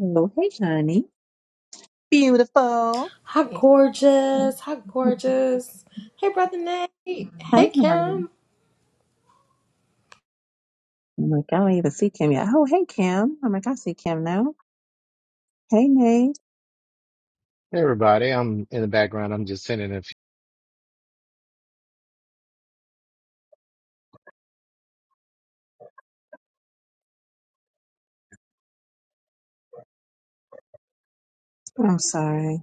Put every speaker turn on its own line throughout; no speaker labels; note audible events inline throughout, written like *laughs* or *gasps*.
Oh, hey, honey. Beautiful.
How gorgeous. How gorgeous. Hey, Brother Nate. Hey,
Hey, honey.
Kim.
I'm like, I don't even see Kim yet. Oh, hey, Kim. I'm like, I see Kim now. Hey, Nate.
Hey, everybody, I'm in the background. I'm just sending a few.
I'm sorry.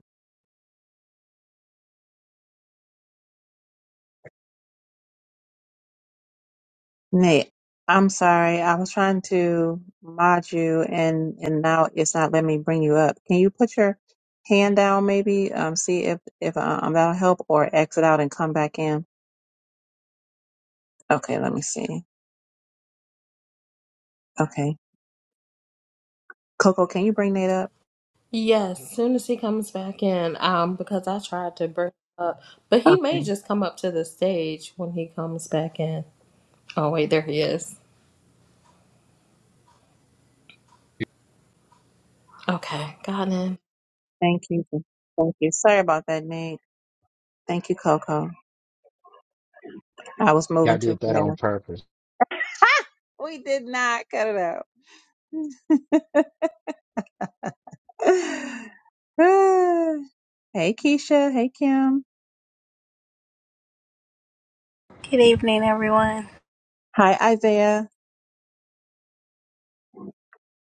Nate, I'm sorry. I was trying to mod you and, and now it's not letting me bring you up. Can you put your hand down maybe? Um, see if, if uh, um, that'll help or exit out and come back in. Okay, let me see. Okay. Coco, can you bring Nate up?
Yes, soon as he comes back in, um, because I tried to bring him up, but he may
Okay.
just come up to the stage when he comes back in. Oh, wait, there he is. Okay, got him.
Thank you. Thank you. Sorry about that, Nate. Thank you, Coco. I was moving
Y'all
too
did that on
fast.
purpose.
We did not cut it out. *sighs* hey, Keisha. Hey, Kim.
Good evening, everyone.
Hi, Isaiah.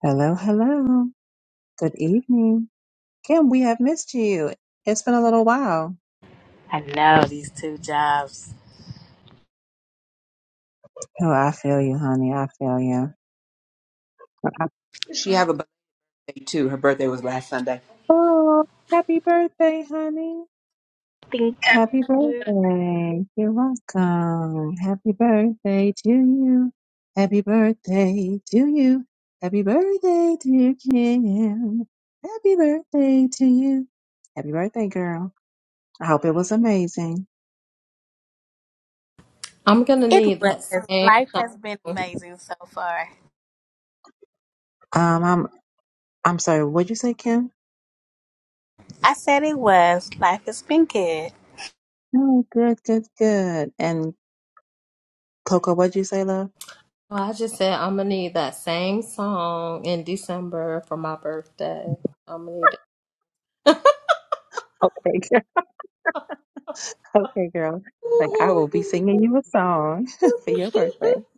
Hello, hello. Good evening. Kim, we have missed you. It's been a little while. Oh, I feel you, honey. I feel you. Oh, happy birthday, honey. Happy birthday. You're welcome. Happy birthday to you. Happy birthday to you. Happy birthday to you, Kim. Happy birthday to you. Happy birthday, girl. I hope it was amazing.
I'm gonna
It
need that
was.
same
Life
song.
has been
Well,
amazing so far.
Um, I'm I'm sorry, what'd you say, Kim?
I said it was. Life has been good.
Oh, good, good, good. And Coco, what'd you say, love?
I just said I'm gonna need that same song in December for my birthday. I'm gonna need it.
Okay, *laughs* girl. Okay, girl. Like I will be singing you a song *laughs* for your birthday.
*laughs*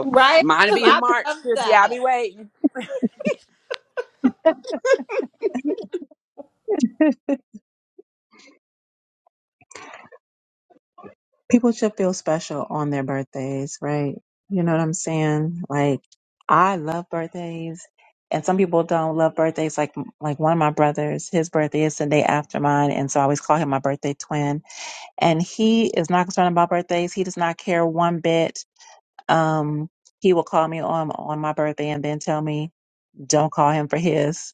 right? Because I love that.
*laughs* people should feel special on their birthdays, right? You know what I'm saying? Like I love birthdays and some people don't love birthdays like like one of my brothers, his birthday is the day after mine and so I always call him my birthday twin and he is not concerned about birthdays. He does not care one bit. Um he will call me on on my birthday and then tell me don't call him for his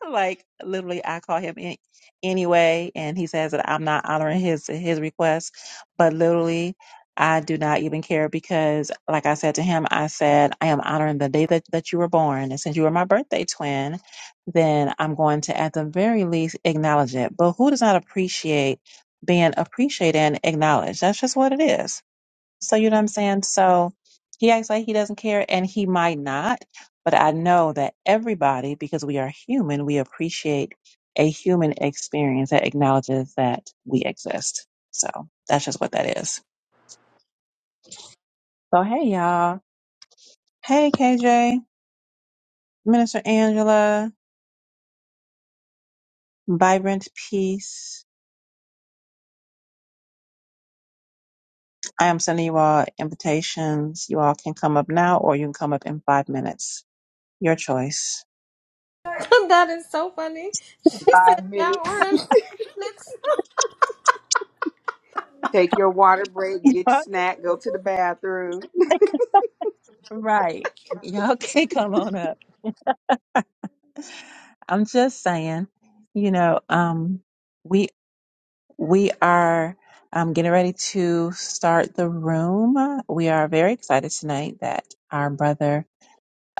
*laughs* like literally I call him in, anyway and he says that I'm not honoring his his request but literally I do not even care because like I said to him I said I am honoring the day that, that you were born and since you were my birthday twin then I'm going to at the very least acknowledge it but who does not appreciate being appreciated and acknowledged that's just what it is so you know what I'm saying? So he acts like he doesn't care and he might not, but I know that everybody, because we are human, we appreciate a human experience that acknowledges that we exist. So that's just what that is. So hey y'all. Hey KJ, Minister Angela, Vibrant Peace. I am sending you all invitations. You all can come up now or you can come up in five minutes. Your choice.
*laughs* that is so funny. She said that word. Let's-
*laughs* Right. Y'all can come on up. I'm just saying, you know, um, we we are um, getting ready to start the room. We are very excited tonight that our brother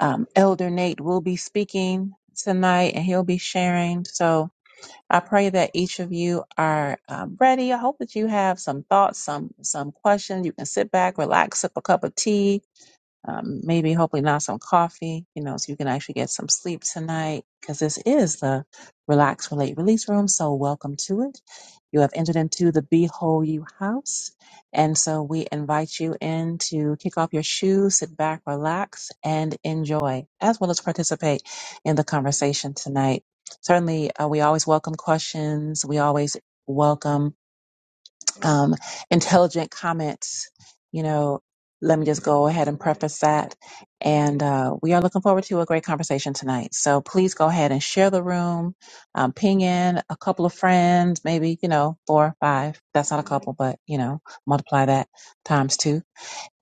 um, Elder Nate will be speaking tonight, and he'll be sharing. So I pray that each of you are um, ready. I hope that you have some thoughts, some some questions. You can sit back, relax, sip a cup of tea um, maybe hopefully not some coffee, you know, so you can actually get some sleep tonight because this is the Relax, Relate, Release Room. So welcome to it. You have entered into the Behold You house. And so we invite you in to kick off your shoes, sit back, relax, and enjoy, as well as participate in the conversation tonight. Certainly, uh, we always welcome questions. We always welcome um, intelligent comments. You know, let me just go ahead and preface that. And uh, we are looking forward to a great conversation tonight. So please go ahead and share the room, um, ping in a couple of friends, maybe, you know, four or five. That's not a couple, but, you know, multiply that times two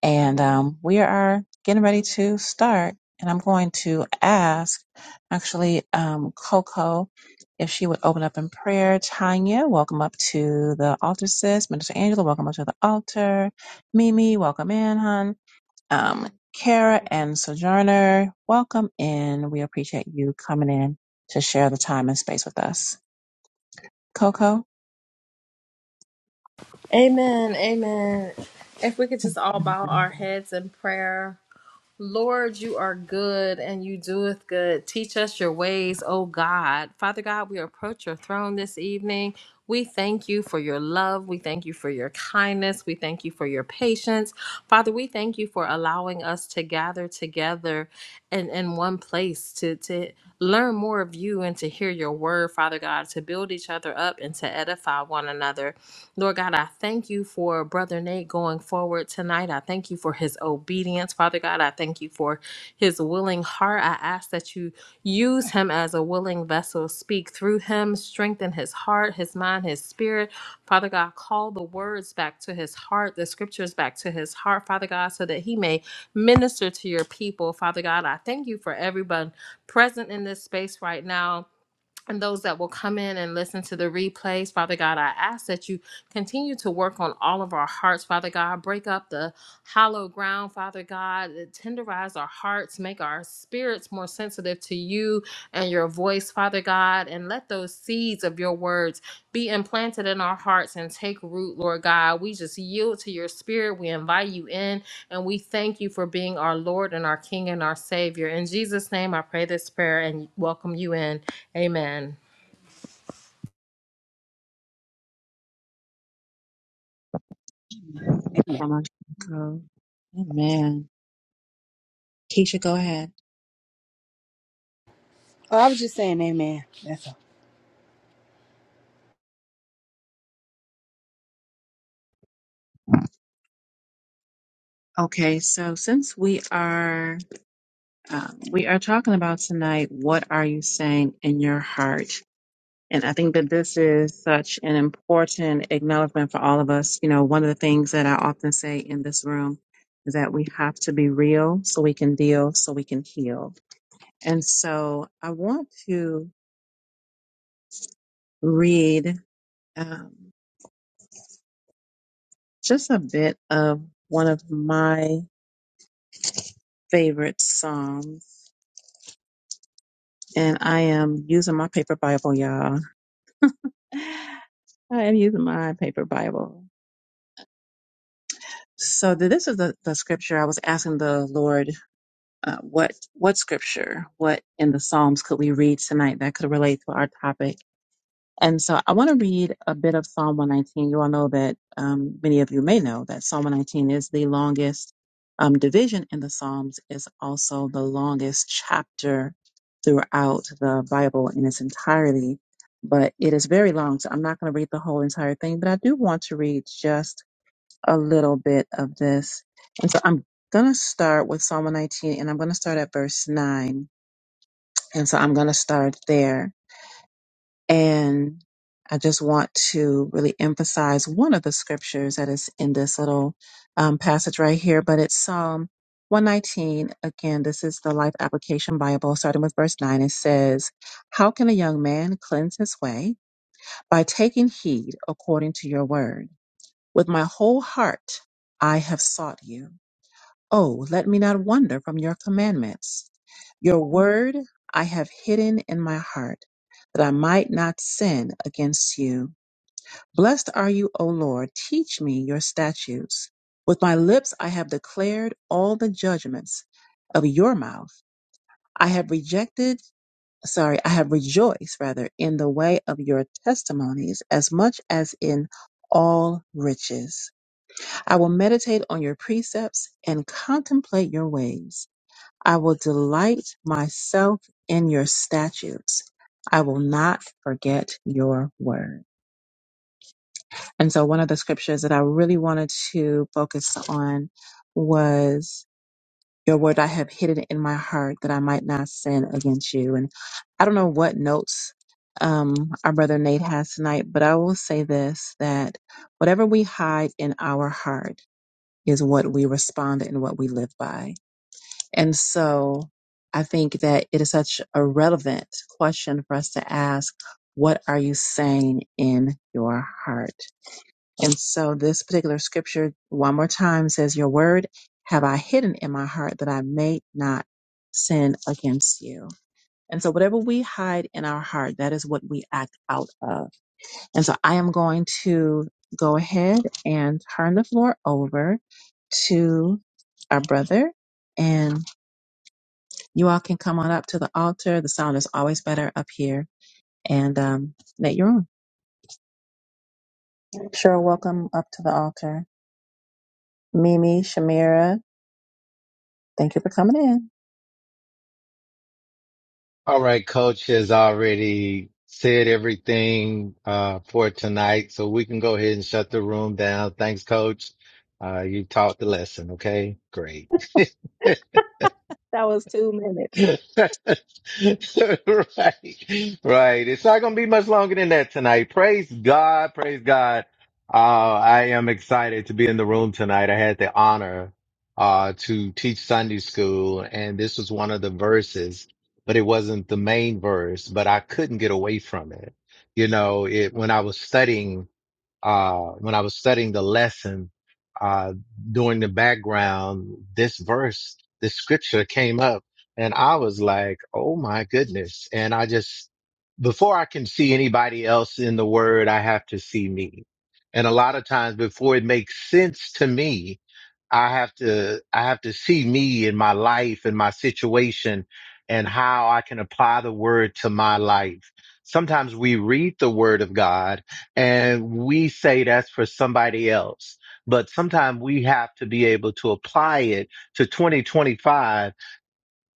and um, we are getting ready to start. And I'm going to ask, actually, um, Coco, if she would open up in prayer. Tanya, welcome up to the altar, sis. Minister Angela, welcome up to the altar. Mimi, welcome in, hon. Um, Kara and Sojourner, welcome in. We appreciate you coming in to share the time and space with us. Coco?
Amen. Amen. If we could just all bow
Come
our heads in prayer. Lord, you are good and you doeth good. Teach us your ways, O God. Father God, we approach your throne this evening. We thank you for your love. We thank you for your kindness. We thank you for your patience. Father, we thank you for allowing us to gather together in, in one place to, to learn more of you and to hear your word, Father God, to build each other up and to edify one another. Lord God, I thank you for Brother Nate going forward tonight. I thank you for his obedience. Father God, I thank you for his willing heart. I ask that you use him as a willing vessel. Speak through him, strengthen his heart, his mind, his spirit. Father God, call the words back to his heart, the scriptures back to his heart, Father God, so that he may minister to your people. Father God, I thank you for everyone present in this space right now and those that will come in and listen to the replays, Father God, I ask that you continue to work on all of our hearts, Father God. Break up the hollow ground, Father God. Tenderize our hearts, make our spirits more sensitive to you and your voice, Father God. And let those seeds of your words be implanted in our hearts and take root, Lord God. We just yield to your spirit. We invite you in, and we thank you for being our Lord and our King and our Savior. In Jesus' name, I pray this prayer and welcome you in. Amen.
on, go. Amen. Keisha, go ahead. Okay, so since we are um, we are talking about tonight, what are you saying in your heart? And I think that this is such an important acknowledgement for all of us. You know, one of the things that I often say in this room is that we have to be real so we can deal, so we can heal. And so I want to read um, just a bit of one of my favorite psalms, and I am using my paper Bible, y'all. *laughs* I am using my paper Bible. So th- this is the, the scripture I was asking the Lord, uh, what what scripture, what in the Psalms could we read tonight that could relate to our topic? And so I want to read a bit of Psalm 119. You all know that um, many of you may know that Psalm 119 is the longest um, division in the Psalms. is also the longest chapter throughout the Bible in its entirety, but it is very long. So I'm not going to read the whole entire thing, but I do want to read just a little bit of this. And so I'm going to start with Psalm 19, and I'm going to start at verse 9. And so I'm going to start there. And I just want to really emphasize one of the scriptures that is in this little um, passage right here, but it's Psalm 119. Again, this is the Life Application Bible, starting with verse 9. It says, How can a young man cleanse his way? By taking heed according to your word. With my whole heart, I have sought you. Oh, let me not wander from your commandments. Your word I have hidden in my heart, that I might not sin against you. Blessed are you, O Lord. Teach me your statutes. With my lips I have declared all the judgments of your mouth. I have rejected, sorry, I have rejoiced rather in the way of your testimonies as much as in all riches. I will meditate on your precepts and contemplate your ways. I will delight myself in your statutes. I will not forget your word. And so, one of the scriptures that I really wanted to focus on was your word I have hidden in my heart that I might not sin against you. And I don't know what notes um, our brother Nate has tonight, but I will say this that whatever we hide in our heart is what we respond and what we live by. And so I think that it is such a relevant question for us to ask what are you saying in your heart? And so this particular scripture, one more time, says, Your word have I hidden in my heart that I may not sin against you. And so whatever we hide in our heart, that is what we act out of. And so I am going to go ahead and turn the floor over to our brother. and. You all can come on up to the altar. The sound is always better up here. And um, that you're on. Sure, welcome up to the altar. Mimi, Shamira, thank you for coming in.
All right, coach has already said everything uh, for tonight, so we can go ahead and shut the room down. Thanks, coach. Uh, you taught the lesson. Okay, great. *laughs*
That was two
*laughs*
minutes.
right, right. It's not going to be much longer than that tonight. Praise God, praise God. Uh, I am excited to be in the room tonight. I had the honor uh, to teach Sunday school, and this was one of the verses, but it wasn't the main verse. But I couldn't get away from it. You know, it when I was studying uh, when I was studying the lesson, uh, doing the background, this verse, this scripture came up and I was like, Oh my goodness. And I just, before I can see anybody else in the word, I have to see me. And a lot of times before it makes sense to me, I have to I have to see me in my life and my situation and how I can apply the word to my life. Sometimes we read the word of God and we say that's for somebody else, but sometimes we have to be able to apply it to 2025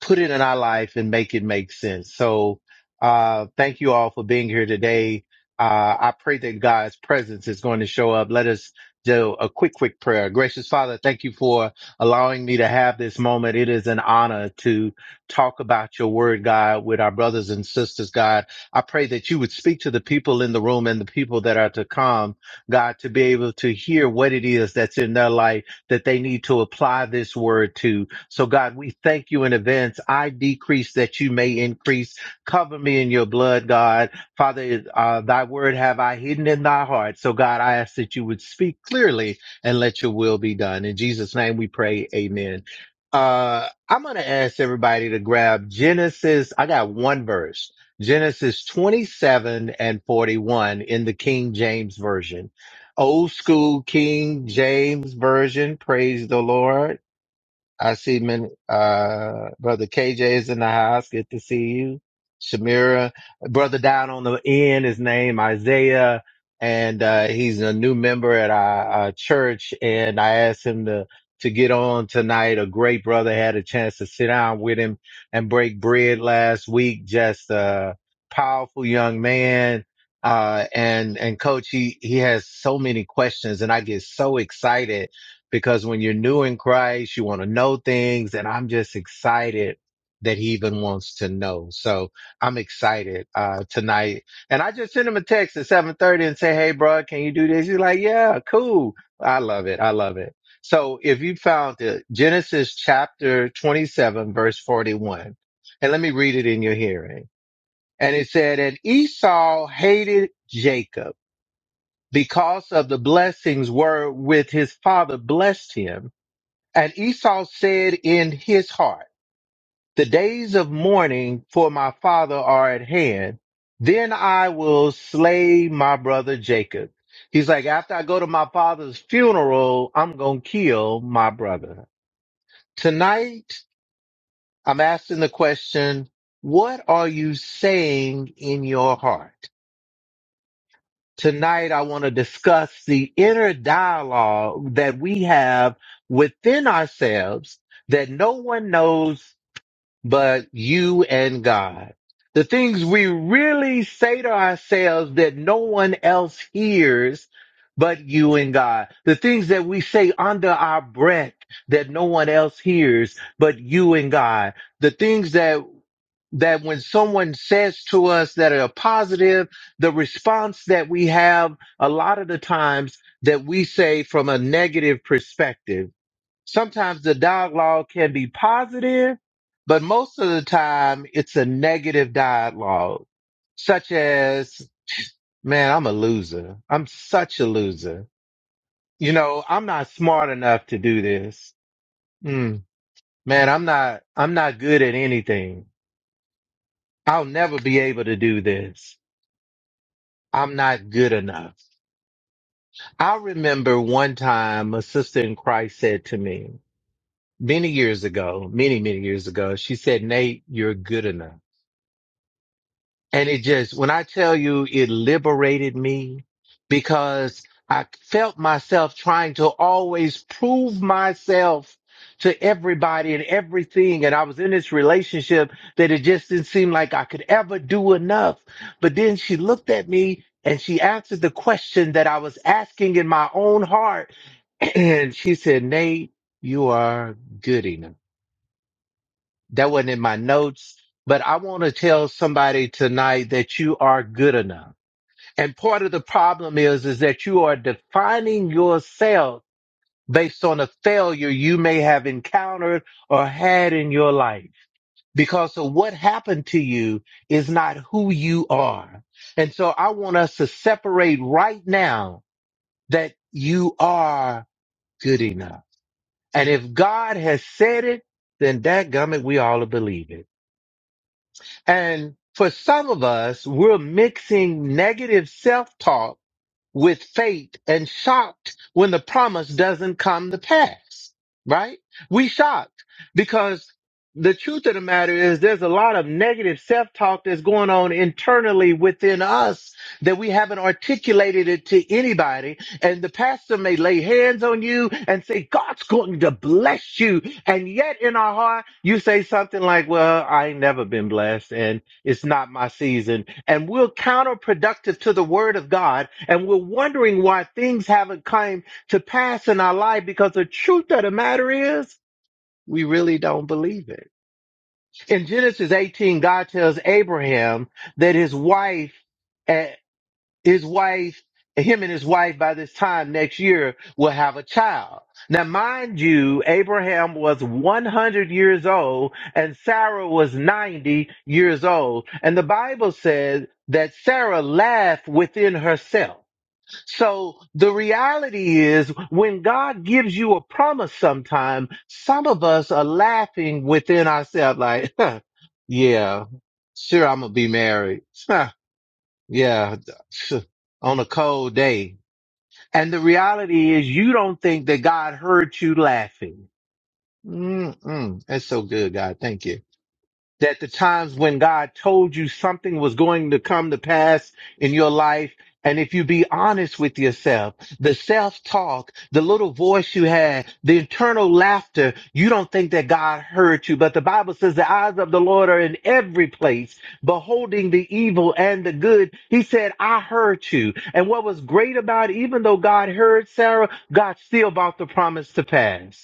put it in our life and make it make sense. So, uh, thank you all for being here today. Uh, I pray that God's presence is going to show up. Let us do a quick, quick prayer. Gracious Father, thank you for allowing me to have this moment. It is an honor to talk about your word, God, with our brothers and sisters, God. I pray that you would speak to the people in the room and the people that are to come, God, to be able to hear what it is that's in their life that they need to apply this word to. So, God, we thank you in advance. I decrease that you may increase. Cover me in your blood, God. Father, uh, thy word have I hidden in thy heart. So, God, I ask that you would speak clearly and let your will be done. In Jesus' name we pray. Amen. Uh, I'm going to ask everybody to grab Genesis. I got one verse. Genesis 27 and 41 in the King James Version. Old school King James Version. Praise the Lord. I see many, uh, brother KJ is in the house. Good to see you. Shamira, brother down on the end, his name Isaiah, and, uh, he's a new member at our, our church. And I asked him to, to get on tonight. A great brother had a chance to sit down with him and break bread last week. Just a powerful young man. Uh, and, and coach, he, he has so many questions and I get so excited because when you're new in Christ, you want to know things. And I'm just excited that he even wants to know. So I'm excited, uh, tonight. And I just sent him a text at 730 and say, Hey, bro, can you do this? He's like, yeah, cool. I love it. I love it. So if you found it, Genesis chapter 27, verse 41, and let me read it in your hearing. And it said, and Esau hated Jacob because of the blessings were with his father blessed him and Esau said in his heart, The days of mourning for my father are at hand. Then I will slay my brother Jacob. He's like, after I go to my father's funeral, I'm going to kill my brother. Tonight, I'm asking the question, what are you saying in your heart? Tonight, I want to discuss the inner dialogue that we have within ourselves that no one knows but you and God. The things we really say to ourselves that no one else hears but you and God. The things that we say under our breath that no one else hears but you and God. The things that that when someone says to us that are positive, the response that we have a lot of the times that we say from a negative perspective sometimes the dialogue can be positive, but most of the time it's a negative dialogue, such as, man, I'm a loser. I'm such a loser. You know, I'm not smart enough to do this. Hmm. man, I'm not, I'm not good at anything. I'll never be able to do this. I'm not good enough. I remember one time a sister in Christ said to me many years ago, many, many years ago, she said, Nate, you're good enough. And it just, when I tell you it liberated me because I felt myself trying to always prove myself to everybody and everything. And I was in this relationship that it just didn't seem like I could ever do enough. But then she looked at me and she answered the question that I was asking in my own heart. *clears throat* And she said, Nate, you are good enough. That wasn't in my notes, but I want to tell somebody tonight that you are good enough. And part of the problem is, is that you are defining yourself based on a failure you may have encountered or had in your life. Because of what happened to you is not who you are. And so I want us to separate right now that you are good enough. And if God has said it, then that gummit, we all believe it. And for some of us, we're mixing negative self-talk with faith and shocked when the promise doesn't come to pass, right? We shocked because the truth of the matter is there's a lot of negative self-talk that's going on internally within us that we haven't articulated it to anybody. And the pastor may lay hands on you and say, God's going to bless you. And yet in our heart, you say something like, well, I ain't never been blessed. and. It's not my season. And we're counterproductive to the word of God. And we're wondering why things haven't come to pass in our life because the truth of the matter is we really don't believe it. In Genesis 18, God tells Abraham that his wife eh, his wife, him and his wife by this time next year will have a child. Now, mind you, Abraham was 100 years old and Sarah was 90 years old. And the Bible says that Sarah laughed within herself. So the reality is when God gives you a promise sometime, some of us are laughing within ourselves like, *laughs* yeah, sure, I'm going to be married. *laughs* Yeah, *sniffs* on a cold day. And the reality is you don't think that God heard you laughing. Mm-mm. That's so good, God. Thank you that the times when God told you something was going to come to pass in your life. And if you be honest with yourself, the self talk, the little voice you had, the internal laughter, you don't think that God heard you. But the Bible says the eyes of the Lord are in every place, beholding the evil and the good. He said, I heard you. And what was great about it, even though God heard Sarah, God still brought the promise to pass.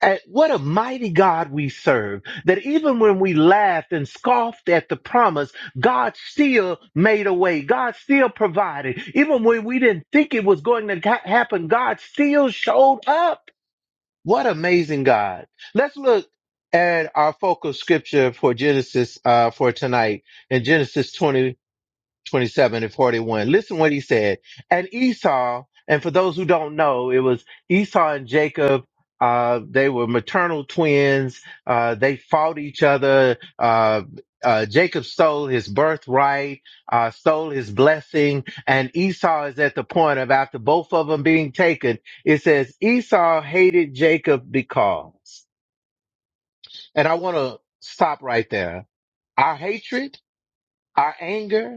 And what a mighty God we serve that even when we laughed and scoffed at the promise, God still made a way. God still provided. Even when we didn't think it was going to ha- happen, God still showed up. What amazing God. Let's look at our focal scripture for Genesis uh, for tonight in Genesis 20. 27 and 41. Listen what he said. And Esau, and for those who don't know, it was Esau and Jacob. Uh, they were maternal twins. Uh, they fought each other. Uh, uh, Jacob stole his birthright, uh, stole his blessing, and Esau is at the point of after both of them being taken. It says Esau hated Jacob because, and I want to stop right there. Our hatred, our anger,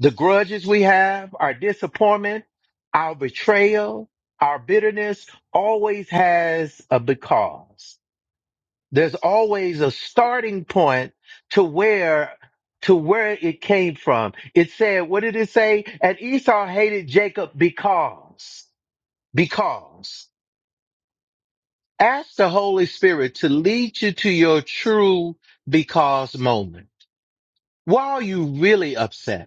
the grudges we have, our disappointment, our betrayal, our bitterness always has a because. There's always a starting point to where to where it came from. It said, what did it say? And Esau hated Jacob because because ask the Holy Spirit to lead you to your true because moment. Why are you really upset?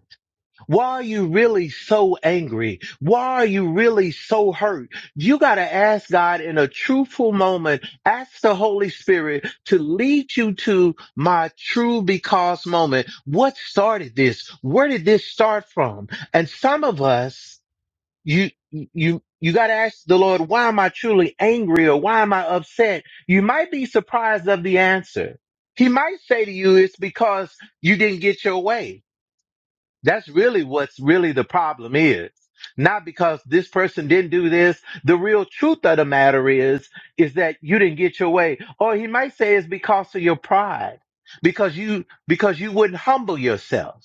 Why are you really so angry? Why are you really so hurt? You got to ask God in a truthful moment. Ask the Holy Spirit to lead you to my true because moment. What started this? Where did this start from? And some of us, you, you, you got to ask the Lord, why am I truly angry or why am I upset? You might be surprised of the answer. He might say to you, it's because you didn't get your way that's really what's really the problem is. Not because this person didn't do this. The real truth of the matter is, is that you didn't get your way. Or he might say it's because of your pride, because you, because you wouldn't humble yourself.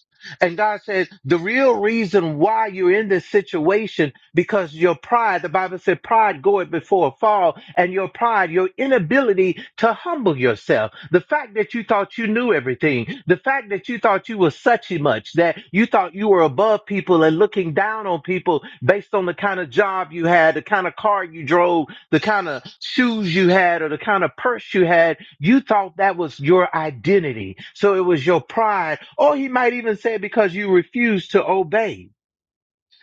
And God says the real reason why you're in this situation because your pride, the Bible said pride goeth before a fall, and your pride, your inability to humble yourself. The fact that you thought you knew everything, the fact that you thought you were such a much, that you thought you were above people and looking down on people based on the kind of job you had, the kind of car you drove, the kind of shoes you had, or the kind of purse you had you thought that was your identity. So it was your pride, or he might even say because you refused to obey.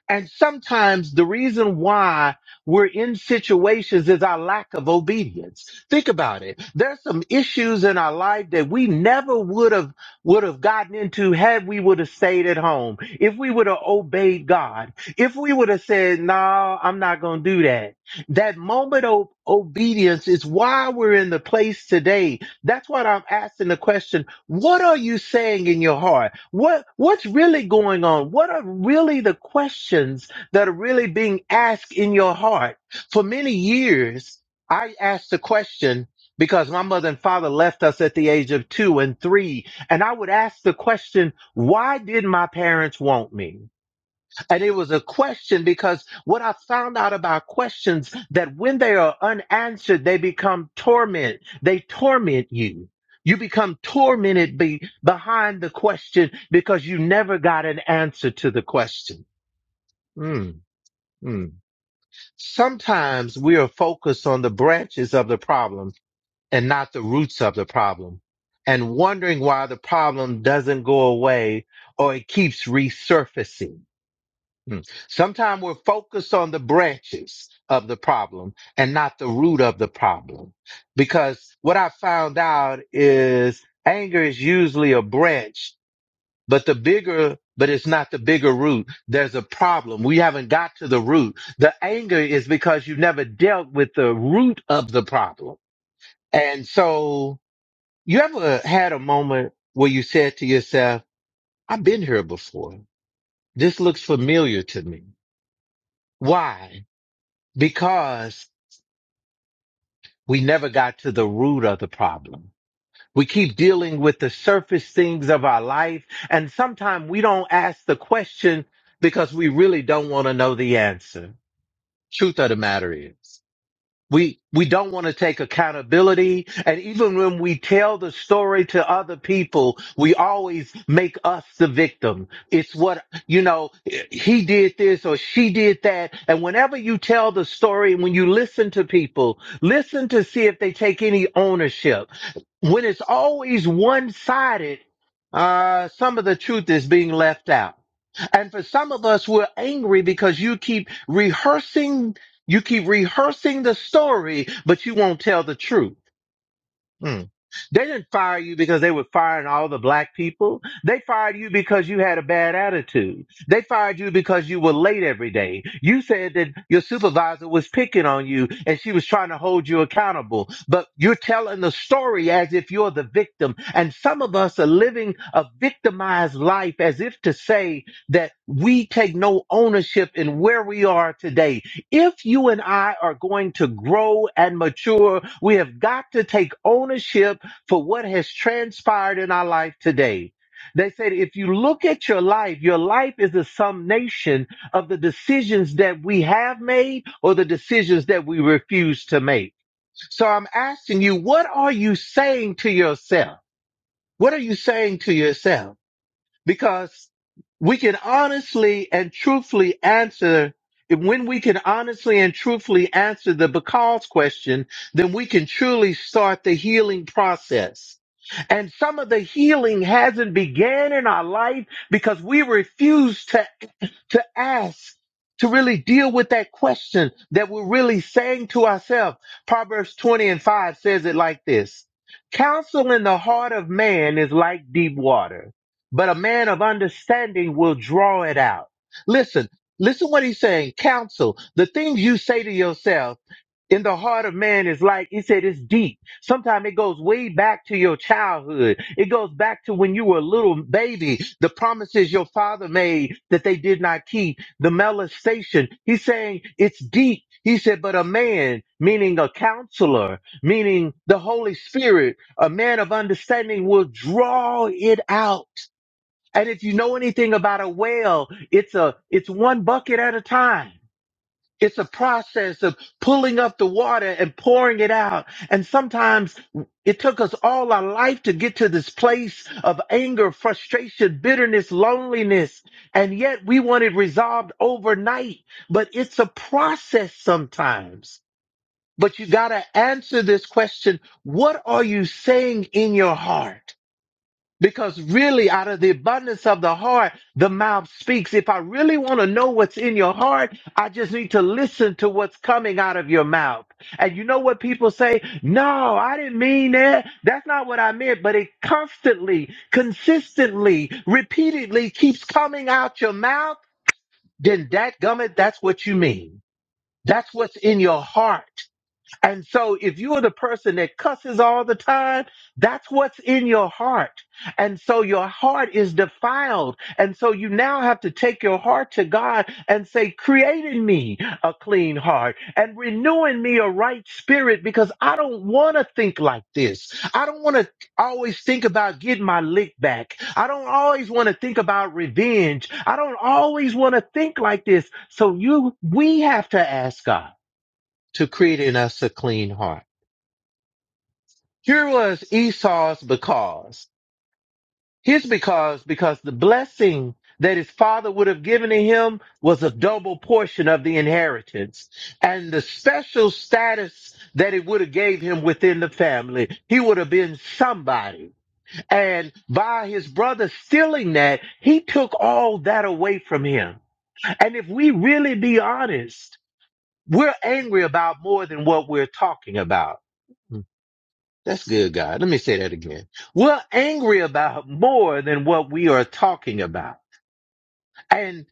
And sometimes the reason why we're in situations is our lack of obedience. Think about it. There's some issues in our life that we never would have would have gotten into had we would have stayed at home. If we would have obeyed God. If we would have said, "No, I'm not going to do that." That moment of obedience is why we're in the place today. That's what I'm asking the question what are you saying in your heart? What what's really going on? What are really the questions that are really being asked in your heart? For many years, I asked the question because my mother and father left us at the age of 2 and 3, and I would ask the question, why did my parents want me? And it was a question because what I found out about questions that when they are unanswered, they become torment. They torment you. You become tormented be, behind the question because you never got an answer to the question. Mm, mm. Sometimes we are focused on the branches of the problem and not the roots of the problem and wondering why the problem doesn't go away or it keeps resurfacing. Mm. Sometimes we're focused on the branches of the problem and not the root of the problem. Because what I found out is anger is usually a branch, but the bigger, but it's not the bigger root. There's a problem. We haven't got to the root. The anger is because you never dealt with the root of the problem. And so you ever had a moment where you said to yourself, I've been here before. This looks familiar to me. Why? because we never got to the root of the problem. We keep dealing with the surface things of our life, and sometimes we don't ask the question because we really don't want to know the answer. Truth of the matter is. We we don't want to take accountability. And even when we tell the story to other people, we always make us the victim. It's what, you know, he did this or she did that. And whenever you tell the story when you listen to people, listen to see if they take any ownership. When it's always one sided, uh, some of the truth is being left out. And for some of us, we're angry because you keep rehearsing, you keep rehearsing the story, but you won't tell the truth. Mm. They didn't fire you because they were firing all the black people. They fired you because you had a bad attitude. They fired you because you were late every day. You said that your supervisor was picking on you and she was trying to hold you accountable. But you're telling the story as if you're the victim. And some of us are living a victimized life as if to say that we take no ownership in where we are today if you and I are going to grow and mature, we have got to take ownership for what has transpired in our life today. They said, if you look at your life, your life is a summation of the decisions that we have made or the decisions that we refuse to make. So I'm asking you, what are you saying to yourself? What are you saying to yourself? because we can honestly and truthfully answer when we can honestly and truthfully answer the because question, then we can truly start the healing process. And some of the healing hasn't began in our life because we refuse to, to ask, to really deal with that question that we're really saying to ourselves. Proverbs 20 and 5 says it like this. Counsel in the heart of man is like deep water but a man of understanding will draw it out. Listen, listen what he's saying. Counsel, the things you say to yourself in the heart of man is like, he said, it's deep. Sometimes it goes way back to your childhood. It goes back to when you were a little baby, the promises your father made that they did not keep, the molestation. He's saying it's deep. He said, but a man, meaning a counselor, meaning the Holy Spirit, a man of understanding will draw it out. And if you know anything about a well, it's a, it's one bucket at a time. It's a process of pulling up the water and pouring it out. And sometimes it took us all our life to get to this place of anger, frustration, bitterness, loneliness. And yet we want it resolved overnight, but it's a process sometimes. But you got to answer this question. What are you saying in your heart? Because really, out of the abundance of the heart, the mouth speaks. If I really want to know what's in your heart, I just need to listen to what's coming out of your mouth. And you know what people say? No, I didn't mean that. That's not what I meant. But it constantly, consistently, repeatedly keeps coming out your mouth. Then that gummit, that's what you mean. That's what's in your heart. And so, if you are the person that cusses all the time, that's what's in your heart. And so, your heart is defiled. And so, you now have to take your heart to God and say, Create in me a clean heart and renew in me a right spirit because I don't want to think like this. I don't want to always think about getting my lick back. I don't always want to think about revenge. I don't always want to think like this. So, you, we have to ask God to create in us a clean heart. Here was Esau's because. His because, because the blessing that his father would have given to him was a double portion of the inheritance and the special status that it would have gave him within the family. He would have been somebody. And by his brother stealing that, he took all that away from him. And if we really be honest, we're angry about more than what we're talking about. That's good, God. Let me say that again. We're angry about more than what we are talking about. And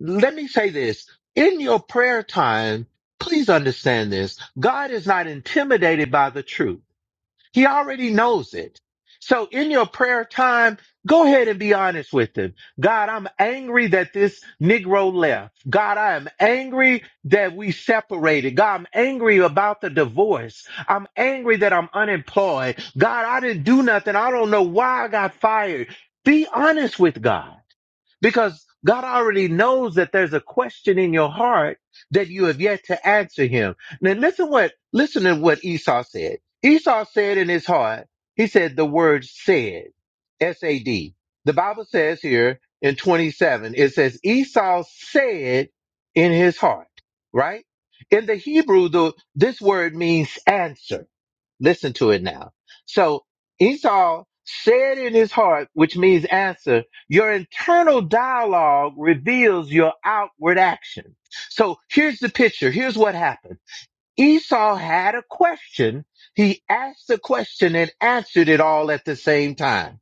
let me say this in your prayer time, please understand this. God is not intimidated by the truth. He already knows it. So in your prayer time, go ahead and be honest with him. God, I'm angry that this Negro left. God, I am angry that we separated. God, I'm angry about the divorce. I'm angry that I'm unemployed. God, I didn't do nothing. I don't know why I got fired. Be honest with God. Because God already knows that there's a question in your heart that you have yet to answer him. Now listen what listen to what Esau said. Esau said in his heart, he said the word said, S A D. The Bible says here in 27, it says Esau said in his heart, right? In the Hebrew, the, this word means answer Listen to it now. So Esau said in his heart, which means answer, your internal dialogue reveals your outward action. So here's the picture. Here's what happened. Esau had a question. He asked the question and answered it all at the same time.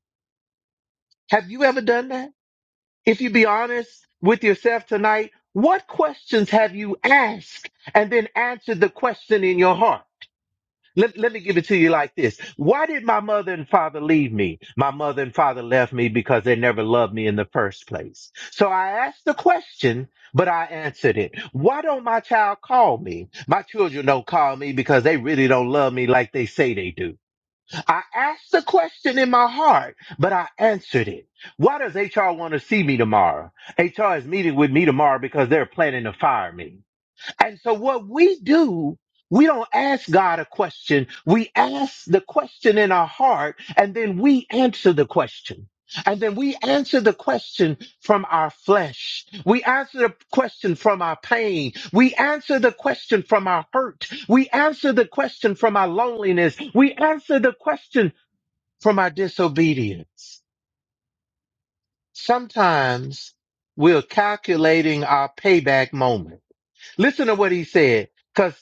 Have you ever done that? If you be honest with yourself tonight, what questions have you asked and then answered the question in your heart? Let, let me give it to you like this. Why did my mother and father leave me? My mother and father left me because they never loved me in the first place. So I asked the question, but I answered it. Why don't my child call me? My children don't call me because they really don't love me like they say they do. I asked the question in my heart, but I answered it. Why does HR want to see me tomorrow? HR is meeting with me tomorrow because they're planning to fire me. And so what we do, we don't ask God a question. We ask the question in our heart and then we answer the question. And then we answer the question from our flesh. We answer the question from our pain. We answer the question from our hurt. We answer the question from our loneliness. We answer the question from our disobedience. Sometimes we're calculating our payback moment Listen to what he said. Because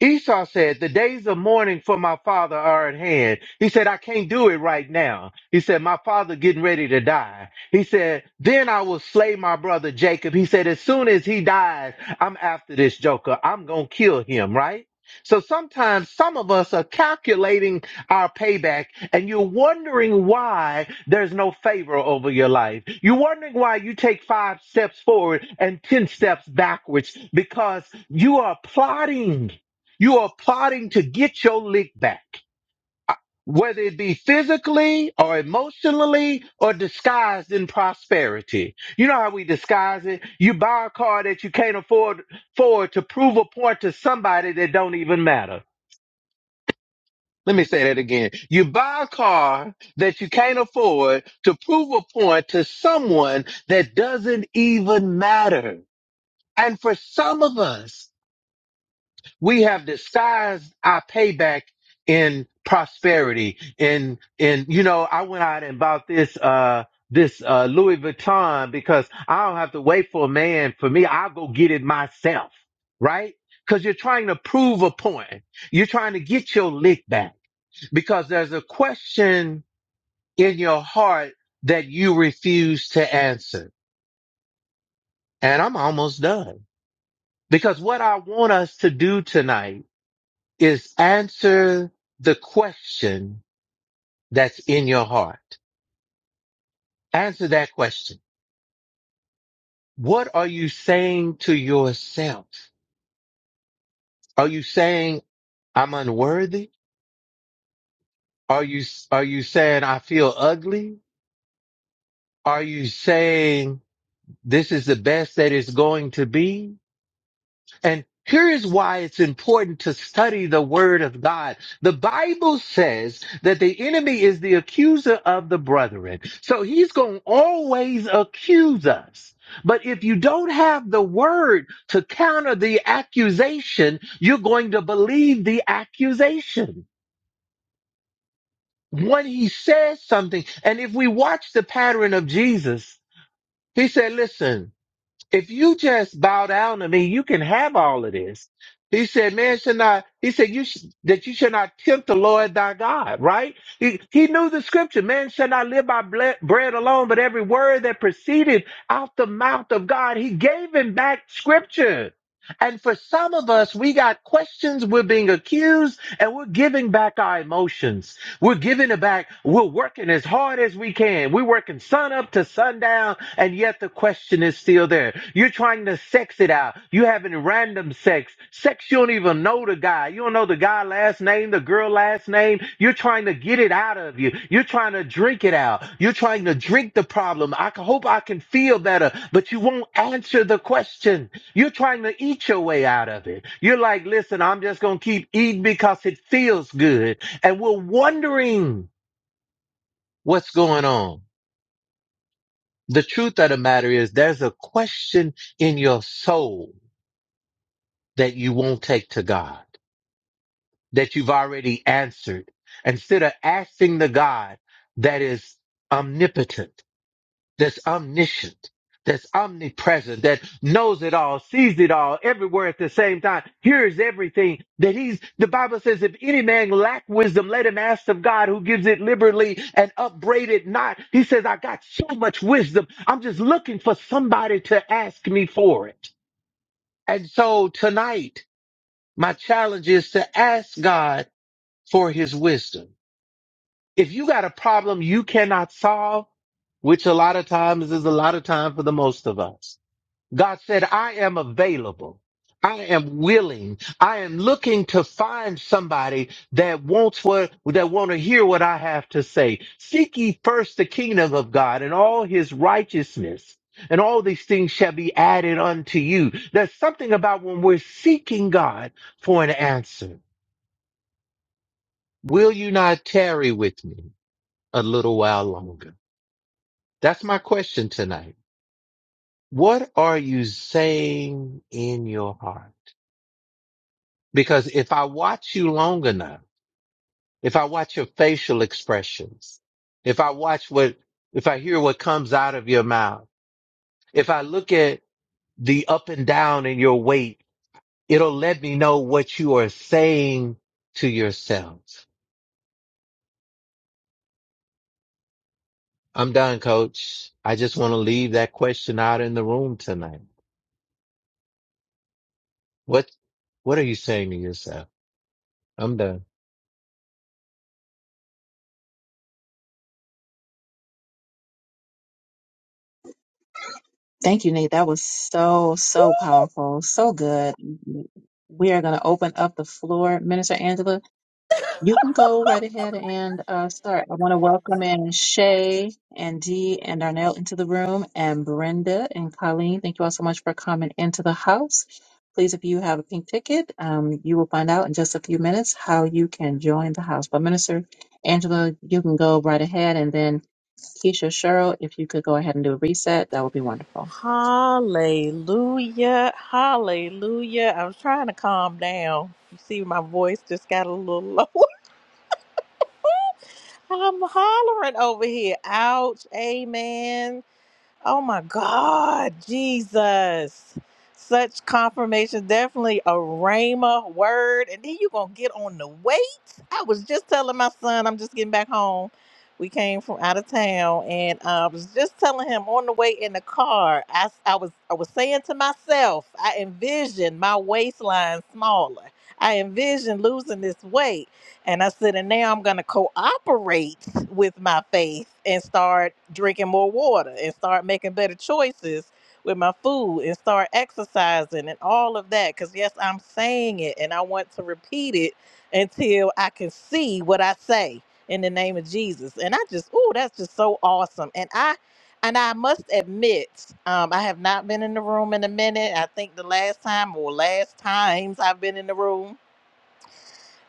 Esau said, The days of mourning for my father are at hand. He said, I can't do it right now. He said, My father getting ready to die. He said, Then I will slay my brother Jacob. He said, As soon as he dies, I'm after this joker. I'm going to kill him, right? So sometimes some of us are calculating our payback and you're wondering why there's no favor over your life. You're wondering why you take five steps forward and 10 steps backwards because you are plotting. You are plotting to get your lick back, whether it be physically or emotionally or disguised in prosperity. You know how we disguise it? You buy a car that you can't afford, afford to prove a point to somebody that don't even matter. Let me say that again. You buy a car that you can't afford to prove a point to someone that doesn't even matter. And for some of us, we have disguised our payback in prosperity. In, in, you know, I went out and bought this, uh, this uh, Louis Vuitton because I don't have to wait for a man for me. I'll go get it myself, right? Because you're trying to prove a point. You're trying to get your lick back because there's a question in your heart that you refuse to answer. And I'm almost done because what I want us to do tonight is answer the question that's in your heart. Answer that question. What are you saying to yourself? Are you saying I'm unworthy? Are you, are you saying I feel ugly? Are you saying this is the best that it's going to be? And here is why it's important to study the word of God. The Bible says that the enemy is the accuser of the brethren. So he's going to always accuse us. But if you don't have the word to counter the accusation, you're going to believe the accusation. When he says something, and if we watch the pattern of Jesus, he said, listen, if you just bow down to me, you can have all of this. He said, man should not, he said, you sh- that you should not tempt the Lord thy God, right? He, he knew the scripture, man shall not live by ble- bread alone, but every word that proceeded out the mouth of God, he gave him back scripture. And for some of us, we got questions, we're being accused, and we're giving back our emotions. We're giving it back. We're working as hard as we can. We're working sun up to sundown and yet the question is still there. You're trying to sex it out. You having random sex. Sex you don't even know the guy. You don't know the guy last name, the girl last name. You're trying to get it out of you. You're trying to drink it out. You're trying to drink the problem. I c- hope I can feel better, but you won't answer the question. You're trying to eat your way out of it. You're like, listen, I'm just going to keep eating because it feels good. And we're wondering what's going on. The truth of the matter is there's a question in your soul that you won't take to God, that you've already answered. Instead of asking the God that is omnipotent, that's omniscient, that's omnipresent, that knows it all, sees it all, everywhere at the same time, hears everything. That he's, the Bible says, if any man lack wisdom, let him ask of God who gives it liberally and upbraid it not. He says, I got so much wisdom. I'm just looking for somebody to ask me for it. And so tonight, my challenge is to ask God for his wisdom if you got a problem you cannot solve, which a lot of times is a lot of time for the most of us, God said, I am available. I am willing. I am looking to find somebody that wants what, that want to hear what I have to say. Seek ye first the kingdom of God and all his righteousness and all these things shall be added unto you. There's something about when we're seeking God for an answer. Will you not tarry with me a little while longer? That's my question tonight. What are you saying in your heart? Because if I watch you long enough, if I watch your facial expressions, if I watch what, if I hear what comes out of your mouth, if I look at the up and down in your weight, it'll let me know what you are saying to yourself. I'm done, coach. I just want to leave that question out in the room tonight. What, what are you saying to yourself? I'm done.
Thank you, Nate. That was so, so powerful. So good. We are going to open up the floor. Minister Angela, You can go right ahead and uh, start. I want to welcome in Shay and Dee and Darnell into the room, and Brenda and Colleen. Thank you all so much for coming into the house. Please, if you have a pink ticket, um, you will find out in just a few minutes how you can join the house. But Minister Angela, you can go right ahead, and then Keisha Cheryl, if you could go ahead and do a reset, that would be wonderful.
Hallelujah. Hallelujah. I'm trying to calm down. You see, my voice just got a little low. *laughs* I'm hollering over here. Ouch. Amen. Oh my God, Jesus. Such confirmation, definitely a Rhema word. And then you're going to get on the weight. I was just telling my son, I'm just getting back home. We came from out of town, and uh, I was just telling him on the way in the car. I I was I was saying to myself, I envision my waistline smaller. I envision losing this weight and I said, and now I'm going to cooperate with my faith and start drinking more water and start making better choices with my food and start exercising and all of that. Because, yes, I'm saying it and I want to repeat it until I can see what I say in the name of Jesus. And I just, oh, that's just so awesome. And I, and I must admit, um, I have not been in the room in a minute. I think the last time or last times I've been in the room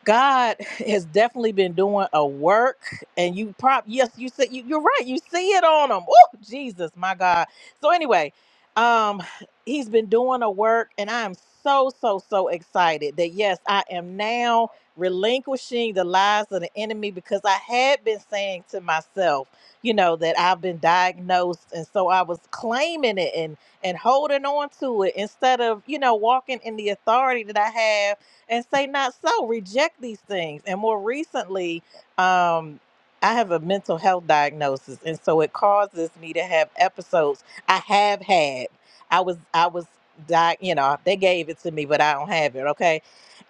God has definitely been doing a work, and you prop. Yes, you said you, you're right. You see it on him. Oh, Jesus, my God. So anyway, um, he's been doing a work, and I am so so so excited that yes, I am now relinquishing the lies of the enemy because I had been saying to myself, you know, that I've been diagnosed, and so I was claiming it and and holding on to it instead of you know walking in the authority that I have and say not so reject these things and more recently um i have a mental health diagnosis and so it causes me to have episodes i have had i was i was di- you know they gave it to me but i don't have it okay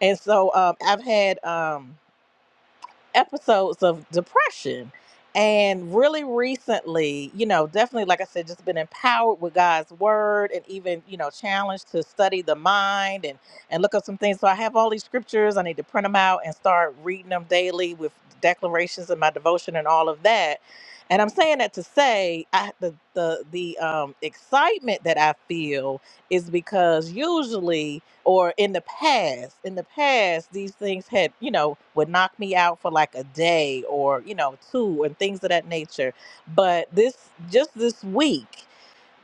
and so um i've had um episodes of depression. And really recently, you know, definitely, like I said, just been empowered with God's word and even, you know, challenged to study the mind and, and look up some things. So I have all these scriptures. I need to print them out and start reading them daily with declarations and my devotion and all of that. And I'm saying that to say I, the, the, the um, excitement that I feel is because usually or in the past in the past these things had you know would knock me out for like a day or you know two and things of that nature but this just this week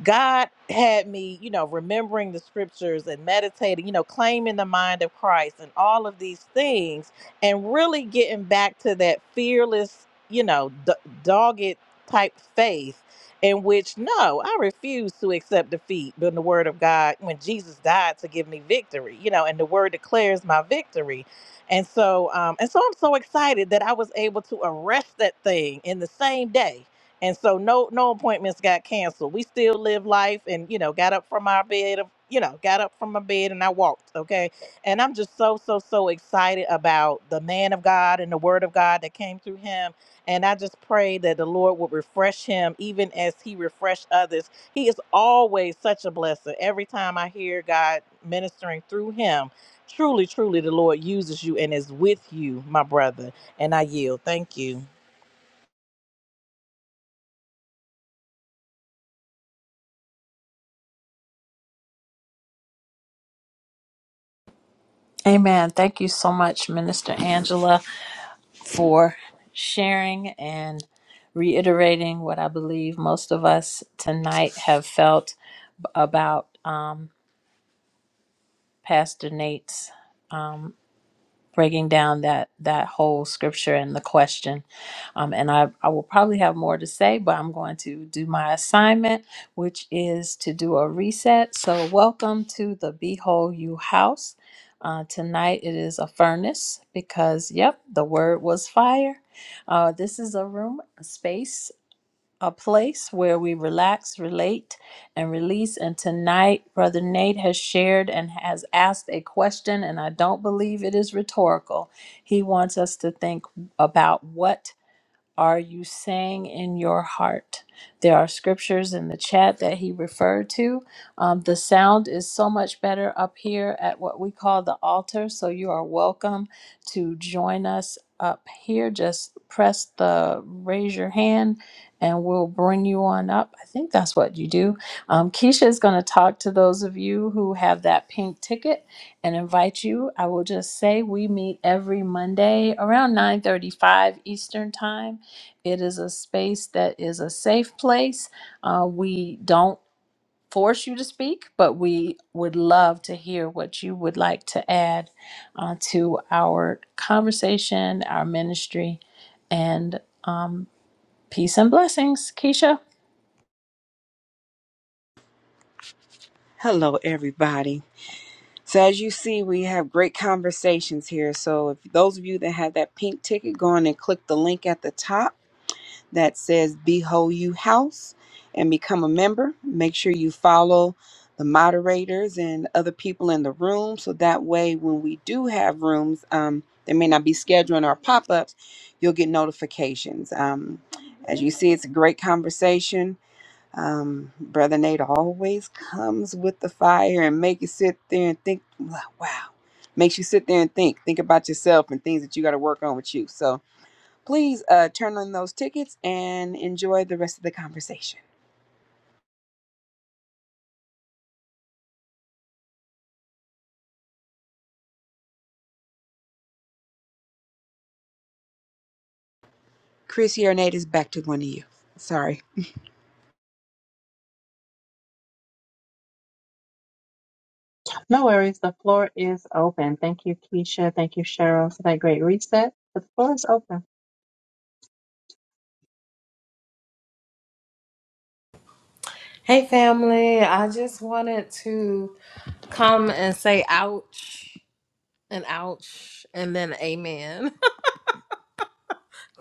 God had me, you know, remembering the scriptures and meditating, you know, claiming the mind of Christ and all of these things, and really getting back to that fearless, you know, d- dogged type faith in which, no, I refuse to accept defeat. But in the word of God, when Jesus died to give me victory, you know, and the word declares my victory. And so, um, and so I'm so excited that I was able to arrest that thing in the same day and so no no appointments got canceled we still live life and you know got up from our bed of you know got up from my bed and i walked okay and i'm just so so so excited about the man of god and the word of god that came through him and i just pray that the lord would refresh him even as he refreshed others he is always such a blessing every time i hear god ministering through him truly truly the lord uses you and is with you my brother and i yield thank you
Amen. Thank you so much, Minister Angela, for sharing and reiterating what I believe most of us tonight have felt about um, Pastor Nate's um, breaking down that that whole scripture and the question um, and I, I will probably have more to say but i'm going to do my assignment which is to do a reset so welcome to the behold you house uh, tonight it is a furnace because yep the word was fire uh, this is a room a space a place where we relax, relate, and release. And tonight, Brother Nate has shared and has asked a question, and I don't believe it is rhetorical. He wants us to think about what are you saying in your heart? There are scriptures in the chat that he referred to. Um, the sound is so much better up here at what we call the altar. So you are welcome to join us up here. Just press the raise your hand and we'll bring you on up. I think that's what you do. Um, Keisha is going to talk to those of you who have that pink ticket and invite you. I will just say we meet every Monday around 9:35 Eastern Time. It is a space that is a safe place. Uh, we don't force you to speak, but we would love to hear what you would like to add uh, to our conversation, our ministry, and um, peace and blessings, Keisha.
No worries, the floor is open. Thank you, Keisha. Thank you, Cheryl, for that great reset. The floor is open.
Hey, family. I just wanted to come and say ouch and ouch and then amen. *laughs*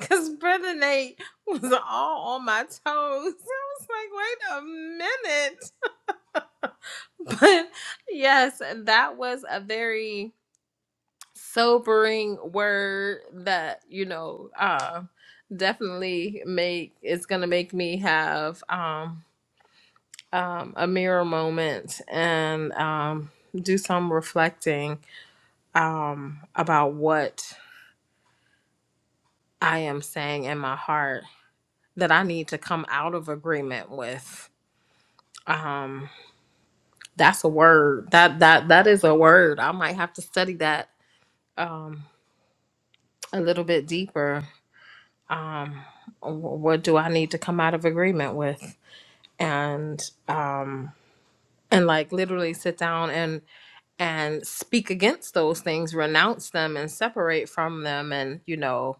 Because Brother Nate was all on my toes. I was like, wait a minute. *laughs* But yes, that was a very sobering word that, you know, uh, definitely make it's gonna make me have um um, a mirror moment and um, do some reflecting um, about what I am saying in my heart that I need to come out of agreement with. Um, that's a word that that that is a word. I might have to study that um, a little bit deeper. Um, wh- what do I need to come out of agreement with? And um, and like literally sit down and. and speak against those things, renounce them and separate from them and, you know,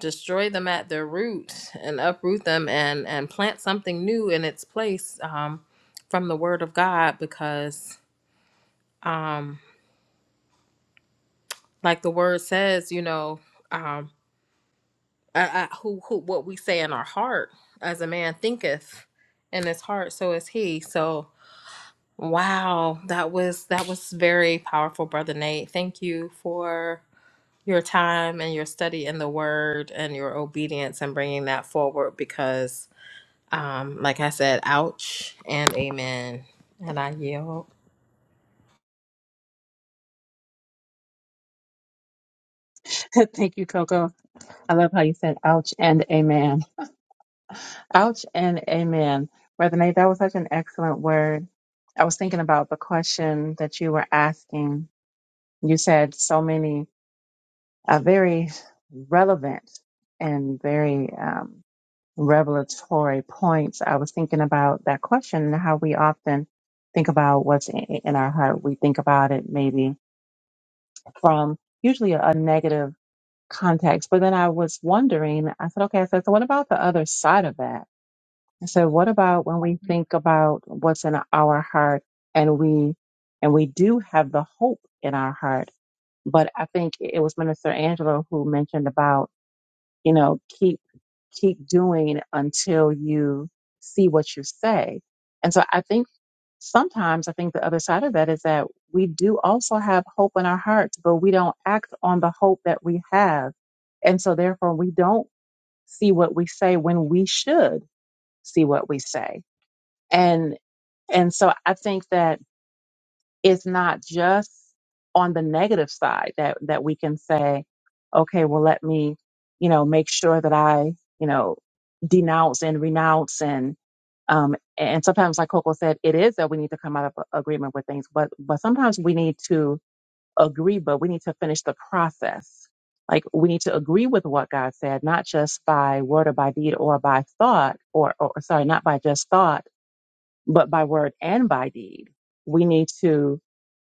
destroy them at their root and uproot them and and plant something new in its place um from the word of God because um like the word says, you know, um I, I, who who what we say in our heart as a man thinketh in his heart so is he. So wow, that was that was very powerful brother Nate. Thank you for your time and your study in the word and your obedience and bringing that forward because um like i said ouch and amen and i yield
*laughs* Thank you, Coco. I love how you said ouch and amen. Ouch and amen. Brother Nate, that was such an excellent word. I was thinking about the question that you were asking. You said so many uh, very relevant and very um, revelatory points. I was thinking about that question and how we often think about what's in, in our heart. We think about it maybe from usually a negative context. But then I was wondering, I said, okay, I said, so what about the other side of that? I said, what about when we think about what's in our heart and we and we do have the hope in our heart. But I think it was Minister Angela who mentioned about, you know, keep keep doing until you see what you say. And so I think sometimes I think the other side of that is that we do also have hope in our hearts, but we don't act on the hope that we have. And so therefore we don't see what we say when we should see what we say and and so i think that it's not just on the negative side that that we can say okay well let me you know make sure that i you know denounce and renounce and um and sometimes like coco said it is that we need to come out of a- agreement with things but but sometimes we need to agree but we need to finish the process like we need to agree with what god said not just by word or by deed or by thought or, or sorry not by just thought but by word and by deed. We need to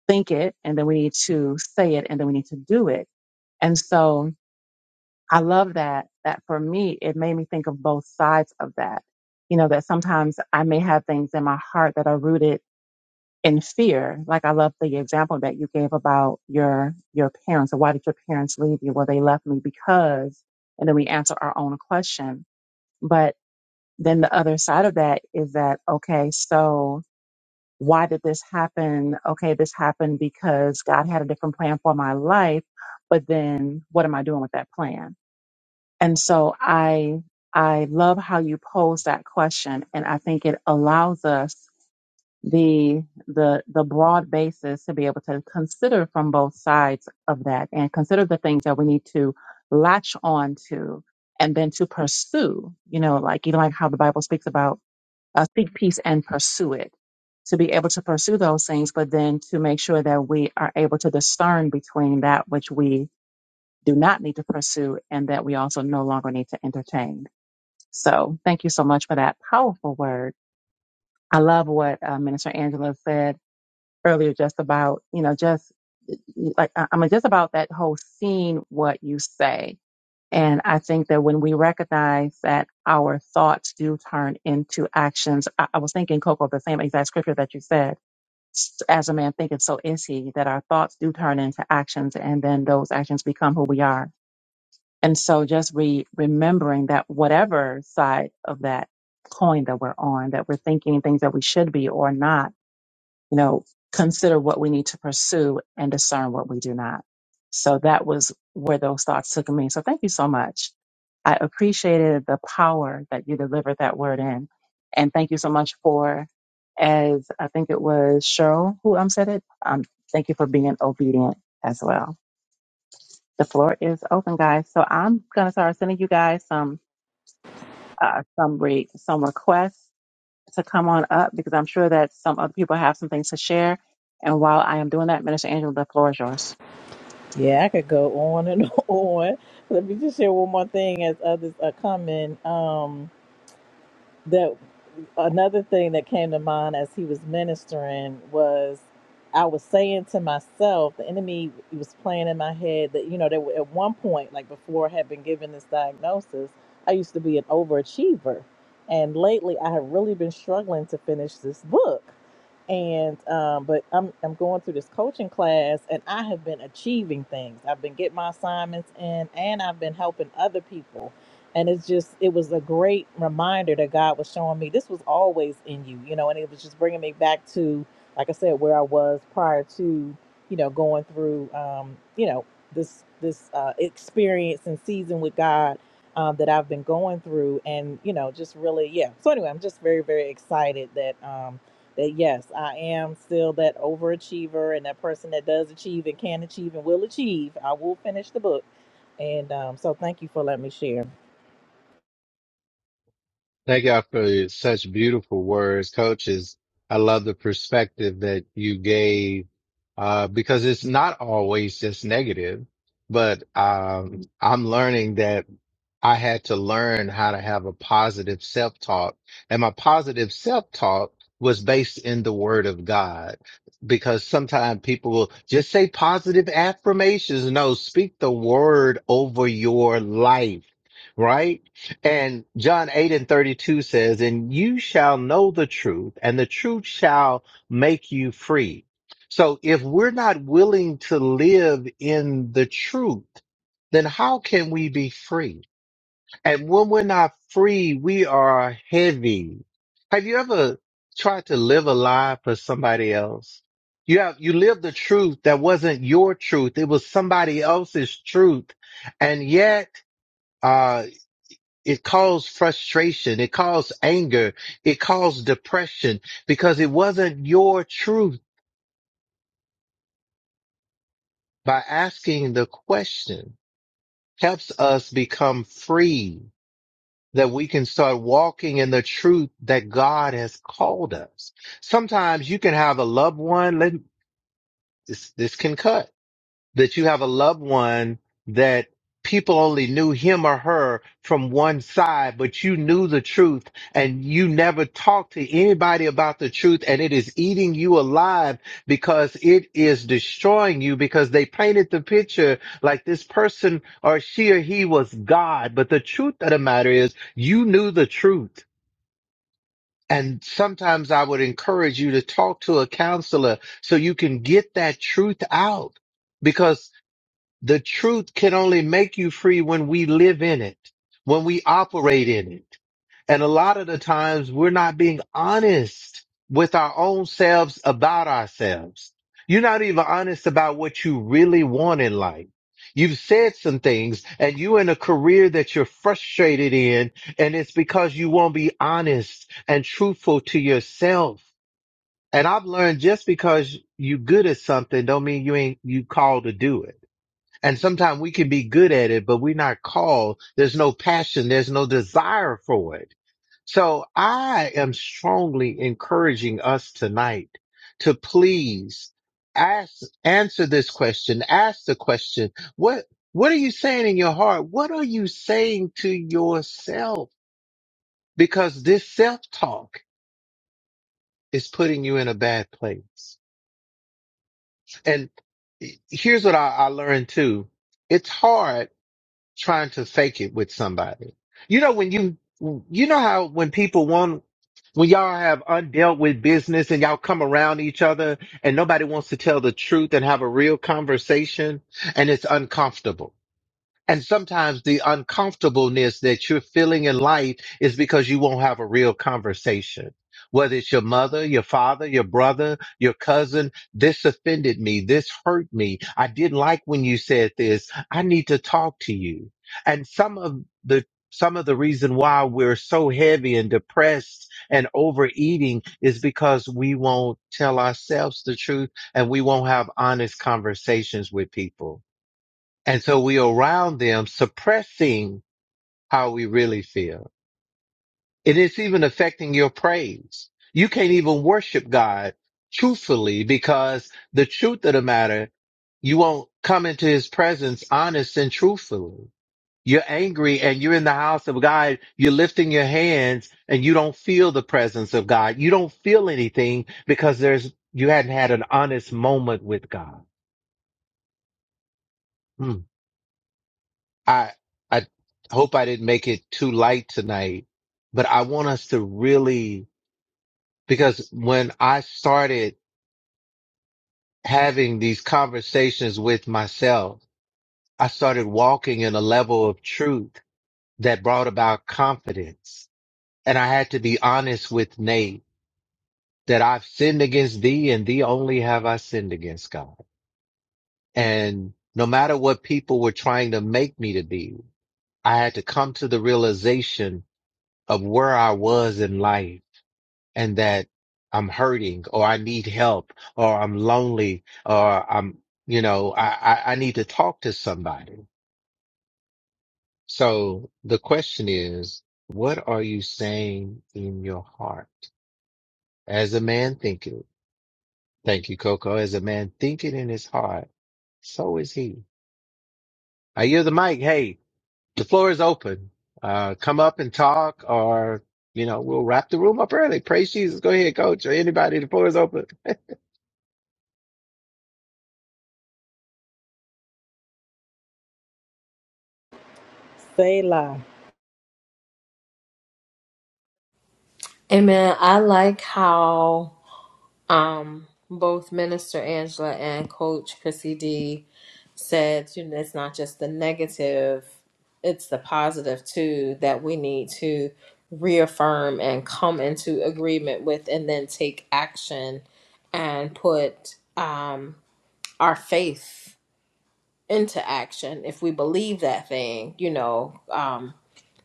think it and then we need to say it and then we need to do it. And so I love that, that for me, it made me think of both sides of that. You know, that sometimes I may have things in my heart that are rooted in fear. Like I love the example that you gave about your, your parents or why did your parents leave you? Well, they left me because, and then we answer our own question. But then the other side of that is that, okay, so why did this happen? Okay, this happened because God had a different plan for my life, but then what am I doing with that plan? And so I I love how you pose that question and I think it allows us the the the broad basis to be able to consider from both sides of that and consider the things that we need to latch on to and then to pursue, you know, like you know, like how the Bible speaks about uh, seek peace and pursue it, to be able to pursue those things, but then to make sure that we are able to discern between that which we do not need to pursue and that we also no longer need to entertain. So thank you so much for that powerful word. I love what uh, Minister Angela said earlier, just about, you know, just like, I- I'm just about that whole scene, what you say and I think that when we recognize that our thoughts do turn into actions, I, I was thinking, Coco, the same exact scripture that you said, "S- as a man thinketh, so is he, that our thoughts do turn into actions and then those actions become who we are. And so just re- remembering that whatever side of that coin that we're on, that we're thinking things that we should be or not, you know, consider what we need to pursue and discern what we do not. So that was where those thoughts took me. So thank you so much. I appreciated the power that you delivered that word in. And thank you so much for, as I think it was Cheryl who um, said it, um, thank you for being obedient as well. The floor is open, guys. So I'm going to start sending you guys some, uh, some, re- some requests to come on up because I'm sure that some other people have some things to share. And while I am doing that, Minister Angela, the floor is yours.
Yeah, I could go on and *laughs* on. Let me just share one more thing as others are coming. Um, that another thing that came to mind as he was ministering was I was saying to myself, the enemy was playing in my head that, you know, there were, at one point, like before I had been given this diagnosis, I used to be an overachiever. And lately I have really been struggling to finish this book. And um, but I'm I'm going through this coaching class and I have been achieving things. I've been getting my assignments in and I've been helping other people and it's just it was a great reminder that god was showing me this was always in you you know and it was just bringing me back to like i said where i was prior to you know going through um you know this this uh experience and season with god um that i've been going through and you know just really yeah so anyway i'm just very very excited that um that yes i am still that overachiever and that person that does achieve and can achieve and will achieve i will finish the book and um so thank you for letting me share
Thank y'all for such beautiful words, coaches. I love the perspective that you gave, uh, because it's not always just negative, but, um, I'm learning that I had to learn how to have a positive self talk. And my positive self talk was based in the word of God because sometimes people will just say positive affirmations. No, speak the word over your life. Right. And John 8 and 32 says, and you shall know the truth and the truth shall make you free. So if we're not willing to live in the truth, then how can we be free? And when we're not free, we are heavy. Have you ever tried to live a lie for somebody else? You have, you lived the truth that wasn't your truth. It was somebody else's truth. And yet, uh, it caused frustration. It caused anger. It caused depression because it wasn't your truth by asking the question helps us become free. that we can start walking in the truth that God has called us. Sometimes you can have a loved one. Let, this, this can cut that you have a loved one that people only knew him or her from one side, but you knew the truth and you never talked to anybody about the truth and it is eating you alive because it is destroying you because they painted the picture like this person or she or he was God. But the truth of the matter is you knew the truth. And sometimes I would encourage you to talk to a counselor so you can get that truth out because. The truth can only make you free when we live in it, when we operate in it. And a lot of the times we're not being honest with our own selves about ourselves. You're not even honest about what you really want in life. You've said some things and you're in a career that you're frustrated in, and it's because you won't be honest and truthful to yourself. And I've learned just because you're good at something don't mean you ain't you called to do it and sometimes we can be good at it, but we're not called. There's no passion. There's no desire for it. So I am strongly encouraging us tonight to please ask, answer this question. Ask the question. What, what are you saying in your heart? What are you saying to yourself? Because this self talk is putting you in a bad place. And here's what I, I learned too. It's hard trying to fake it with somebody. You know, when you, you know how when people want, when y'all have undealt with business and y'all come around each other and nobody wants to tell the truth and have a real conversation and it's uncomfortable. And sometimes the uncomfortableness that you're feeling in life is because you won't have a real conversation. Whether it's your mother, your father, your brother, your cousin, this offended me. This hurt me. I didn't like when you said this. I need to talk to you. And some of the some of the reason why we're so heavy and depressed and overeating is because we won't tell ourselves the truth and we won't have honest conversations with people. And so we are around them suppressing how we really feel. And it's even affecting your praise. You can't even worship God truthfully because the truth of the matter, you won't come into his presence honest and truthfully. You're angry and you're in the house of God. You're lifting your hands and you don't feel the presence of God. You don't feel anything because there's, you hadn't had an honest moment with God. Hmm. I I hope I didn't make it too light tonight, but I want us to really because when I started having these conversations with myself, I started walking in a level of truth that brought about confidence. And I had to be honest with Nate that I've sinned against thee and thee only have I sinned against God. And no matter what people were trying to make me to be, I had to come to the realization of where I was in life and that I'm hurting or I need help or I'm lonely or I'm, you know, I, I, I need to talk to somebody. So the question is, what are you saying in your heart? As a man thinketh, thank you, Coco. As a man thinketh in his heart, so is he. I hear the mic. Hey, the floor is open. Uh, come up and talk or, you know, we'll wrap the room up early. Praise Jesus. Go ahead, coach, or anybody. The floor is open.
Selah.
amen i like how um both minister angela and coach chrissy d said you know it's not just the negative it's the positive too that we need to reaffirm and come into agreement with and then take action and put um our faith into action if we believe that thing you know um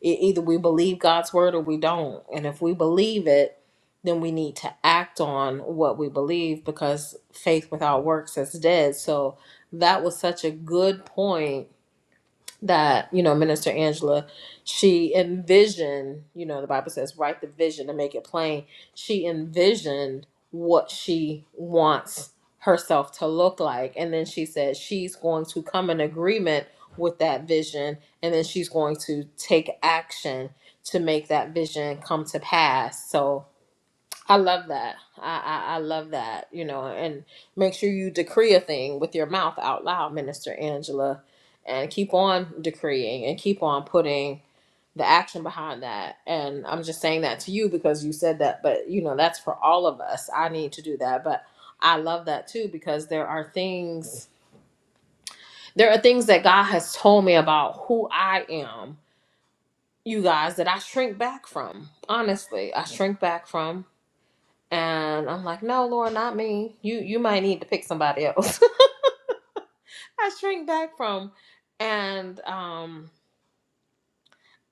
e- either we believe god's word or we don't and if we believe it then we need to act on what we believe because faith without works is dead so that was such a good point that you know minister angela she envisioned you know the bible says write the vision and make it plain she envisioned what she wants herself to look like and then she said she's going to come in agreement with that vision and then she's going to take action to make that vision come to pass so I love that. I, I I love that. You know, and make sure you decree a thing with your mouth out loud, Minister Angela, and keep on decreeing and keep on putting the action behind that. And I'm just saying that to you because you said that, but you know, that's for all of us. I need to do that, but I love that too because there are things there are things that God has told me about who I am, you guys, that I shrink back from. Honestly, I shrink back from And I'm like, no, Lord, not me. You you might need to pick somebody else. *laughs* I shrink back from. And um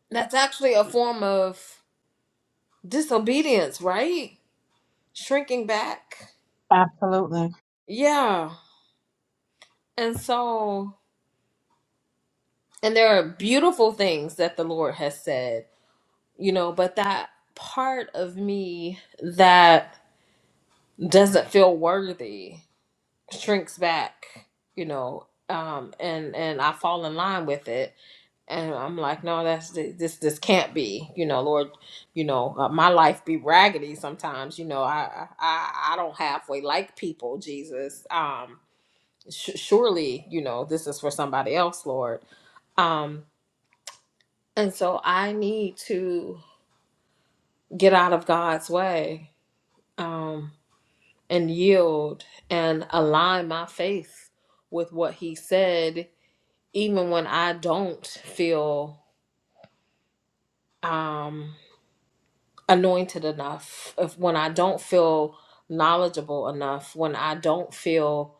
that's actually a form of disobedience, right? Shrinking back.
Absolutely.
Yeah. And so and there are beautiful things that the Lord has said, you know, but that part of me that doesn't feel worthy shrinks back, you know, um and and I fall in line with it And I'm like, no, that's this. This can't be, you know, Lord. You know, uh, my life be raggedy sometimes. You know, I I I don't halfway like people, Jesus. Um, sh- surely, you know, this is for somebody else, Lord. Um, and so I need to get out of God's way um, and yield and align my faith with what He said, even when I don't feel. Um, anointed enough, if when I don't feel knowledgeable enough, when I don't feel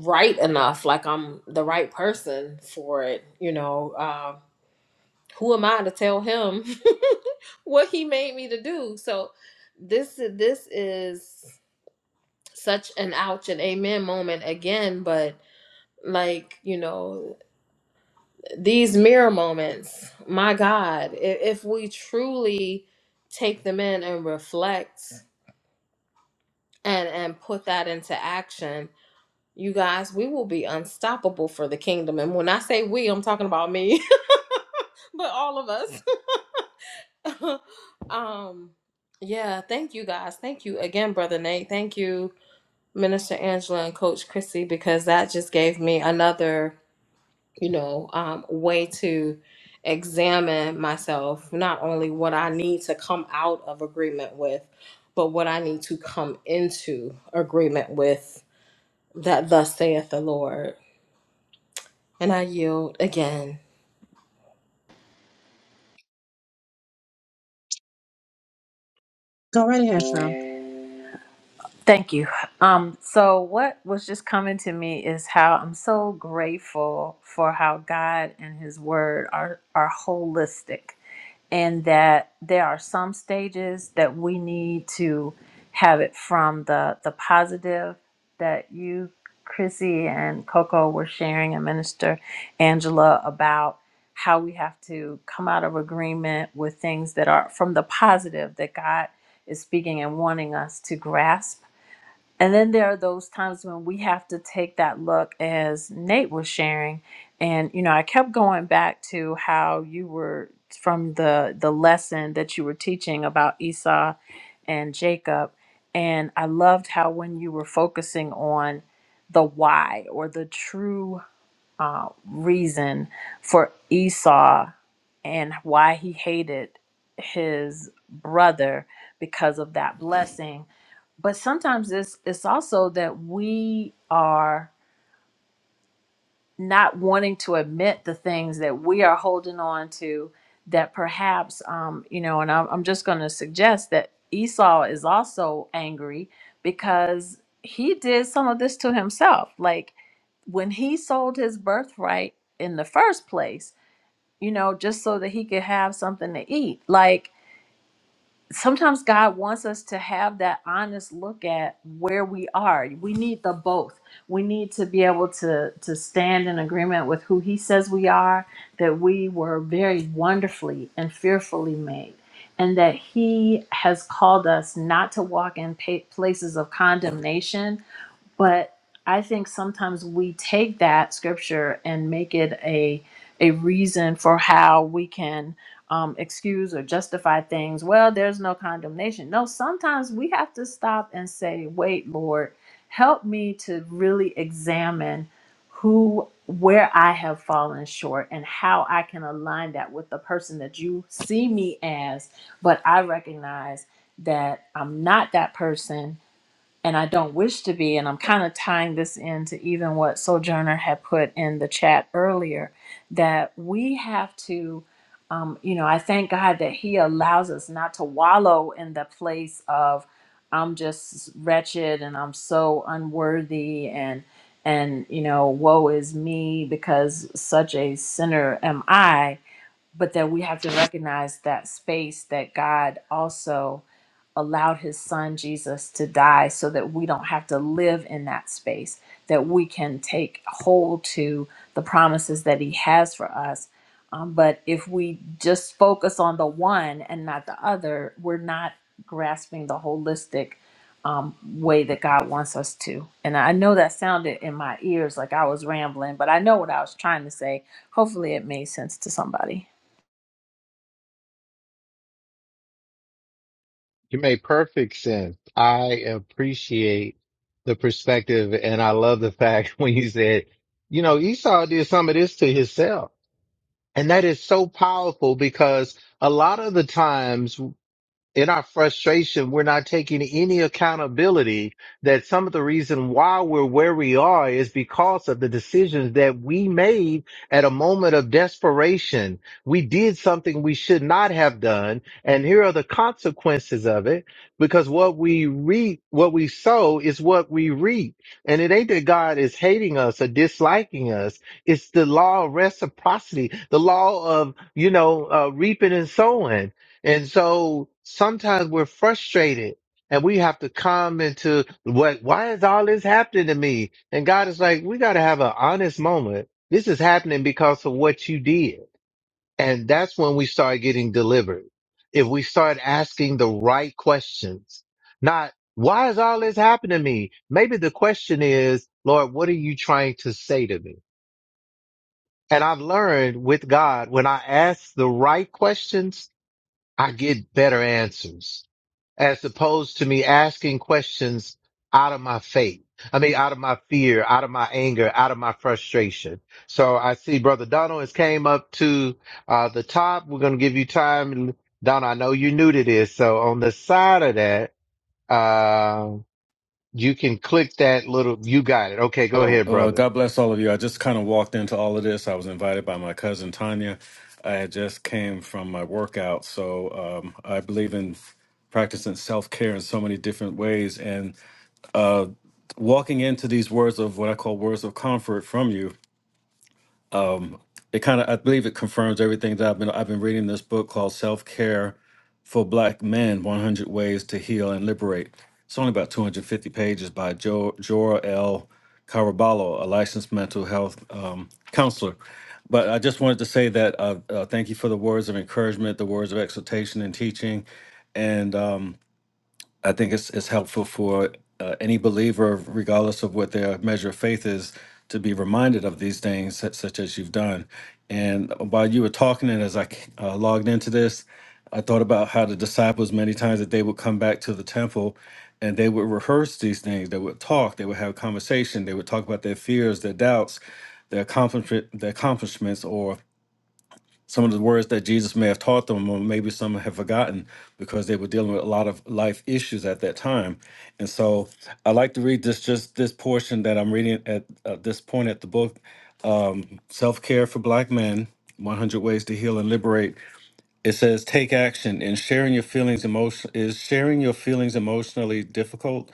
right enough, like I'm the right person for it, you know, uh, who am I to tell him *laughs* what he made me to do? So this this is such an ouch and amen moment again, but like you know these mirror moments my god if, if we truly take them in and reflect and and put that into action you guys we will be unstoppable for the kingdom and when i say we i'm talking about me *laughs* but all of us *laughs* um yeah thank you guys thank you again brother nate thank you minister angela and coach chrissy because that just gave me another you know um, way to examine myself not only what i need to come out of agreement with but what i need to come into agreement with that thus saith the Lord. And I yield again.
Go right ahead, Cheryl.
Thank you. Um, so, what was just coming to me is how I'm so grateful for how God and His Word are, are holistic, and that there are some stages that we need to have it from the, the positive that you, Chrissy, and Coco were sharing, and Minister Angela about how we have to come out of agreement with things that are from the positive that God is speaking and wanting us to grasp and then there are those times when we have to take that look, as Nate was sharing. And, you know, I kept going back to how you were from the, the lesson that you were teaching about Esau and Jacob. And I loved how when you were focusing on the why or the true uh, reason for Esau and why he hated his brother because of that blessing. But sometimes it's it's also that we are not wanting to admit the things that we are holding on to that perhaps um, you know, and I'm, I'm just going to suggest that Esau is also angry because he did some of this to himself. Like when he sold his birthright in the first place you know, just so that he could have something to eat. Like sometimes God wants us to have that honest look at where we are. We need the both. We need to be able to to stand in agreement with who he says we are, that we were very wonderfully and fearfully made. And that he has called us not to walk in pa- places of condemnation, but I think sometimes we take that scripture and make it a a reason for how we can um, excuse or justify things. Well, there's no condemnation. No, sometimes we have to stop and say, "Wait, Lord, help me to really examine who, where I have fallen short, and how I can align that with the person that you see me as." But I recognize that I'm not that person and I don't wish to be. And I'm kind of tying this into even what Sojourner had put in the chat earlier that we have to, um, you know, I thank God that He allows us not to wallow in the place of I'm just wretched and I'm so unworthy and and you know woe is me because such a sinner am I but that we have to recognize that space that God also allowed his son Jesus to die so that we don't have to live in that space, that we can take hold to the promises that he has for us. Um, but if we just focus on the one and not the other, we're not grasping the holistic um, way that God wants us to. And I know that sounded in my ears like I was rambling, but I know what I was trying to say. Hopefully, it made sense to somebody.
You make perfect sense. I appreciate the perspective and I love the fact *laughs* when you said, you know, Esau did some of this to himself. And that is so powerful because a lot of the times in our frustration, we're not taking any accountability that some of the reason why we're where we are is because of the decisions that we made at a moment of desperation. We did something we should not have done. And here are the consequences of it because what we reap, what we sow is what we reap. And it ain't that God is hating us or disliking us. It's the law of reciprocity, the law of, you know, uh, reaping and sowing and so sometimes we're frustrated and we have to come into what, why is all this happening to me? And God is like, we got to have an honest moment. This is happening because of what you did. And that's when we start getting delivered. If we start asking the right questions, not why is all this happening to me? Maybe the question is, Lord, what are you trying to say to me? And I've learned with God, when I ask the right questions, I get better answers as opposed to me asking questions out of my faith. I mean, out of my fear, out of my anger, out of my frustration. So I see Brother Donald has came up to uh, the top. We're going to give you time. Donald, I know you're new to this. So on the side of that, uh, you can click that little, you got it. Okay, go
Oh,
ahead,
uh,
brother.
God bless all of you. I just kind of walked into all of this. I was invited by my cousin Tanya. I had just came from my workout, so um, I believe in practicing self care in so many different ways. And walking into these words of what I call words of comfort from you it kind of I believe it confirms everything that I've been I've been reading this book called Self Care for Black Men: 100 Ways to Heal and Liberate. It's only about 250 pages by jo- Jora L. Caraballo, a licensed mental health um, counselor. But I just wanted to say that uh, uh, thank you for the words of encouragement, the words of exhortation and teaching, and um, I think it's it's helpful for uh, any believer, regardless of what their measure of faith is, to be reminded of these things, such, such as you've done. And uh, while you were talking, and as I uh, logged into this, I thought about how the disciples many times that they would come back to the temple, and they would rehearse these things. They would talk. They would have conversation. They would talk about their fears, their doubts, their accomplishment, their accomplishments, or some of the words that Jesus may have taught them, or maybe some have forgotten because they were dealing with a lot of life issues at that time. And so I like to read this just this portion that I'm reading at uh, this point at the book, Self Care for Black Men 100 Ways to Heal and Liberate. It says, Take action in sharing your feelings emotion Is sharing your feelings emotionally difficult?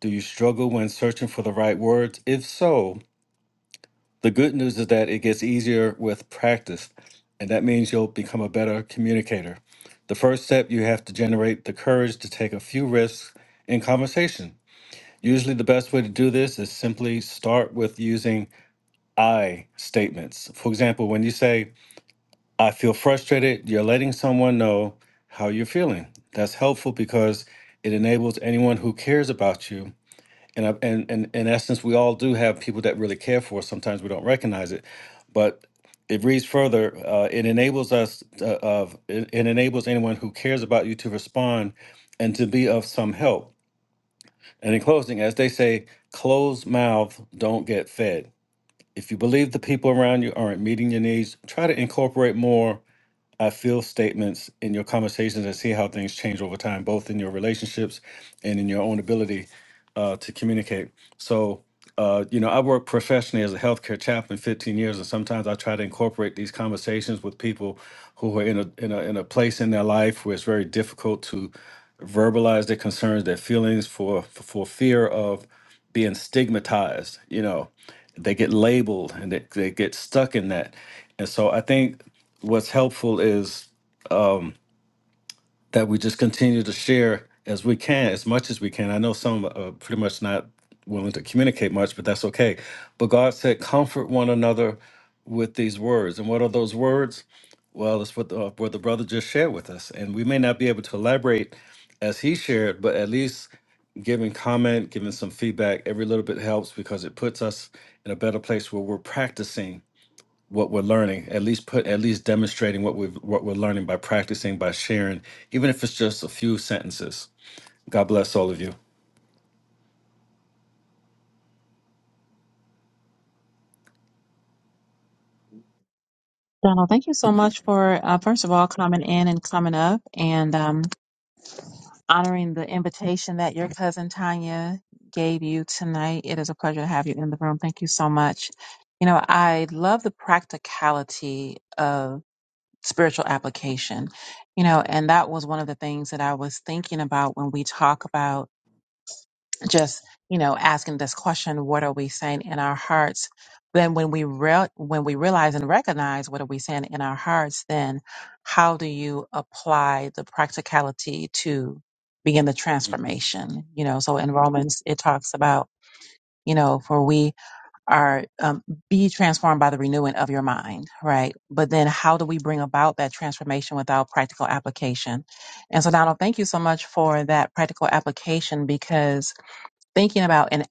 Do you struggle when searching for the right words? If so, the good news is that it gets easier with practice, and that means you'll become a better communicator. The first step, you have to generate the courage to take a few risks in conversation. Usually, the best way to do this is simply start with using I statements. For example, when you say, I feel frustrated, you're letting someone know how you're feeling. That's helpful because it enables anyone who cares about you and I, and and in essence, we all do have people that really care for us. Sometimes we don't recognize it, but it reads further. Uh, it enables us to, of it, it enables anyone who cares about you to respond and to be of some help. And in closing, as they say, closed mouth don't get fed. If you believe the people around you aren't meeting your needs, try to incorporate more I feel statements in your conversations and see how things change over time, both in your relationships and in your own ability uh, to communicate. So, uh, you know, I work professionally as a healthcare chaplain 15 years, and sometimes I try to incorporate these conversations with people who are in a in a in a place in their life where it's very difficult to verbalize their concerns, their feelings for for, for fear of being stigmatized. You know, they get labeled and they, they get stuck in that. And so, I think what's helpful is that we just continue to share as we can, as much as we can. I know some are pretty much not willing to communicate much, but that's okay. But God said, comfort one another with these words. And what are those words? Well, it's what the, uh, what the brother just shared with us. And we may not be able to elaborate as he shared, but at least giving comment, giving some feedback, every little bit helps because it puts us in a better place where we're practicing what we're learning at least put at least demonstrating what we've what we're learning by practicing by sharing even if it's just a few sentences god bless all of you
Donald, thank you so much for, uh, first of all, coming in and coming up and um, honoring the invitation that your cousin Tanya gave you tonight. It is a pleasure to have you in the room. Thank you so much. You know, I love the practicality of spiritual application, you know, and that was one of the things that I was thinking about when we talk about. just you know asking this question what are we saying in our hearts then when we real when we realize and recognize what are we saying in our hearts then how do you apply the practicality to begin the
hmm
transformation you know so in romans it talks about you know for we are um, be transformed by the renewing of your mind right but then how do we bring about that transformation without practical application and so donald thank you so much for that practical application because thinking about and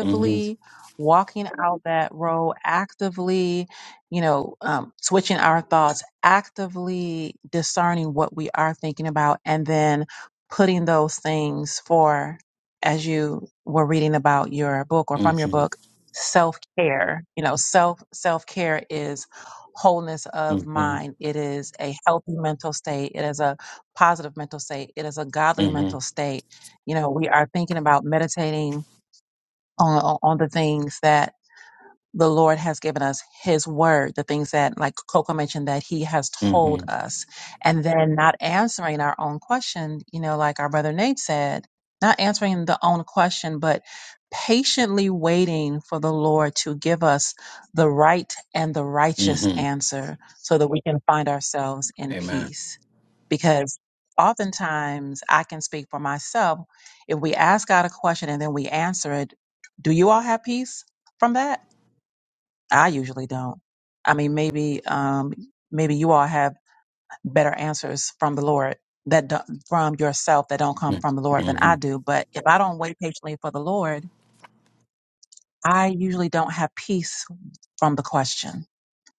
hmm
walking out that role, actively, you know, um, switching our thoughts, actively discerning what we are thinking about, and then putting those things for, as you were reading about your book or
hmm
from your book, self care. You know, self self care is wholeness of
hmm
mind. It is a healthy mental state. It is a positive mental state. It is a godly
hmm
mental state you know, we are thinking about meditating on on the things that the Lord has given us His word, the things that, like Coco mentioned, that He has
hmm
told us, and then not answering our own question, you know, like our brother Nate said, not answering the own question, but patiently waiting for the Lord to give us the right and the righteous
hmm
answer so that we can find ourselves in
amen
peace. Because oftentimes, I can speak for myself, if we ask God a question and then we answer it, do you all have peace from that? I usually don't. I mean, maybe, um, maybe you all have better answers from the Lord that do from yourself that don't come from the Lord than
hmm
I do. But if I don't wait patiently for the Lord, I usually don't have peace from the question.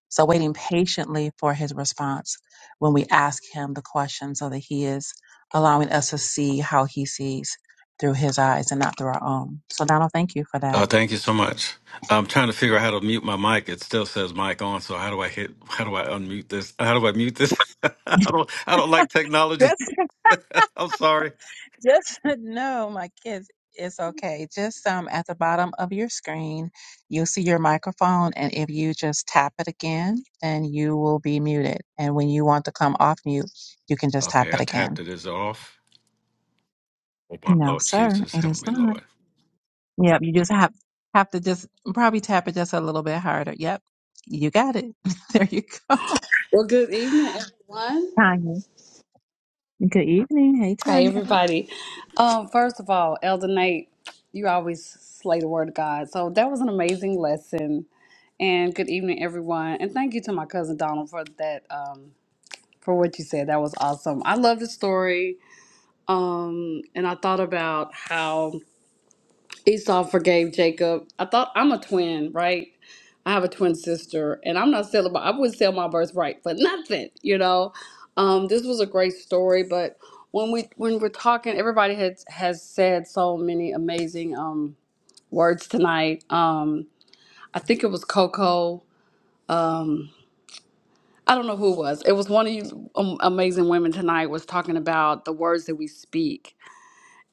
So waiting patiently for His response when we ask Him the question, so that He is allowing us to see how He sees through His eyes and not through our own. So Donald, thank you for
oh
that.
thank you so much i'm trying to figure out how to mute my mic it still says mic on so how do i hit how do i unmute this how do i mute this *laughs* i don't i don't like technology
*laughs*
*laughs* i'm sorry
Just *laughs* no, my kids, it's okay. Just um at the bottom of your screen, you'll see your microphone, and if you just tap it again, then you will be muted. And when you want to come off mute, you can just tap
okay
it
i tapped
again.
it is it off oh my
No,
lord
sir,
jesus
it
help
is
me
not.
lord
Yep, you just have have to just probably tap it just a little bit harder. Yep, you got it. *laughs* there you go.
Well, good evening, everyone.
Tanya, good evening. Hey,
Hey,
Tanya.
everybody. Um, first of all, Elder Nate, you always slay the word of God. So that was an amazing lesson. And good evening, everyone. And thank you to my cousin Donald for that, um, for what you said. That was awesome. I love the story. Um, and I thought about how Esau forgave Jacob. I thought I'm a twin, right? I have a twin sister, and I'm not selling. My, I wouldn't sell my birthright for nothing, you know. Um, this was a great story, but when we when we're talking, everybody has has said so many amazing um, words tonight. Um, I think it was Coco. Um, I don't know who it was. It was one of you um, amazing women tonight was talking about the words that we speak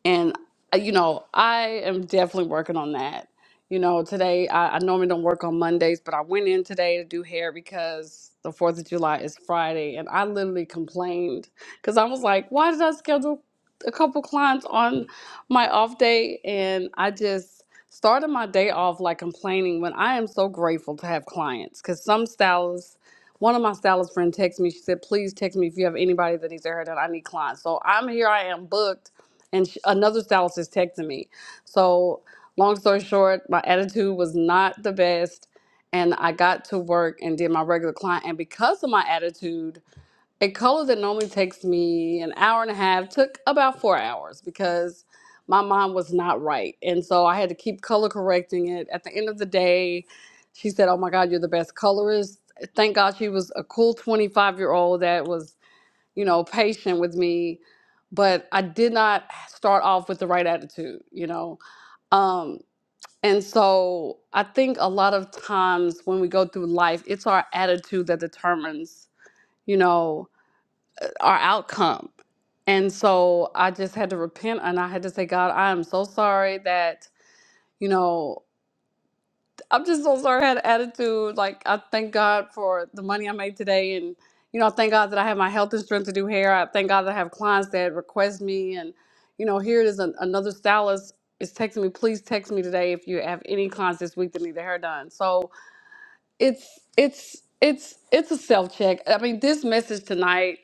and uh, you know i am definitely working on that you know today I, I normally don't work on mondays but i went in today to do hair because the fourth of july is friday and i literally complained because i was like why did i schedule a couple clients on my off day and i just started my day off like complaining when i am so grateful to have clients because some stylists one of my stylist friend texted me she said please text me if you have anybody that needs their hair done i need clients so i'm here i am booked and sh another stylist is texting me. So, long story short, my attitude was not the best, and I got to work and did my regular client. And because of my attitude, a color that normally takes me an hour and a half took about four hours because my mind was not right, and so I had to keep color correcting it. At the end of the day, she said, "Oh my God, you're the best colorist." Thank God she was a cool 25 year old that was you know, patient with me, but I did not start off with the right attitude, you know. Um, and so I think a lot of times when we go through life, it's our attitude that determines, you know, our outcome. And so I just had to repent and I had to say, God, I am so sorry that, you know, I'm just so sorry I had an attitude. Like I thank God for the money I made today and you know, I thank God that I have my health and strength to do hair. I thank God that I have clients that request me and you know, here it is an, another stylist is texting me, please text me today if you have any clients this week that need their hair done. So it's it's it's it's a self check. I mean, this message tonight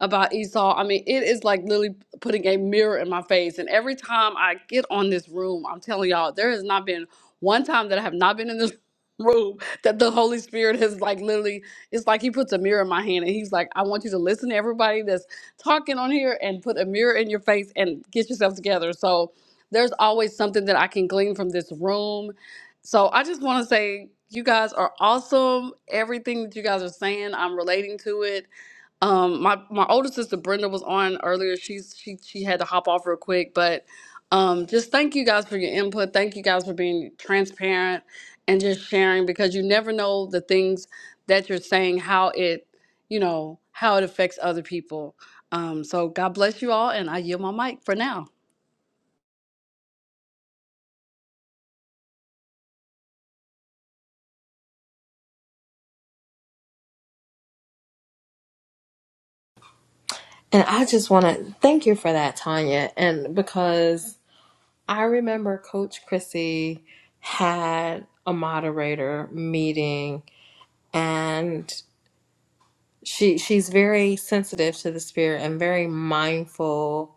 about Esau, I mean, it is like literally putting a mirror in my face. And every time I get on this room, I'm telling y'all, there has not been one time that I have not been in this *laughs* room that the Holy Spirit has like literally it's like he puts a mirror in my hand and he's like, I want you to listen to everybody that's talking on here and put a mirror in your face and get yourself together. So there's always something that I can glean from this room so I just want to say you guys are awesome. Everything that you guys are saying, I'm relating to it. Um, my my older sister Brenda was on earlier. She's she she had to hop off real quick, but um, just thank you guys for your input. Thank you guys for being transparent and just sharing because you never know the things that you're saying how it you know how it affects other people. Um, so God bless you all, and I yield my mic for now.
And I just want to thank you for that, Tanya. And because I remember Coach Chrissy had a moderator meeting and she she's very sensitive to the spirit and very mindful,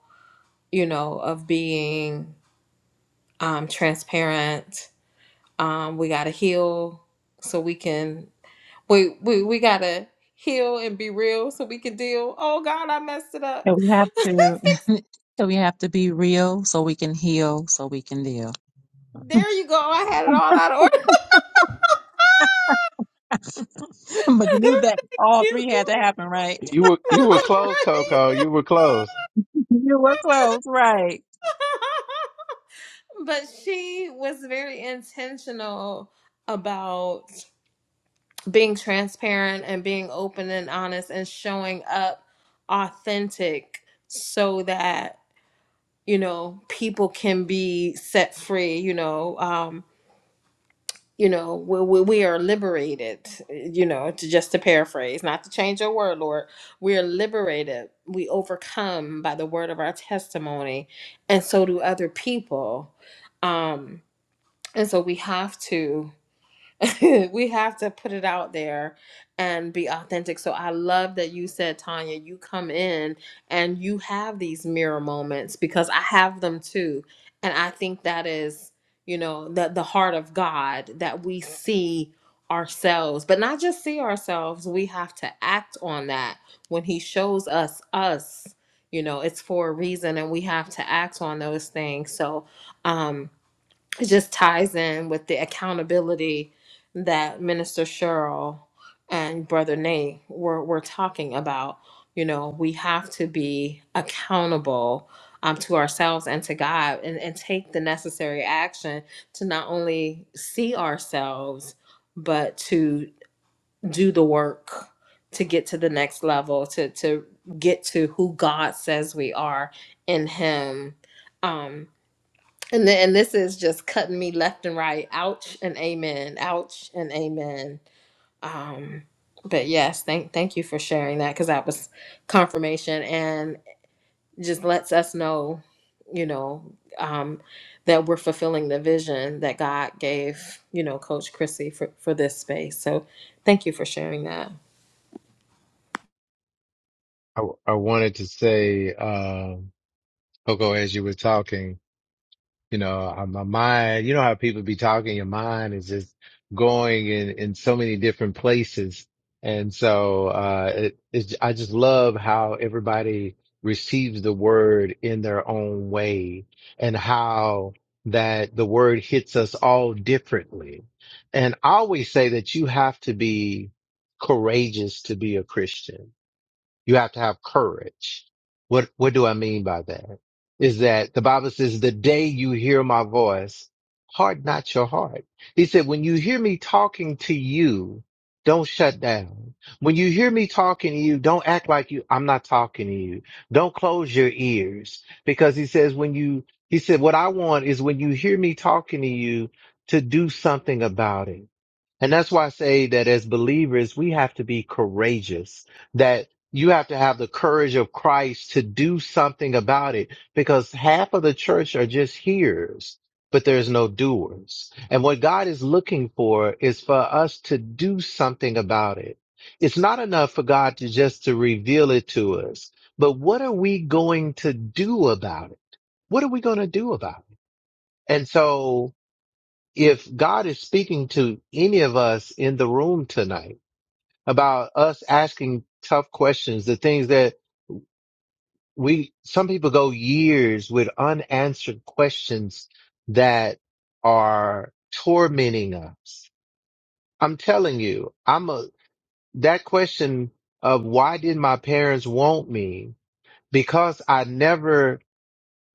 you know, of being um, transparent. Um, we got to heal so we can We we we gotta heal and be real so we can deal. Oh God, I messed it up.
So we have
*laughs* Fix
to,
it.
*laughs* so we have to be real so we can heal, so we can deal.
There you go. I had it all out of order. *laughs*
*laughs* But you knew that
Thank
all
you.
three had to happen, right?
You were, you were
Look,
close,
right?
Coco. You were close.
*laughs* You were close, right?
but she was very intentional about being transparent and being open and honest and showing up authentic so that you know people can be set free you know um you know we, we, we are liberated you know to just to paraphrase not to change your word lord we are liberated we overcome by the word of our testimony and so do other people um and so we have to *laughs* we have to put it out there and be authentic. So I love that you said, Tanya, you come in and you have these mirror moments because I have them too. And I think that is, you know, the, the heart of God that we see ourselves, but not just see ourselves, we have to act on that when He shows us us. You know, it's for a reason and we have to act on those things. So, um, it just ties in with the accountability that Minister Cheryl and Brother Nate were, were talking about. You know, we have to be accountable um, to ourselves and to God and, and take the necessary action to not only see ourselves, but to do the work to get to the next level, to, to get to who God says we are in Him. Um, and then, and this is just cutting me left and right. Ouch and amen. Ouch and amen. Um, but yes, thank thank you for sharing that because that was confirmation and just lets us know, you know, um, that we're fulfilling the vision that God gave, you know, Coach Chrissy for for this space. So thank you for sharing that.
I, I wanted to say, um, Coco, as you were talking, You know, uh, my mind, you know how people be talking, your mind is just going in, in so many different places. And so, uh, it, it's, I just love how everybody receives the word in their own way and how that the word hits us all differently. And I always say that you have to be courageous to be a Christian you have to have courage. What, what do I mean by that? Is that the Bible says the day you hear my voice, harden not your heart. He said, when you hear me talking to you, don't shut down. When you hear me talking to you, don't act like you, I'm not talking to you. Don't close your ears because he says, when you, he said, what I want is when you hear me talking to you to do something about it and that's why I say that as believers, we have to be courageous, that you have to have the courage of Christ to do something about it because half of the church are just hearers, but there's no doers. And what God is looking for is for us to do something about it. It's not enough for God to just to reveal it to us, but what are we going to do about it? What are we going to do about it? And so if God is speaking to any of us in the room tonight about us asking tough questions, the things that we, some people go years with unanswered questions that are tormenting us. I'm telling you, I'm a, that question of why did my parents want me? Because I never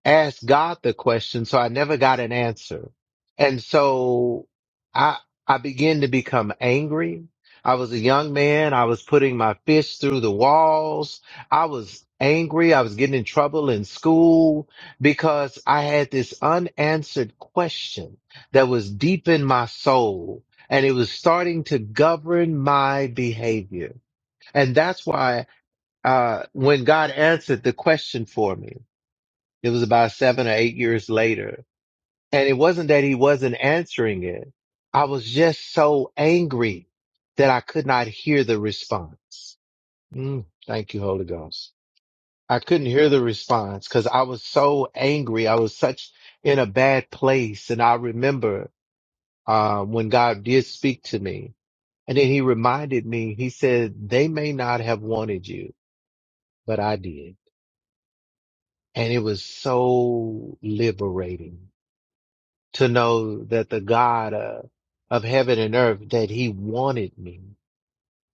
asked God the question, so I never got an answer. And so I, I began to become angry. I was a young man. I was putting my fists through the walls. I was angry. I was getting in trouble in school because I had this unanswered question that was deep in my soul and it was starting to govern my behavior. And that's why, uh, when God answered the question for me, it was about seven or eight years later. And it wasn't that he wasn't answering it. I was just so angry that I could not hear the response. Mm, thank you, Holy Ghost. I couldn't hear the response because I was so angry. I was such in a bad place. And I remember uh, when God did speak to me and then he reminded me, he said, they may not have wanted you, but I did. And it was so liberating to know that the God uh, of heaven and earth, that he wanted me,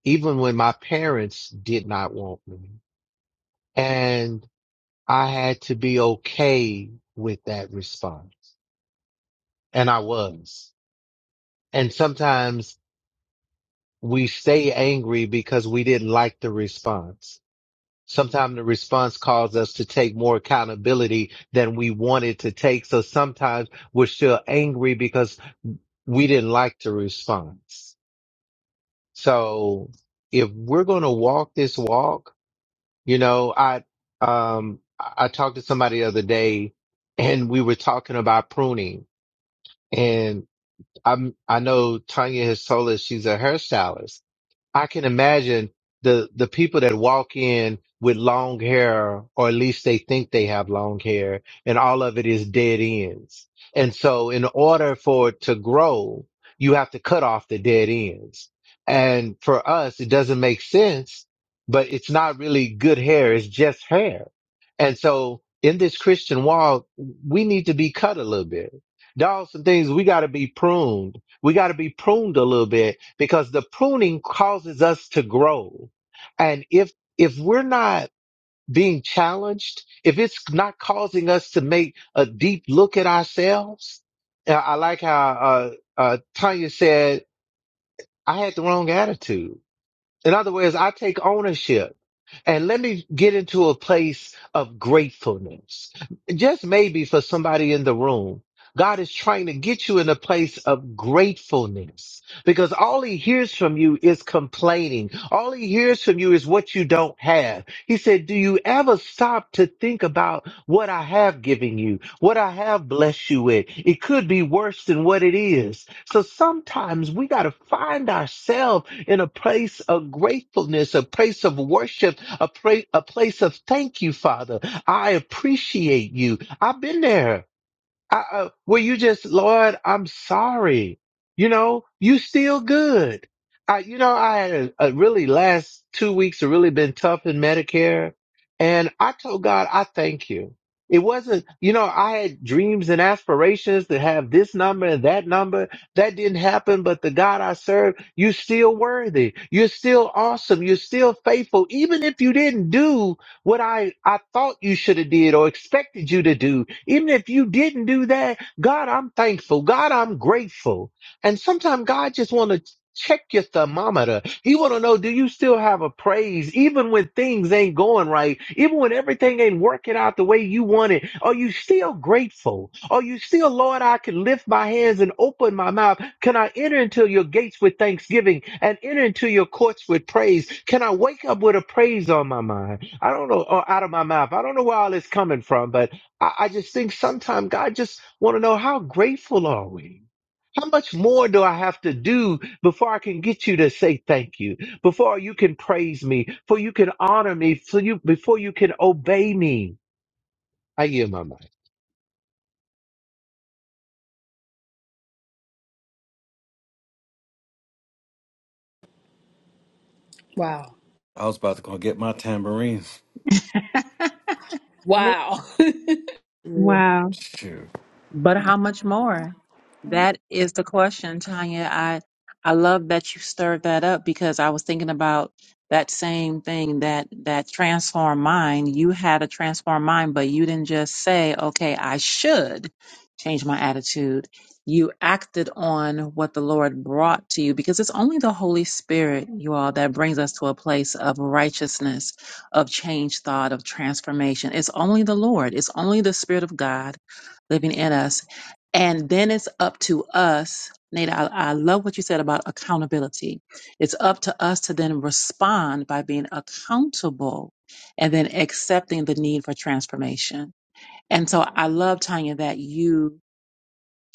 even when my parents did not want me. And I had to be okay with that response. And I was. And sometimes we stay angry because we didn't like the response. Sometimes the response caused us to take more accountability than we wanted to take. So sometimes we're still angry because we didn't like the response So if we're going to walk this walk, you know, I, um, I I talked to somebody the other day and we were talking about pruning and I'm, I know Tanya has told us she's a hairstylist I can imagine the the people that walk in with long hair, or at least they think they have long hair, and all of it is dead ends. And so, in order for it to grow, you have to cut off the dead ends. And for us, it doesn't make sense, but it's not really good hair; it's just hair. And so, in this Christian walk, we need to be cut a little bit. There are some things we got to be pruned. We got to be pruned a little bit because the pruning causes us to grow. And if, if we're not being challenged, if it's not causing us to make a deep look at ourselves, uh, I like how, uh, uh, Tanya said, I had the wrong attitude. In other words, I take ownership and let me get into a place of gratefulness. Just maybe for somebody in the room, God is trying to get you in a place of gratefulness because all he hears from you is complaining. All he hears from you is what you don't have. He said, do you ever stop to think about what I have given you, what I have blessed you with? It could be worse than what it is. So sometimes we got to find ourselves in a place of gratefulness, a place of worship, a, pra- a place of thank you, Father. I appreciate you. I've been there. I, uh, well, you just, Lord, I'm sorry. You know, you still good. I, you know, I had a, a really last two weeks have really been tough in Medicare. And I told God, I thank you. It wasn't, you know, I had dreams and aspirations to have this number and that number. That didn't happen, but the God I serve, you're still worthy. You're still awesome. You're still faithful. Even if you didn't do what I, I thought you should have did or expected you to do. Even if you didn't do that, God, I'm thankful. God, I'm grateful. And sometimes God just want to check your thermometer. He want to know, do you still have a praise? Even when things ain't going right, even when everything ain't working out the way you want it, are you still grateful? Are you still, Lord, I can lift my hands and open my mouth? Can I enter into your gates with thanksgiving and enter into your courts with praise? Can I wake up with a praise on my mind? I don't know, or out of my mouth. I don't know where all this coming from, but I, I just think sometimes God just want to know how grateful are we? How much more do I have to do before I can get you to say thank you? Before you can praise me, before you can honor me, for you before you can obey me. I yield my mind.
Wow.
I was about to go get my tambourines.
*laughs*
Me
Wow.
too.
Wow.
Shoot,
But how much more? That is the question, Tanya. I I love that you stirred that up because I was thinking about that same thing that that transform mind. You had a transform mind, but you didn't just say, "Okay, I should change my attitude." You acted on what the Lord brought to you because it's only the Holy Spirit, you all, that brings us to a place of righteousness, of change thought, of transformation. It's only the Lord. It's only the Spirit of God living in us. And then it's up to us, Nate. I, I love what you said about accountability. It's up to us to then respond by being accountable and then accepting the need for transformation. And so I love, Tanya, that you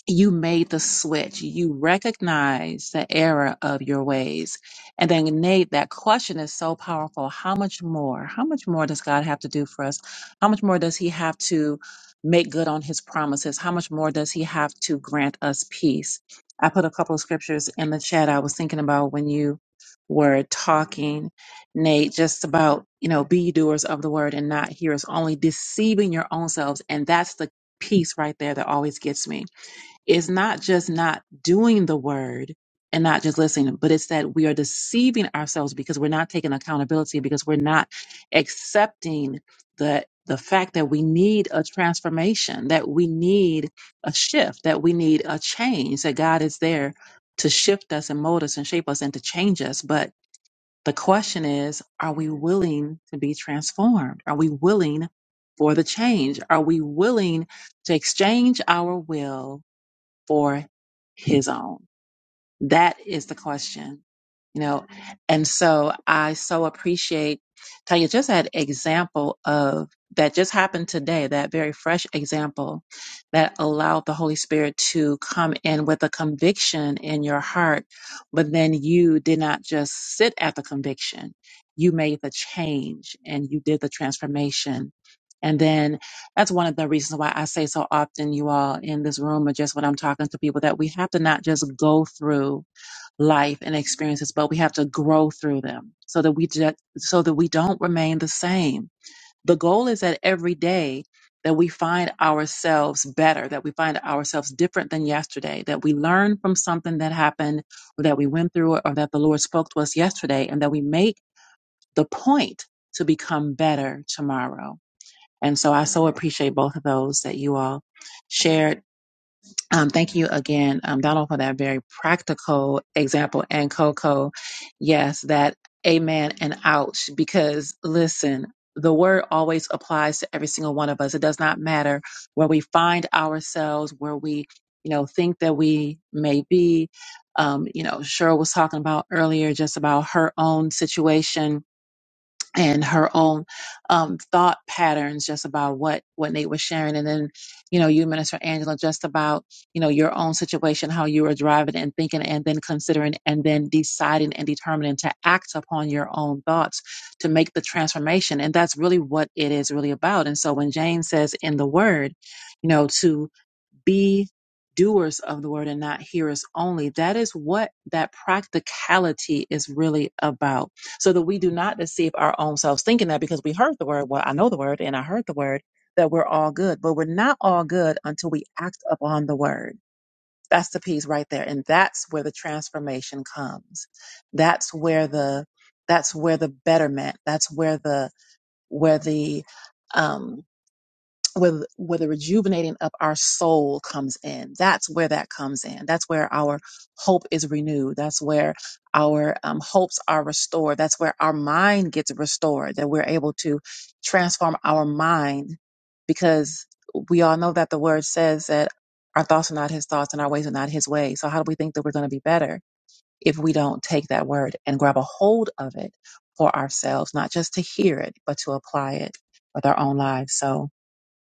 you made the switch. You recognize the error of your ways. And then, Nate, that question is so powerful. How much more? How much more does God have to do for us? How much more does He have to make good on His promises? How much more does He have to grant us peace? I put a couple of scriptures in the chat I was thinking about when you were talking, Nate, just about, you know, be ye doers of the word and not hearers, only deceiving your own selves. And that's the piece right there that always gets me it's not just not doing the word and not just listening, but it's that we are deceiving ourselves because we're not taking accountability, because we're not accepting the the fact that we need a transformation, that we need a shift, that we need a change, that God is there to shift us and mold us and shape us and to change us. But the question is, are we willing to be transformed? Are we willing for the change? Are we willing to exchange our will for his own? That is the question, you know. And so I so appreciate Tanya just had example of that just happened today, that very fresh example that allowed the Holy Spirit to come in with a conviction in your heart, but then you did not just sit at the conviction. You made the change and you did the transformation. And then that's one of the reasons why I say so often, you all in this room, or just when I'm talking to people, that we have to not just go through life and experiences, but we have to grow through them so that we just, so that we don't remain the same. The goal is that every day that we find ourselves better, that we find ourselves different than yesterday, that we learn from something that happened or that we went through or that the Lord spoke to us yesterday, and that we make the point to become better tomorrow and so I so appreciate both of those that you all shared. Um, thank you again, um, Donald, for that very practical example. And Coco, yes, that amen and ouch, because listen, the word always applies to every single one of us. It does not matter where we find ourselves, where we, you know, think that we may be. Um, you know, Cheryl was talking about earlier just about her own situation and her own um, thought patterns just about what what Nate was sharing, and then you know you, Minister Angela, just about you know your own situation, how you were driving and thinking, and then considering, and then deciding and determining to act upon your own thoughts to make the transformation, and that's really what it is really about. And so when Jane says in the Word, you know to be doers of the word and not hearers only. That is what that practicality is really about. So that we do not deceive our own selves thinking that because we heard the word, well, I know the word and I heard the word, that we're all good. But we're not all good until we act upon the word. That's the piece right there. And that's where the transformation comes. That's where the that's where the betterment, that's where the where the um where, th- where the rejuvenating of our soul comes in. That's where that comes in. That's where our hope is renewed. That's where our um, hopes are restored. That's where our mind gets restored, that we're able to transform our mind because we all know that the word says that our thoughts are not his thoughts and our ways are not his ways. So, how do we think that we're going to be better if we don't take that word and grab a hold of it for ourselves, not just to hear it, but to apply it with our own lives? So,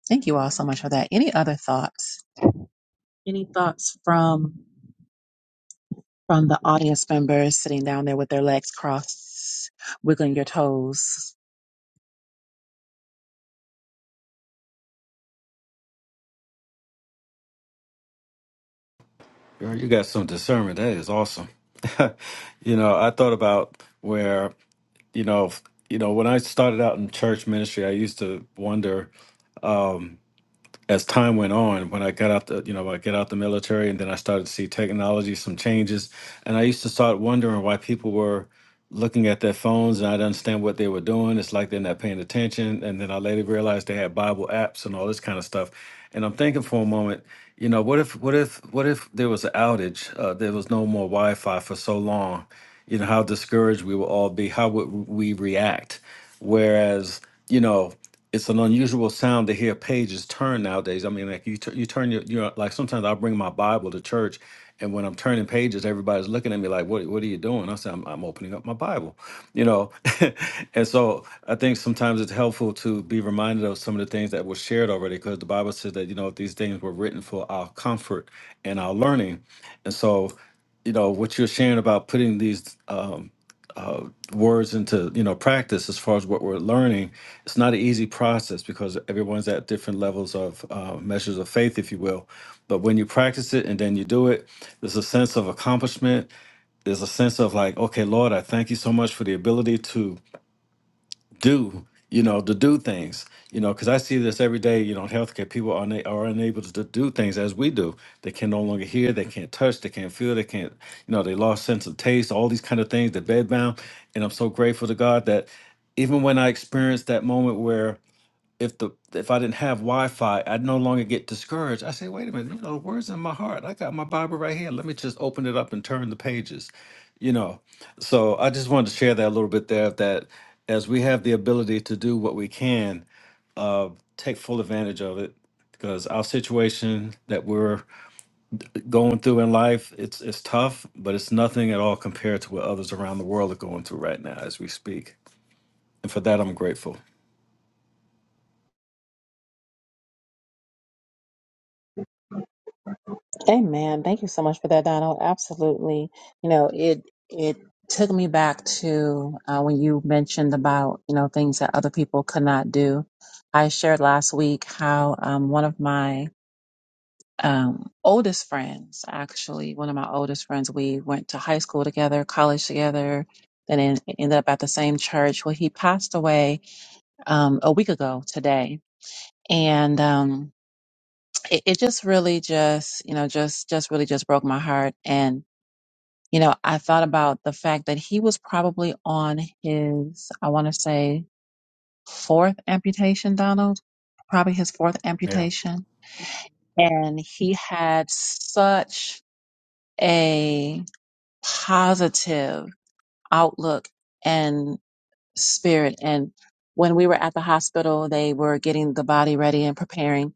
Thank you all so much for that. Any other thoughts? Any thoughts from from the audience members sitting down there with their legs crossed, wiggling your toes?
girl, you got some discernment. That is awesome. *laughs* you know, I thought about where you know, f- you know, when I started out in church ministry, I used to wonder. um, as time went on, when I got out the, you know, I got out the military, and then I started to see technology, some changes, and I used to start wondering why people were looking at their phones, and I didn't understand what they were doing. It's like they're not paying attention, and then I later realized they had Bible apps and all this kind of stuff. And I'm thinking for a moment, you know, what if, what if, what if there was an outage? Uh, there was no more Wi-Fi for so long. You know how discouraged we would all be. How would we react? Whereas, you know it's an unusual sound to hear pages turn nowadays. I mean, like you, tu- you turn your, you know, like sometimes I'll bring my Bible to church, and when I'm turning pages, everybody's looking at me like, "What, what are you doing?" I say, "I'm, I'm opening up my Bible," you know. *laughs* and so I think sometimes it's helpful to be reminded of some of the things that were shared already, because the Bible says that you know these things were written for our comfort and our learning, and so you know what you're sharing about putting these. Um, uh, words into you know practice as far as what we're learning it's not an easy process because everyone's at different levels of uh, measures of faith if you will but when you practice it and then you do it there's a sense of accomplishment there's a sense of like okay lord i thank you so much for the ability to do you know to do things you know because i see this every day you know in healthcare people are, una- are unable to do things as we do they can no longer hear they can't touch they can't feel they can't you know they lost sense of taste all these kind of things they're bedbound and i'm so grateful to god that even when i experienced that moment where if the if I didn't have Wi-Fi, I'd no longer get discouraged. I say, wait a minute, you know, the words in my heart. I got my Bible right here. Let me just open it up and turn the pages. You know. So I just wanted to share that a little bit there that as we have the ability to do what we can, uh, take full advantage of it. Because our situation that we're going through in life, it's it's tough, but it's nothing at all compared to what others around the world are going through right now as we speak. And for that I'm grateful.
Amen. Thank you so much for that, Donald. Absolutely. You know, it it took me back to uh, when you mentioned about you know things that other people could not do. I shared last week how um, one of my um, oldest friends, actually, one of my oldest friends, we went to high school together, college together, and then ended up at the same church. Well, he passed away um, a week ago today, and um, it, it just really just you know just just really just broke my heart. And you know, I thought about the fact that he was probably on his, I want to say, fourth amputation, Donald, probably his fourth amputation, and he had such a positive outlook and spirit. And when we were at the hospital, they were getting the body ready and preparing.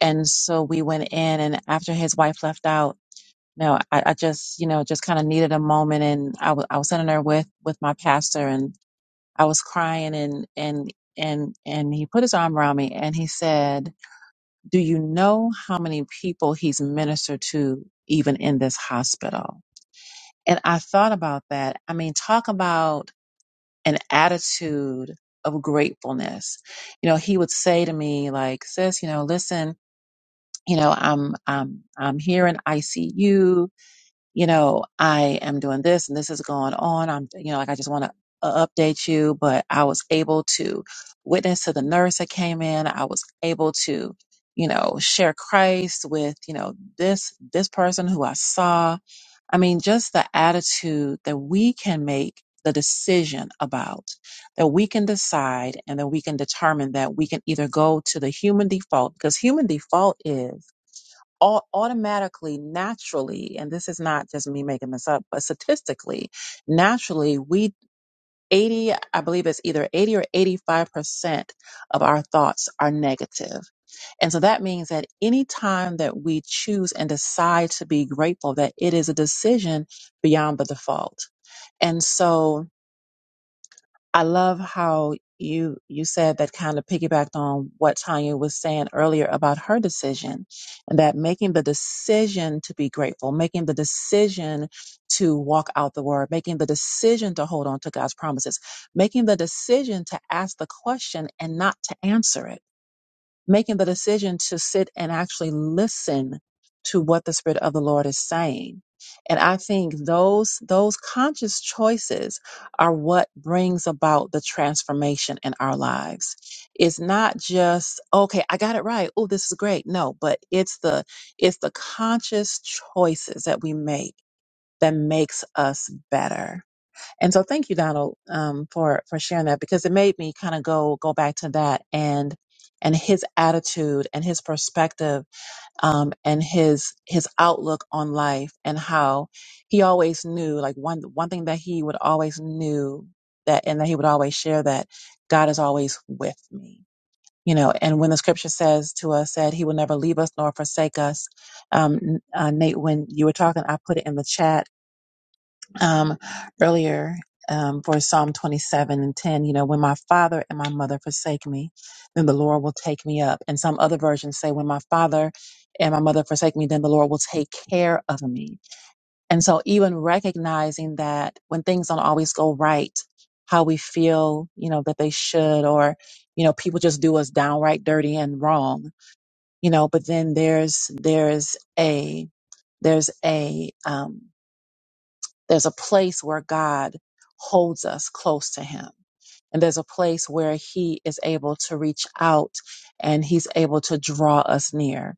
And so we went in, and after his wife left out, you know, I, I just, you know, just kind of needed a moment, and I wa- I was sitting there with with my pastor, and I was crying, and and and and he put his arm around me, and he said, "Do you know how many people he's ministered to, even in this hospital?" And I thought about that. I mean, talk about an attitude of gratefulness. You know, he would say to me like, sis, you know, listen, you know, I'm, I'm, I'm here in ICU. You know, I am doing this and this is going on. I'm, you know, like, I just want to update you, but I was able to witness to the nurse that came in. I was able to, you know, share Christ with, you know, this, this person who I saw I mean, just the attitude that we can make the decision about, that we can decide and that we can determine that we can either go to the human default, because human default is au- automatically, naturally, and this is not just me making this up, but statistically, naturally, we 80, I believe it's either 80 or 85% of our thoughts are negative and so that means that any time that we choose and decide to be grateful, that it is a decision beyond the default. And so I love how you you said that kind of piggybacked on what Tanya was saying earlier about her decision and that making the decision to be grateful, making the decision to walk out the word, making the decision to hold on to God's promises, making the decision to ask the question and not to answer it making the decision to sit and actually listen to what the spirit of the lord is saying and i think those those conscious choices are what brings about the transformation in our lives it's not just okay i got it right oh this is great no but it's the it's the conscious choices that we make that makes us better and so thank you, Donald, um, for, for sharing that because it made me kind of go, go back to that and, and his attitude and his perspective, um, and his, his outlook on life and how he always knew, like one, one thing that he would always knew that, and that he would always share that God is always with me. You know, and when the scripture says to us that he will never leave us nor forsake us, um, uh, Nate, when you were talking, I put it in the chat um, earlier um, for Psalm 27 and 10, you know, when my father and my mother forsake me, then the Lord will take me up. And some other versions say, when my father and my mother forsake me, then the Lord will take care of me. And so, even recognizing that when things don't always go right, how we feel, you know, that they should, or, you know, people just do us downright dirty and wrong, you know, but then there's, there's a, there's a, um, there's a place where God holds us close to Him. And there's a place where He is able to reach out and He's able to draw us near.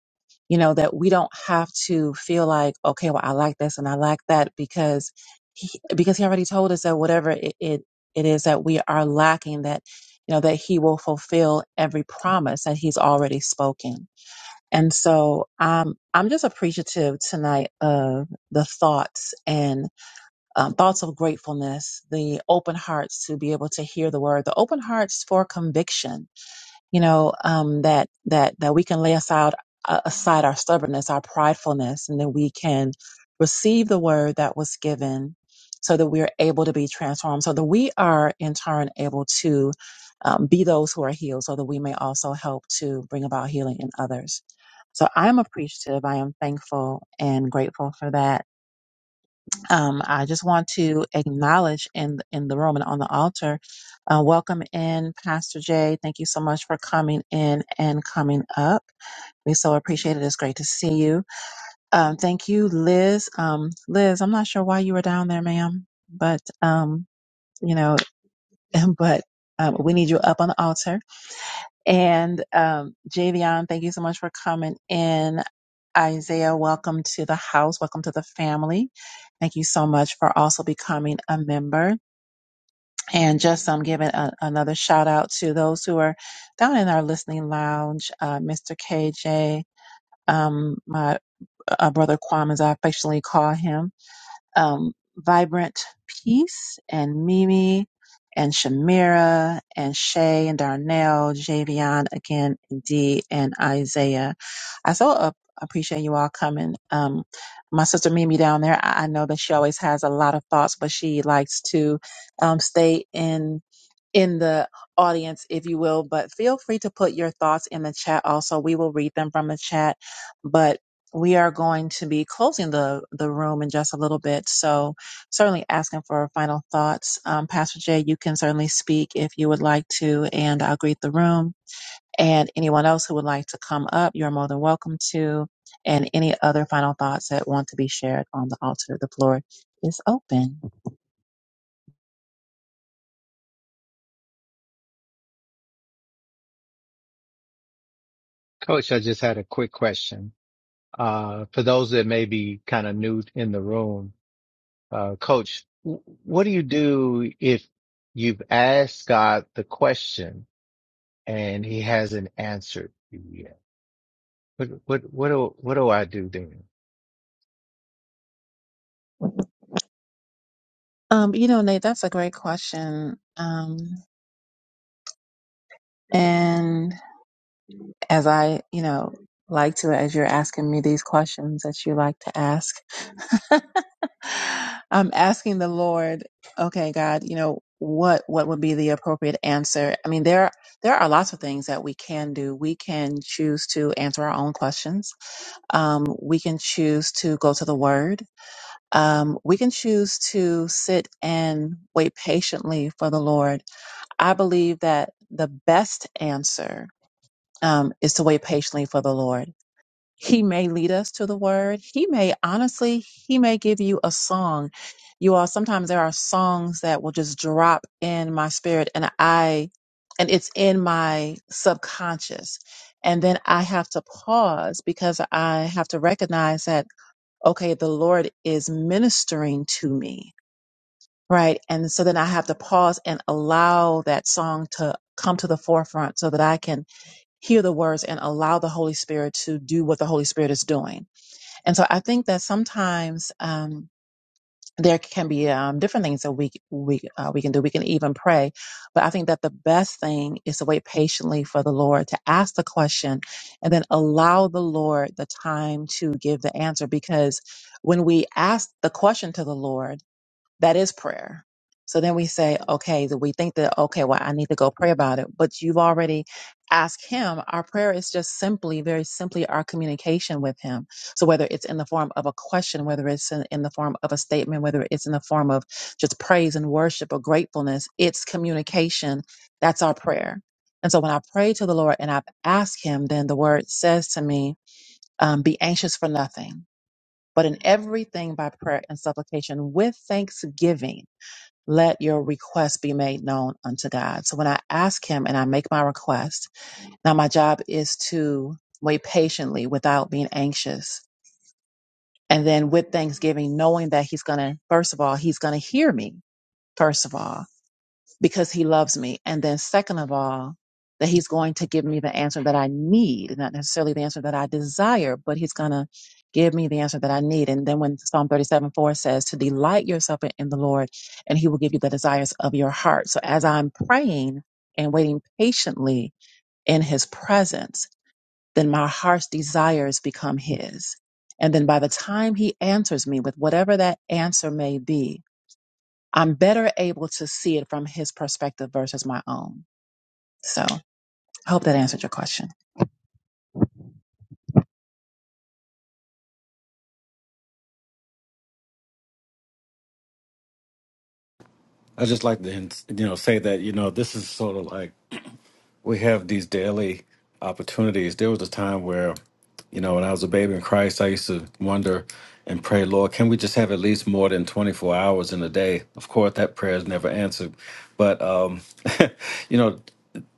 You know, that we don't have to feel like, okay, well, I like this and I like that because He, because He already told us that whatever it, it, it is that we are lacking, that, you know, that He will fulfill every promise that He's already spoken. And so um, I'm just appreciative tonight of the thoughts um, thoughts of gratefulness, the open hearts to be able to hear the word, the open hearts for conviction. You know um, that that that we can lay aside uh, aside our stubbornness, our pridefulness, and that we can receive the word that was given, so that we're able to be transformed, so that we are in turn able to um, be those who are healed, so that we may also help to bring about healing in others. So I'm appreciative. I am thankful and grateful for that um, I just want to acknowledge in in the room and on the altar. Uh, welcome in, Pastor Jay. Thank you so much for coming in and coming up. We so appreciate it. It's great to see you. Um, thank you, Liz. Um, Liz, I'm not sure why you were down there, ma'am, but um, you know, *laughs* but um, we need you up on the altar. And um, Javion, thank you so much for coming in. Isaiah, welcome to the house. Welcome to the family. Thank you so much for also becoming a member. And just um, giving a, another shout out to those who are down in our listening lounge, uh, Mr. KJ, um, my uh, brother Kwame, as I affectionately call him um, Vibrant Peace and Mimi and Shamira and Shay and Darnell, Javion again, Dee and Isaiah. I so uh, appreciate you all coming. Um, my sister Mimi down there, I, I know that she always has a lot of thoughts, but she likes to um, stay in in the audience, if you will, but feel free to put your thoughts in the chat also. We will read them from the chat, but we are going to be closing the, the room in just a little bit. So certainly asking for final thoughts. Um, Pastor Jay, you can certainly speak if you would like to, and I'll greet the room. And anyone else who would like to come up, you're more than welcome to. And any other final thoughts that want to be shared on the altar, the floor is open.
Coach, I just had a quick question. Uh, for those that may be kind of new in the room, uh, coach, w- what do you do if you've asked God the question and he hasn't answered you yet. What what what do what do I do then?
Um, you know, Nate, that's a great question. Um, and as I, you know, like to as you're asking me these questions that you like to ask. *laughs* I'm asking the Lord, okay, God, you know, what what would be the appropriate answer? I mean, there there are lots of things that we can do. We can choose to answer our own questions. Um, we can choose to go to the Word. Um, we can choose to sit and wait patiently for the Lord. I believe that the best answer um, is to wait patiently for the Lord he may lead us to the word. He may, honestly, he may give you a song. You all, sometimes there are songs that will just drop in my spirit and I, and it's in my subconscious. And then I have to pause because I have to recognize that, okay, the Lord is ministering to me. Right. And so then I have to pause and allow that song to come to the forefront so that I can hear the words and allow the Holy Spirit to do what the Holy Spirit is doing and so I think that sometimes um, there can be um, different things that we we uh, we can do. We can even pray, but I think that the best thing is to wait patiently for the Lord to ask the question, and then allow the Lord the time to give the answer. Because when we ask the question to the Lord. That is prayer. So then we say, okay, that we think that, okay, well, I need to go pray about it. But you've already asked him. Our prayer is just simply, very simply our communication with him. So whether it's in the form of a question, whether it's in, in the form of a statement, whether it's in the form of just praise and worship or gratefulness, it's communication. That's our prayer. And so when I pray to the Lord and I've asked him, then the word says to me, um, be anxious for nothing, but in everything by prayer and supplication with thanksgiving let your request be made known unto God. So when I ask Him and I make my request, now my job is to wait patiently without being anxious. And then with thanksgiving, knowing that He's going to, first of all, He's going to hear me, first of all because he loves me. And then second of all, that he's going to give me the answer that I need, not necessarily the answer that I desire, but he's going to give me the answer that I need. And then when Psalm 37, 4 says to delight yourself in in the Lord and he will give you the desires of your heart. So as I'm praying and waiting patiently in his presence, then my heart's desires become his. And then by the time he answers me with whatever that answer may be, I'm better able to see it from his perspective versus my own. So I hope that answered your question.
I just like to you know say that you know this is sort of like we have these daily opportunities. There was a time where, you know, when I was a baby in Christ, I used to wonder and pray, Lord, can we just have at least more than 24 hours in a day? Of course, that prayer is never answered. But, um, *laughs* you know,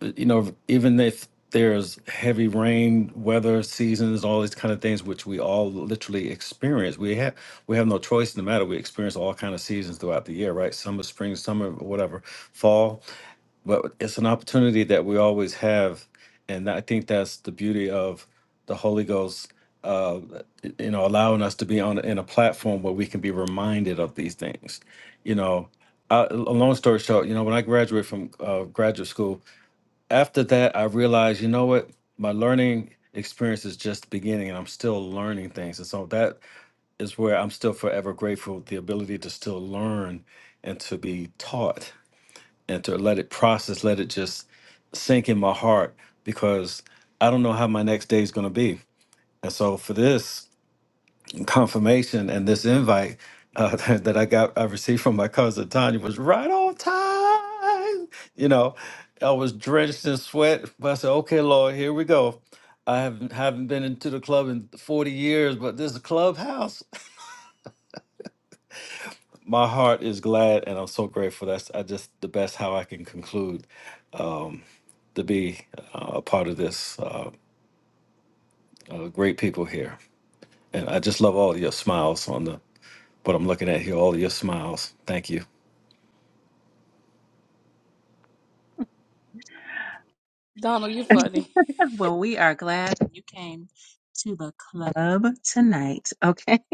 you know, even if there's heavy rain, weather, seasons, all these kind of things, which we all literally experience. We have we have no choice in the matter. We experience all kind of seasons throughout the year, right? Summer, spring, summer, whatever, fall but it's an opportunity that we always have and i think that's the beauty of the holy ghost uh, you know allowing us to be on in a platform where we can be reminded of these things you know I, a long story short you know when i graduated from uh, graduate school after that i realized you know what my learning experience is just beginning and i'm still learning things and so that is where i'm still forever grateful the ability to still learn and to be taught and to let it process, let it just sink in my heart because I don't know how my next day is going to be. And so for this confirmation and this invite uh, *laughs* that I got, I received from my cousin Tanya was right on time. You know, I was drenched in sweat, but I said, okay, Lord, here we go. I haven't, haven't been into the club in 40 years, but this is a clubhouse. *laughs* My heart is glad and I'm so grateful. That's I just the best how I can conclude to be uh, a part of this. Uh, uh, great people here, and I just love all of your smiles on the what I'm looking at here. All of your smiles. Thank you.
*laughs*
*laughs* Donald, you're funny.
Well, we are glad that you came to the club tonight. Okay. *laughs*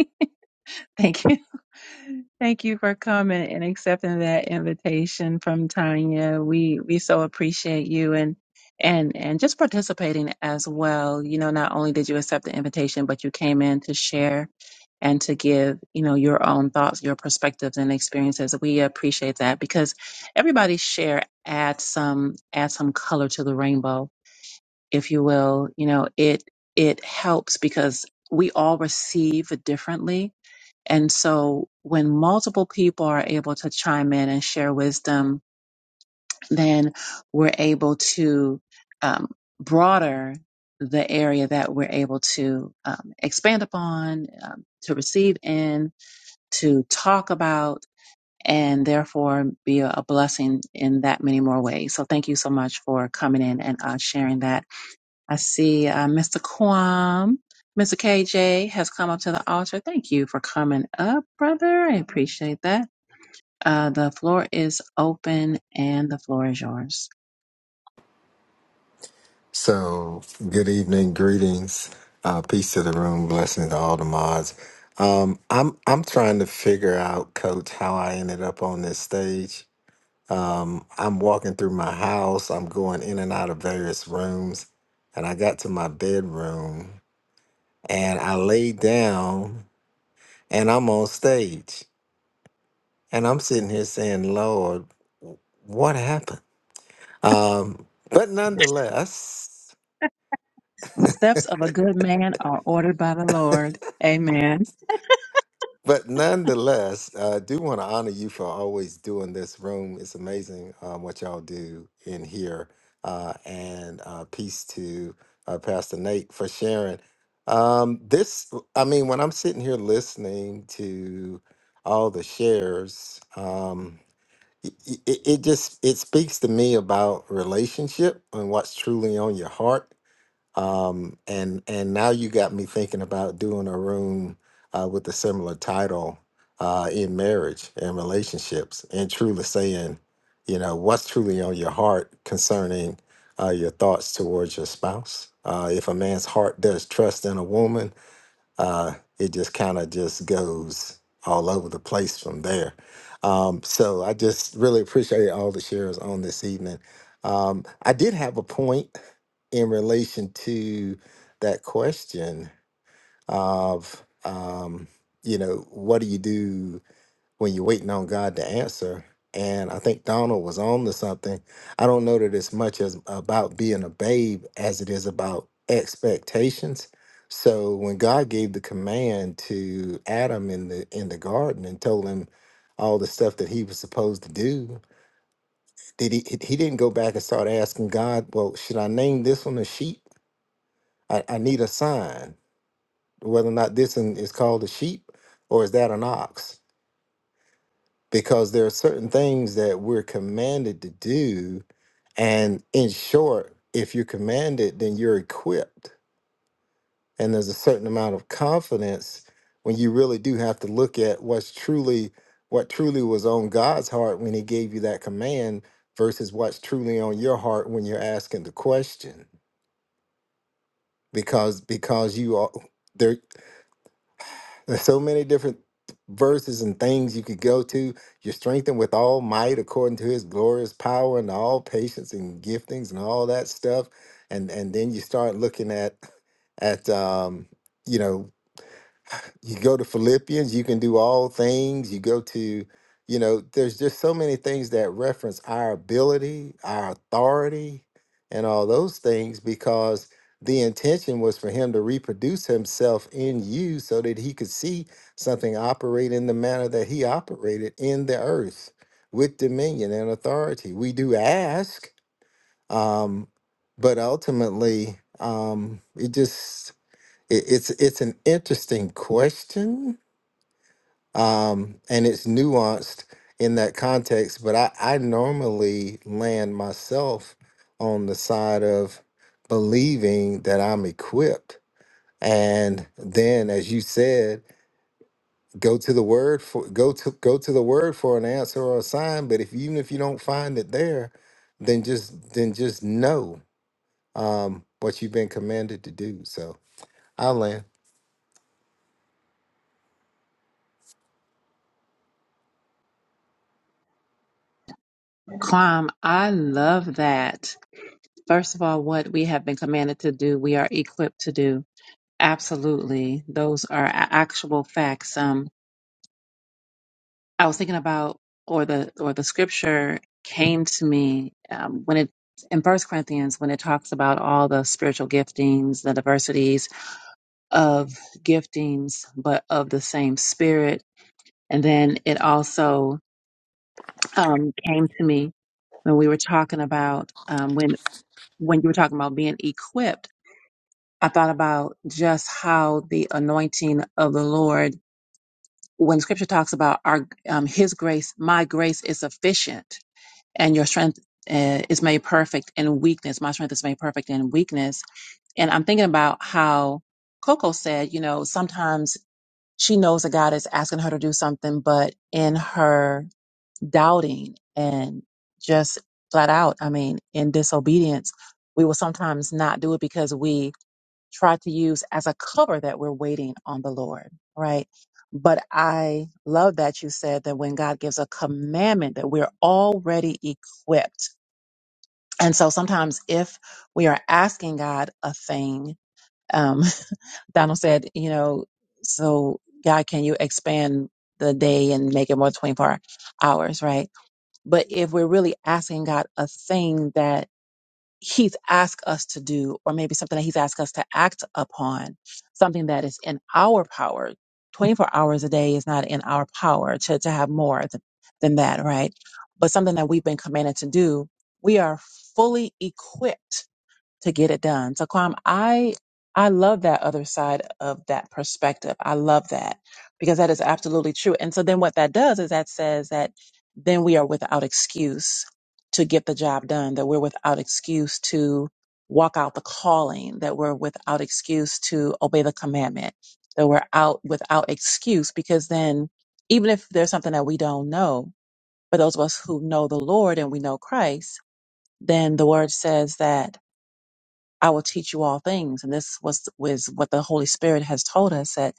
Thank you. *laughs* Thank you for coming and accepting that invitation from Tanya. We we so appreciate you and and and just participating as well. You know, not only did you accept the invitation, but you came in to share and to give, you know, your own thoughts, your perspectives and experiences. We appreciate that because everybody's share adds some adds some color to the rainbow, if you will. You know, it it helps because we all receive differently and so when multiple people are able to chime in and share wisdom, then we're able to um, broader the area that we're able to um, expand upon, um, to receive in, to talk about, and therefore be a, a blessing in that many more ways. So thank you so much for coming in and uh, sharing that. I see uh, Mr. Kwam. Mr. KJ has come up to the altar. Thank you for coming up, brother. I appreciate that. Uh, the floor is open and the floor is yours.
So, good evening, greetings, uh, peace to the room, blessings to all the mods. Um, I'm I'm trying to figure out, Coach, how I ended up on this stage. Um, I'm walking through my house. I'm going in and out of various rooms, and I got to my bedroom and I laid down and I'm on stage and I'm sitting here saying, "Lord, what happened?" Um, but nonetheless.
The steps of a good man are ordered by the Lord. Amen.
But nonetheless, I do want to honor you for always doing this room. It's amazing um, what y'all do in here. Uh, and uh, peace to uh, Pastor Nate for sharing. Um, this, I mean, when I'm sitting here listening to all the shares, um, it, it, it just it speaks to me about relationship and what's truly on your heart um, and and now you got me thinking about doing a room uh, with a similar title uh, in marriage and relationships, and truly saying, you know, what's truly on your heart concerning uh, your thoughts towards your spouse. Uh, if a man's heart does trust in a woman, uh, it just kind of just goes all over the place from there. Um, so I just really appreciate all the shares on this evening. Um, I did have a point in relation to that question of um, you know what do you do when you're waiting on god to answer and i think donald was on to something i don't know that it's much as about being a babe as it is about expectations so when god gave the command to adam in the in the garden and told him all the stuff that he was supposed to do did he he didn't go back and start asking god well should i name this one a sheep I, I need a sign whether or not this one is called a sheep or is that an ox because there are certain things that we're commanded to do and in short if you're commanded then you're equipped and there's a certain amount of confidence when you really do have to look at what's truly what truly was on God's heart when he gave you that command versus what's truly on your heart when you're asking the question because because you are there There's so many different verses and things you could go to. You're strengthened with all might according to his glorious power and all patience and giftings and all that stuff. And and then you start looking at at um, you know you go to Philippians, you can do all things. You go to, you know, there's just so many things that reference our ability, our authority, and all those things because the intention was for him to reproduce himself in you so that he could see something operate in the manner that he operated in the earth with dominion and authority. We do ask, um, but ultimately, um, it just it, it's it's an interesting question um, and it's nuanced in that context. But I, I normally land myself on the side of believing that I'm equipped, and then, as you said, go to the word for go to go to the word for an answer or a sign. But if even if you don't find it there, then just then just know um, what you've been commanded to do. So I land.
Kwam, I love that. First of all, what we have been commanded to do, we are equipped to do. Absolutely. Those are a- actual facts. Um, I was thinking about, or the or the scripture came to me um, when it in First Corinthians when it talks about all the spiritual giftings, the diversities of giftings, but of the same Spirit. And then it also um, came to me when we were talking about um, when when you were talking about being equipped. I thought about just how the anointing of the Lord, when Scripture talks about our um, His grace, my grace is sufficient and your strength uh, is made perfect in weakness. My strength is made perfect in weakness. And I'm thinking about how Coco said, you know, sometimes she knows that God is asking her to do something, but in her doubting and just flat out, I mean, in disobedience, we will sometimes not do it because we try to use as a cover that we're waiting on the Lord, right? But I love that you said that when God gives a commandment that we're already equipped and so sometimes if we are asking God a thing, um, *laughs* Donald said, you know, so God, can you expand the day and make it more 24 hours, right? But if we're really asking God a thing that He's asked us to do, or maybe something that He's asked us to act upon, something that is in our power, 24 hours a day is not in our power to, to have more th- than that, right? But something that we've been commanded to do, we are fully equipped to get it done. So Kwam, I I love that other side of that perspective. I love that because that is absolutely true. And so then what that does is that says that then we are without excuse to get the job done, that we're without excuse to walk out the calling, that we're without excuse to obey the commandment, that we're out without excuse because then even if there's something that we don't know, for those of us who know the Lord and we know Christ, then the word says that I will teach you all things. And this was, was what the Holy Spirit has told us that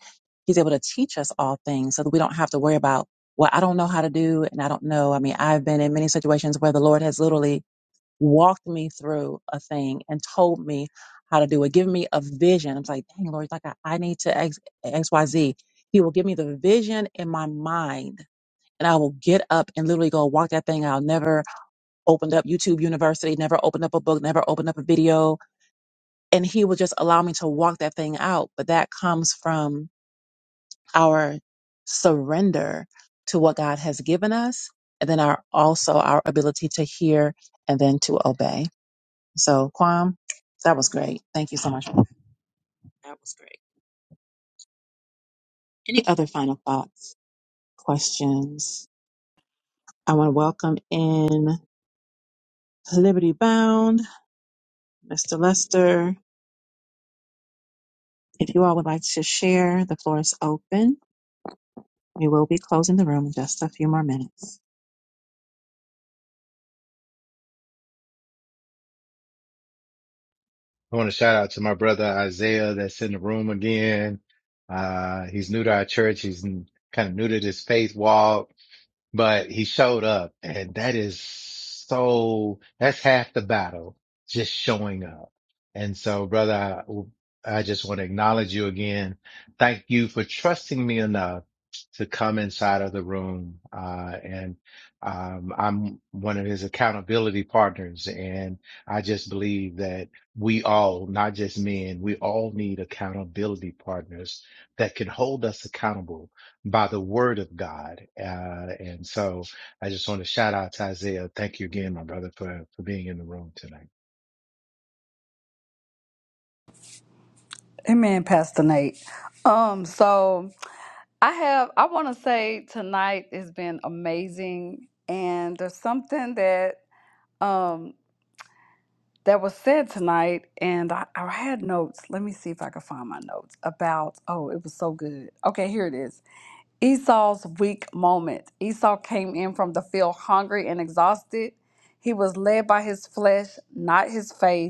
He's able to teach us all things so that we don't have to worry about, well, I don't know how to do and I don't know. I mean, I've been in many situations where the Lord has literally walked me through a thing and told me how to do it, given me a vision. I'm like, dang, Lord, like I, I need to X, XYZ. He will give me the vision in my mind. And I will get up and literally go walk that thing. I'll never opened up YouTube University, never opened up a book, never opened up a video and he will just allow me to walk that thing out. But that comes from our surrender to what God has given us, and then our also our ability to hear and then to obey. So, Kwam, that was great. Thank you so much. That was great. Any other final thoughts, questions? I want to welcome in Liberty Bound, Mr. Lester. If you all would like to share, the floor is open. We will be closing the room in just a few more minutes.
I want to shout out to my brother Isaiah that's in the room again. Uh, he's new to our church. He's kind of new to this faith walk but he showed up and that is so, that's half the battle, just showing up. And so brother, I, I just want to acknowledge you again. Thank you for trusting me enough to come inside of the room. Uh, and, um, I'm one of his accountability partners and I just believe that we all, not just men, we all need accountability partners that can hold us accountable by the word of God. Uh, and so I just want to shout out to Isaiah. Thank you again, my brother, for, for being in the room tonight.
Amen, Pastor Nate. Um, so I have I wanna say tonight has been amazing and there's something that um that was said tonight and I, I had notes. Let me see if I can find my notes about oh it was so good. Okay, here it is. Esau's weak moment. Esau came in from the field hungry and exhausted. He was led by his flesh, not his faith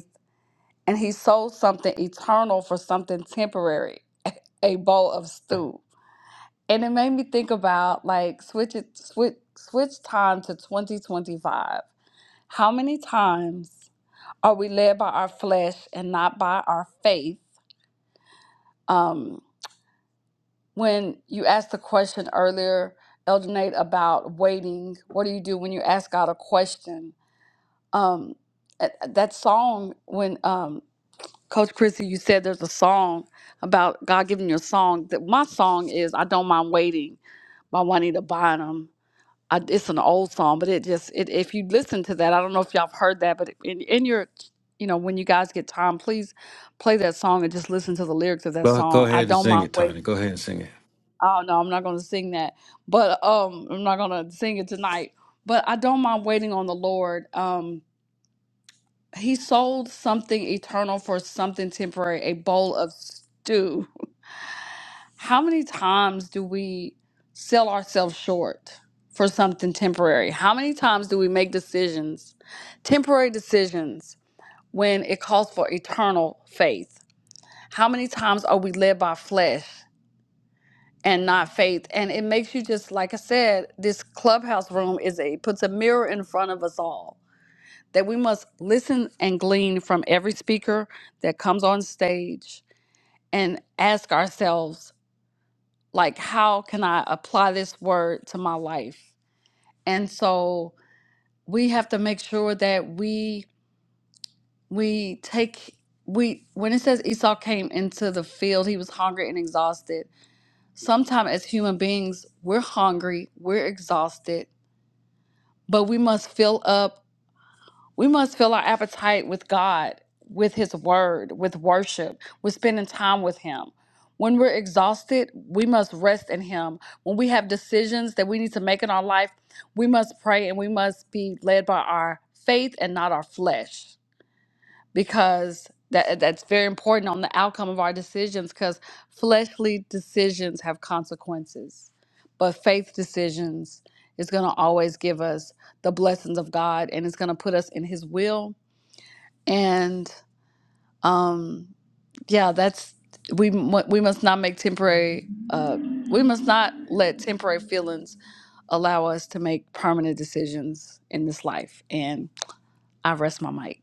and he sold something eternal for something temporary *laughs* a bowl of stew and it made me think about like switch it switch switch time to 2025 how many times are we led by our flesh and not by our faith um when you asked the question earlier elder nate about waiting what do you do when you ask god a question um uh, that song when um, Coach Chrissy, you said there's a song about God giving you a song. That my song is "I Don't Mind Waiting" by Juanita Bynum. I, it's an old song, but it just it, if you listen to that, I don't know if y'all have heard that, but in, in your you know when you guys get time, please play that song and just listen to the lyrics of that
Go go
song. I
ahead and
don't
sing
mind
it, Tony.
waiting.
Go ahead and sing it.
Oh no, I'm not going to sing that, but um, I'm not going to sing it tonight. But I don't mind waiting on the Lord. Um, he sold something eternal for something temporary, a bowl of stew. How many times do we sell ourselves short for something temporary? How many times do we make decisions, temporary decisions, when it calls for eternal faith? How many times are we led by flesh and not faith? And it makes you just, like I said, this clubhouse room is a puts a mirror in front of us all that we must listen and glean from every speaker that comes on stage and ask ourselves, like, how can I apply this word to my life? And so we have to make sure that we we take we when it says Esau came into the field, he was hungry and exhausted. Sometimes as human beings, we're hungry, we're exhausted, but we must fill up We must fill our appetite with God, with His Word, with worship, with spending time with Him. When we're exhausted, we must rest in Him. When we have decisions that we need to make in our life, we must pray and we must be led by our faith and not our flesh because that, that's very important on the outcome of our decisions because fleshly decisions have consequences. But faith decisions is going to always give us the blessings of God and it's going to put us in His will and um yeah that's we mu- we must not make temporary uh we must not let temporary feelings allow us to make permanent decisions in this life and i rest my mic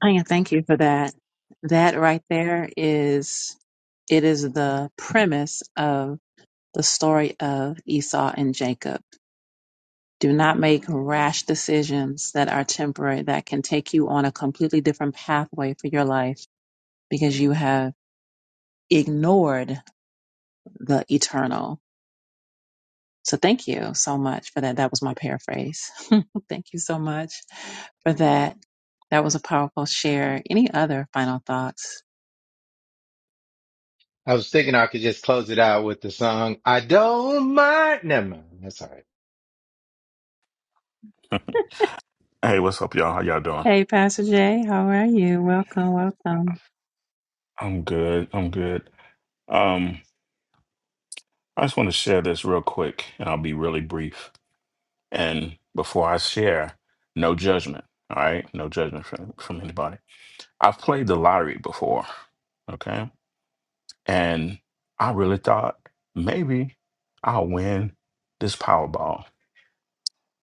Anya, thank you for that. That right there is it is the premise of the story of Esau and Jacob. Do not make rash decisions that are temporary that can take you on a completely different pathway for your life because you have ignored the eternal. So thank you so much for that. That was my paraphrase. *laughs* thank you so much for that. That was a powerful share. Any other final thoughts
I was thinking I could just close it out with the song, I don't mind. Never mind. That's all right.
Hey, what's up, y'all? How y'all doing?
Hey, Pastor Jay, how are you? Welcome, welcome.
I'm good. I'm good. Um, I just want to share this real quick, and I'll be really brief. And before I share, no judgment. All right, no judgment from from anybody. I've played the lottery before, okay, and I really thought maybe I'll win this Powerball,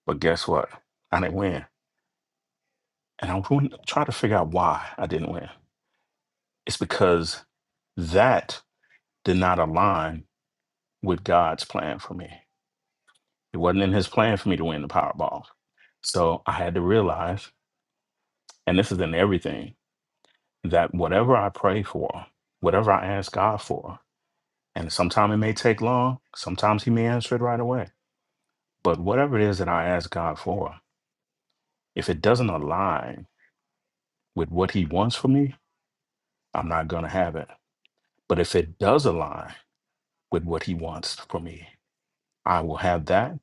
but guess what? I didn't win, and I'm going to try to figure out why I didn't win. It's because that did not align with God's plan for me It wasn't in his plan for me to win the Powerball. So I had to realize, and this is in everything, that whatever I pray for, whatever I ask God for, and sometimes it may take long, sometimes he may answer it right away. But whatever it is that I ask God for, if it doesn't align with what he wants for me, I'm not going to have it. But if it does align with what he wants for me, I will have that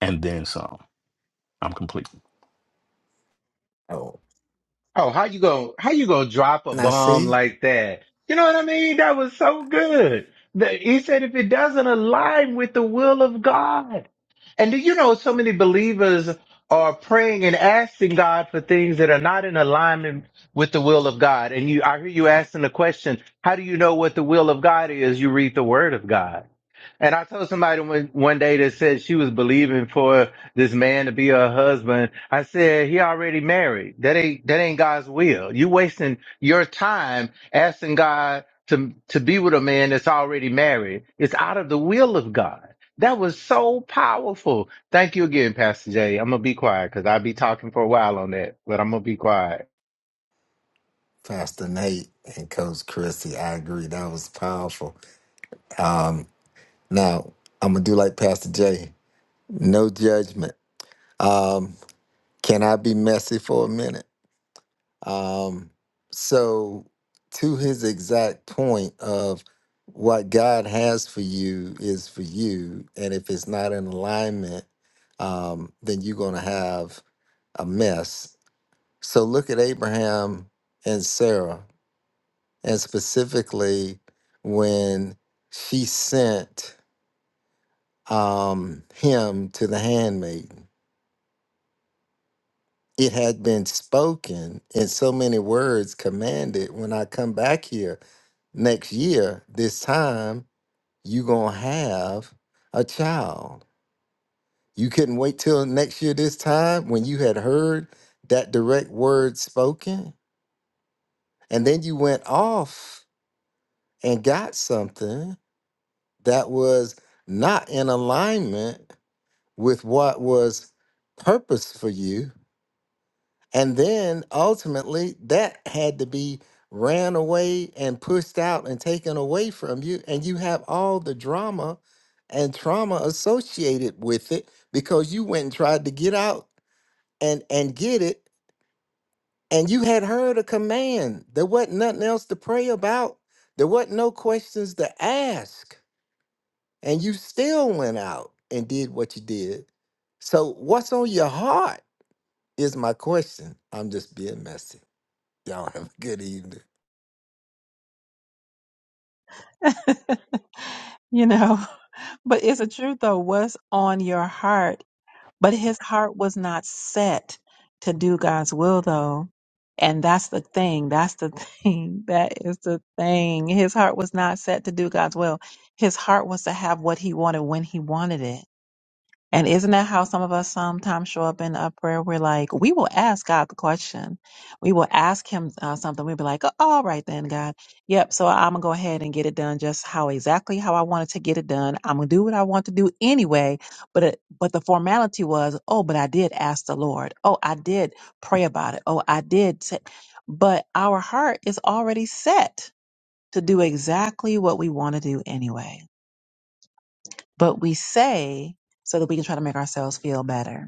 and then some. I'm complete.
Oh,
Oh, how you going how you gonna drop a
now
bomb
see.
like that? You know what I mean? That was so good. The- He said if it doesn't align with the will of God. And do you know so many believers are praying and asking God for things that are not in alignment with the will of God. And you I hear you asking the question, how do you know what the will of God is? You read the word of God. And I told somebody one, one day that said she was believing for this man to be her husband. I said, he already married. That ain't, that ain't God's will. You wasting your time asking God to, to be with a man that's already married. It's out of the will of God. That was so powerful. Thank you again, Pastor Jay. I'm going to be quiet because I'll be talking for a while on that, but I'm going to be quiet.
Pastor Nate and Coach Chrissy. I agree. That was powerful. Um, now, I'm going to do like Pastor Jay no judgment. Um, can I be messy for a minute? Um, so, to his exact point of what God has for you is for you. And if it's not in alignment, um, then you're going to have a mess. So, look at Abraham and Sarah. and specifically when she sent um, him to the handmaiden. It had been spoken in so many words, commanded. When I come back here next year, this time, you going to have a child. You couldn't wait till next year, this time, when you had heard that direct word spoken. And then you went off and got something that was not in alignment with what was purpose for you. And then ultimately, that had to be ran away and pushed out and taken away from you. And you have all the drama and trauma associated with it because you went and tried to get out and, and get it. And you had heard a command. There wasn't nothing else to pray about, there wasn't no questions to ask. And you still went out and did what you did. So, what's on your heart? is my question. I'm just being messy. Y'all have a good evening.
*laughs* you know, but it's a truth though, what's on your heart? But his heart was not set to do God's will though. And that's the thing. That's the thing. *laughs* That is the thing. His heart was not set to do God's will. His heart was to have what he wanted when he wanted it. And isn't that how some of us sometimes show up in a prayer? We're like, we will ask God the question. We will ask Him uh, something. We'll be like, "Oh, all right then, God. Yep. So I'm going to go ahead and get it done just how exactly how I wanted to get it done. I'm going to do what I want to do anyway. But, it, but the formality was, oh, but I did ask the Lord. Oh, I did pray about it. Oh, I did. T-. But our heart is already set to do exactly what we want to do anyway. But we say, so that we can try to make ourselves feel better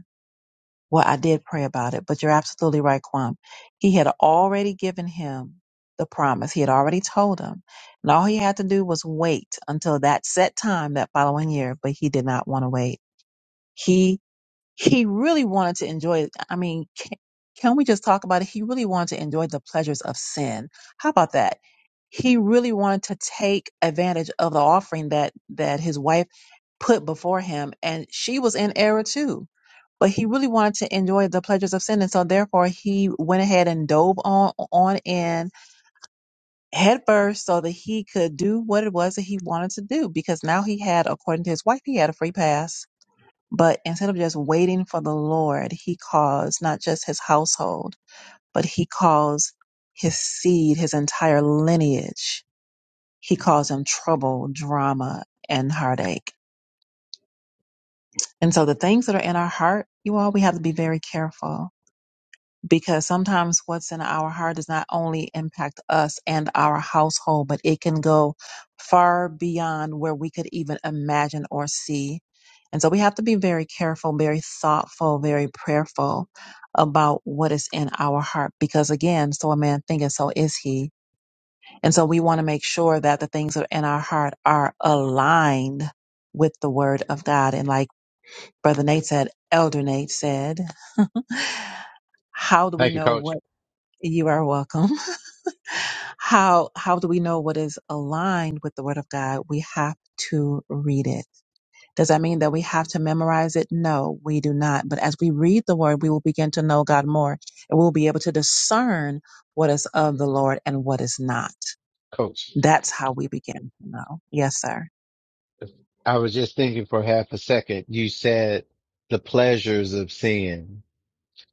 well, I did pray about it, but you're absolutely right, Quam. He had already given him the promise. He had already told him. And all he had to do was wait until that set time that following year, but he did not want to wait. He. He really wanted to enjoy I mean, can, can we just talk about it? He really wanted to enjoy the pleasures of sin. How about that? He really wanted to take advantage of the offering that that his wife put before him, and she was in error too. But he really wanted to enjoy the pleasures of sin, and so therefore he went ahead and dove on on in headfirst so that he could do what it was that he wanted to do. Because now he had, according to his wife, he had a free pass but instead of just waiting for the Lord, he calls not just his household, but he calls his seed, his entire lineage. He calls them trouble, drama, and heartache. And so the things that are in our heart, you all, we have to be very careful because sometimes what's in our heart does not only impact us and our household, but it can go far beyond where we could even imagine or see. And so we have to be very careful, very thoughtful, very prayerful about what is in our heart. Because again, so a man thinketh, so is he. And so we want to make sure that the things that are in our heart are aligned with the word of God. And like Brother Nate said, Elder Nate said, *laughs* how do we
Thank you,
know what?
coach.
You are welcome. *laughs* How how do we know what is aligned with the word of God? We have to read it. Does that mean that we have to memorize it? No, we do not. But as we read the word, we will begin to know God more and we'll be able to discern what is of the Lord and what is not.
Coach,
That's how we begin to know. Yes, sir.
I was just thinking for half a second. You said the pleasures of sin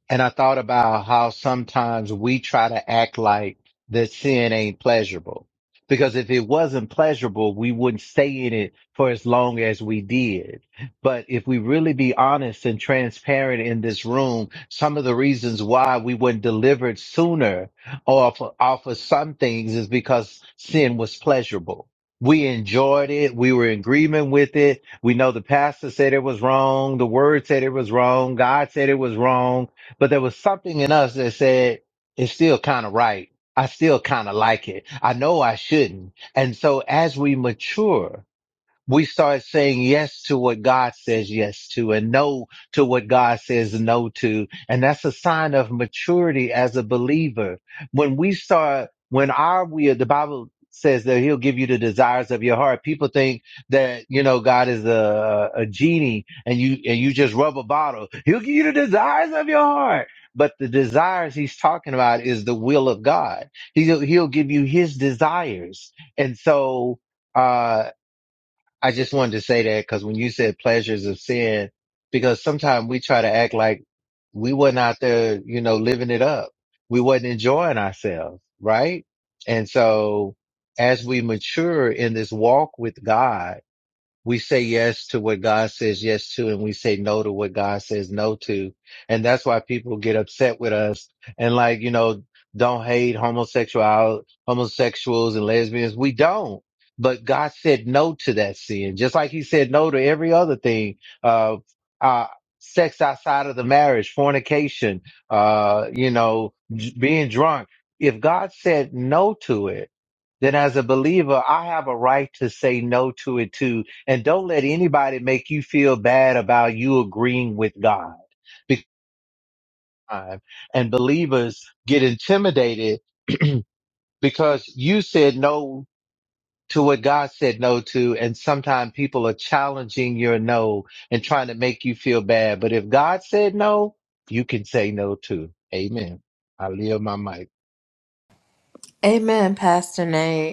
And I thought about how sometimes we try to act like that sin ain't pleasurable. Because if it wasn't pleasurable, we wouldn't stay in it for as long as we did. But if we really be honest and transparent in this room, some of the reasons why we weren't delivered sooner off, off of some things is because sin was pleasurable. We enjoyed it. We were in agreement with it. We know the pastor said it was wrong. The word said it was wrong. God said it was wrong but there was something in us that said it's still kind of right. I still kind of like it. I know I shouldn't. And so as we mature we start saying yes to what God says yes to and no to what God says no to. And that's a sign of maturity as a believer. When we start, when our will, the Bible says that he'll give you the desires of your heart. People think that, you know, God is a, a genie and you, and you just rub a bottle. He'll give you the desires of your heart. But the desires he's talking about is the will of God. He'll, he'll give you his desires. And so, uh, I just wanted to say that because when you said pleasures of sin, because sometimes we try to act like we wasn't out there, you know, living it up. We wasn't enjoying ourselves, right? And so as we mature in this walk with God, we say yes to what God says yes to, and we say no to what God says no to. And that's why people get upset with us and like, you know, don't hate homosexual, homosexuals and lesbians. We don't. But God said no to that sin, just like he said no to every other thing, uh, uh, sex outside of the marriage, fornication, uh, you know, j- being drunk. If God said no to it, then as a believer, I have a right to say no to it too and don't let anybody make you feel bad about you agreeing with God. Because, and believers get intimidated because you said no to what God said no to. And sometimes people are challenging your no and trying to make you feel bad. But if God said no, you can say no too. Amen. I leave my mic.
Amen, Pastor Nate.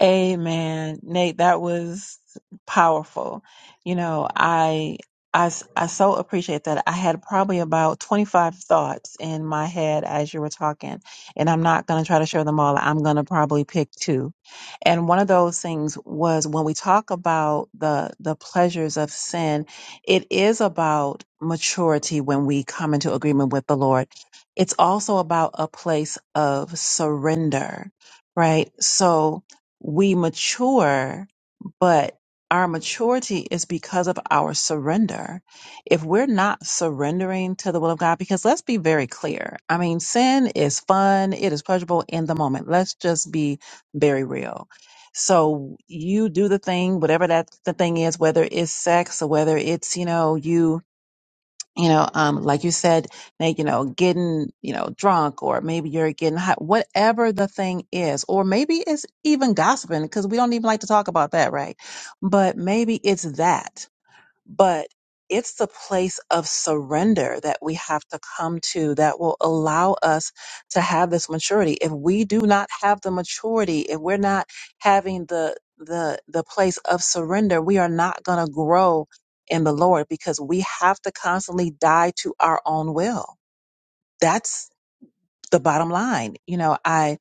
Amen. Nate, that was powerful. You know, I, I, s- I so appreciate that. I had probably about 25 thoughts in my head as you were talking, and I'm not going to try to share them all. I'm going to probably pick two. And one of those things was when we talk about the, the pleasures of sin, it is about maturity when we come into agreement with the Lord. It's also about a place of surrender right? So we mature, but our maturity is because of our surrender. If we're not surrendering to the will of God, because let's be very clear. I mean, sin is fun, it is pleasurable in the moment. Let's just be very real. So you do the thing, whatever that the thing is, whether it's sex or whether it's, you know, you you know um like you said Nate, you know getting you know drunk or maybe you're getting hot whatever the thing is or maybe it's even gossiping because we don't even like to talk about that right but maybe it's that but it's the place of surrender that we have to come to that will allow us to have this maturity. If we do not have the maturity, if we're not having the the the place of surrender, we are not going to grow in the Lord because we have to constantly die to our own will. That's the bottom line. You know, I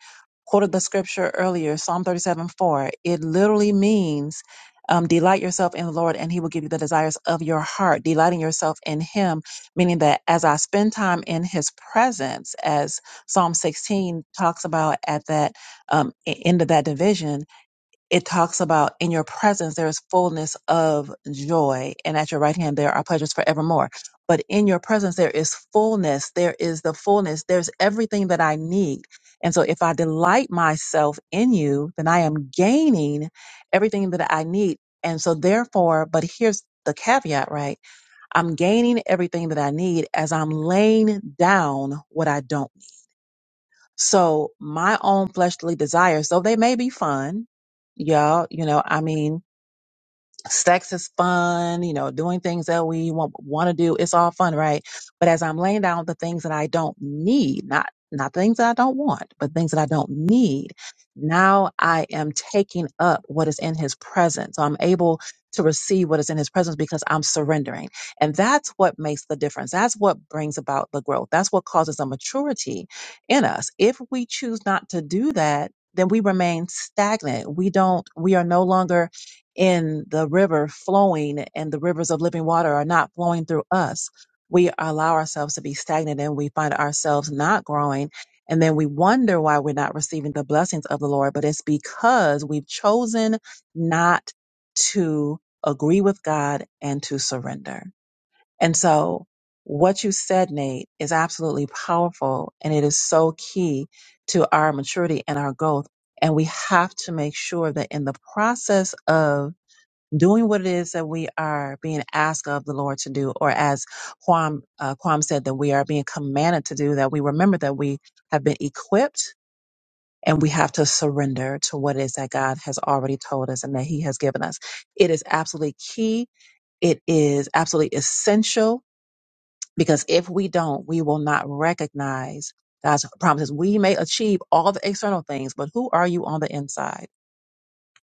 quoted the scripture earlier, Psalm 37 4. It literally means um, delight yourself in the Lord and he will give you the desires of your heart. Delighting yourself in him, meaning that as I spend time in his presence, as Psalm 16 talks about at that um, e- end of that division, it talks about in your presence there is fullness of joy and at your right hand there are pleasures forevermore but in your presence there is fullness there is the fullness there's everything that i need and so if i delight myself in you then i am gaining everything that i need and so therefore but here's the caveat right i'm gaining everything that i need as i'm laying down what i don't so my own fleshly desires, though they may be fun, y'all, you know, I mean, sex is fun, you know, doing things that we want, want to do, it's all fun, right? But as I'm laying down the things that I don't need, not not things that I don't want, but things that I don't need, now I am taking up what is in his presence. So I'm able to receive what is in his presence because I'm surrendering. And that's what makes the difference. That's what brings about the growth. That's what causes a maturity in us. If we choose not to do that, then we remain stagnant. We don't, we are no longer in the river flowing and the rivers of living water are not flowing through us, we allow ourselves to be stagnant and we find ourselves not growing. And then we wonder why we're not receiving the blessings of the Lord, but it's because we've chosen not to agree with God and to surrender. And so what you said, Nate, is absolutely powerful and it is so key to our maturity and our growth. And we have to make sure that in the process of doing what it is that we are being asked of the Lord to do, or as Quam, uh, Quam said, that we are being commanded to do, that we remember that we have been equipped and we have to surrender to what it is that God has already told us and that He has given us. It is absolutely key. It is absolutely essential because if we don't, we will not recognize God's promises. We may achieve all the external things, but who are you on the inside?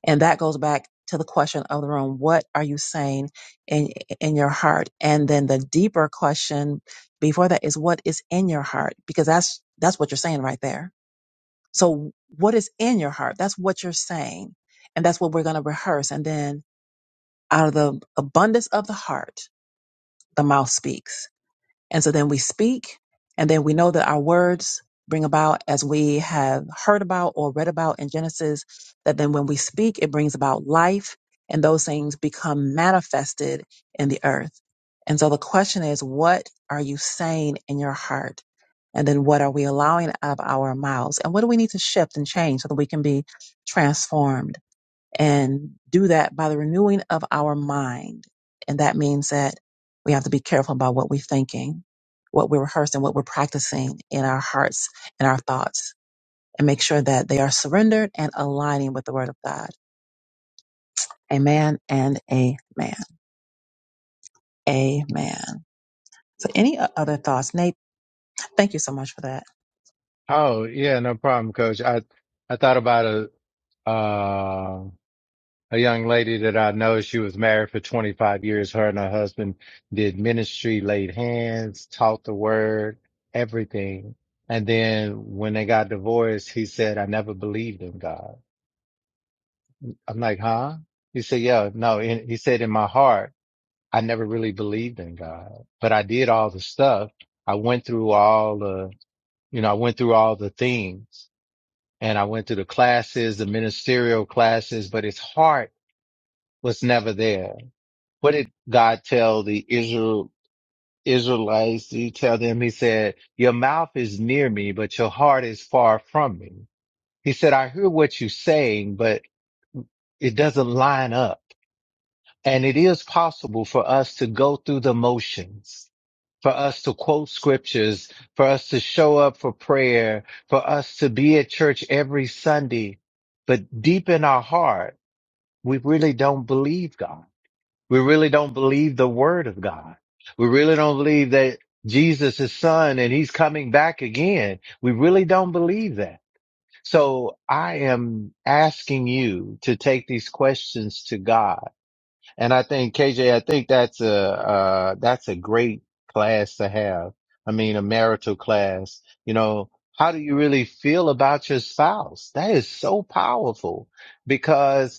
And that goes back to the question of the room. What are you saying in, in your heart? And then the deeper question before that is what is in your heart? Because that's, that's what you're saying right there. So what is in your heart? That's what you're saying. And that's what we're going to rehearse. And then out of the abundance of the heart, the mouth speaks. And so then we speak, and then we know that our words bring about, as we have heard about or read about in Genesis, that then when we speak, it brings about life, and those things become manifested in the earth. And so the question is, what are you saying in your heart? And then what are we allowing out of our mouths? And what do we need to shift and change so that we can be transformed? and do that by the renewing of our mind. And that means that we have to be careful about what we're thinking, what we're rehearsing, what we're practicing in our hearts and our thoughts, and make sure that they are surrendered and aligning with the Word of God. Amen and amen. Amen. So, any o- other thoughts? Thank you so much for that.
Oh, yeah, no problem, coach. I I thought about it. Um, a young lady that I know. She was married for 25 years. Her and her husband did ministry, laid hands, taught the word, everything. And then when they got divorced, he said, I never believed in God. I'm like, huh? He said, yeah, no. And he said, in my heart, I never really believed in God, but I did all the stuff. I went through all the, you know, I went through all the things and I went through the classes, the ministerial classes, but his heart was never there what did God tell the Israel Israelites? He tell them, he said, your mouth is near me, but your heart is far from me. He said, I hear what you're saying, but it doesn't line up. And it is possible for us to go through the motions, for us to quote scriptures, for us to show up for prayer, for us to be at church every Sunday. But deep in our heart, we really don't believe God. We really don't believe the word of God. We really don't believe that Jesus is son and he's coming back again. We really don't believe that. So I am asking you to take these questions to God. And I think KJ, I think that's a, uh, that's a great class to have. I mean, a marital class, you know, how do you really feel about your spouse? That is so powerful because.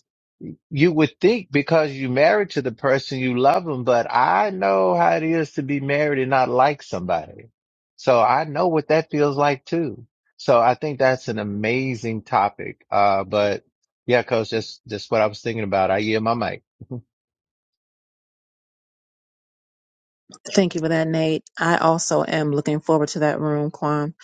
You would think because you married to the person you love them, but I know how it is to be married and not like somebody. So I know what that feels like too. So I think that's an amazing topic. Uh, but yeah, coach, that's, that's what I was thinking about. I yield my mic.
Thank you for that, Nate. I also am looking forward to that room, Kwam.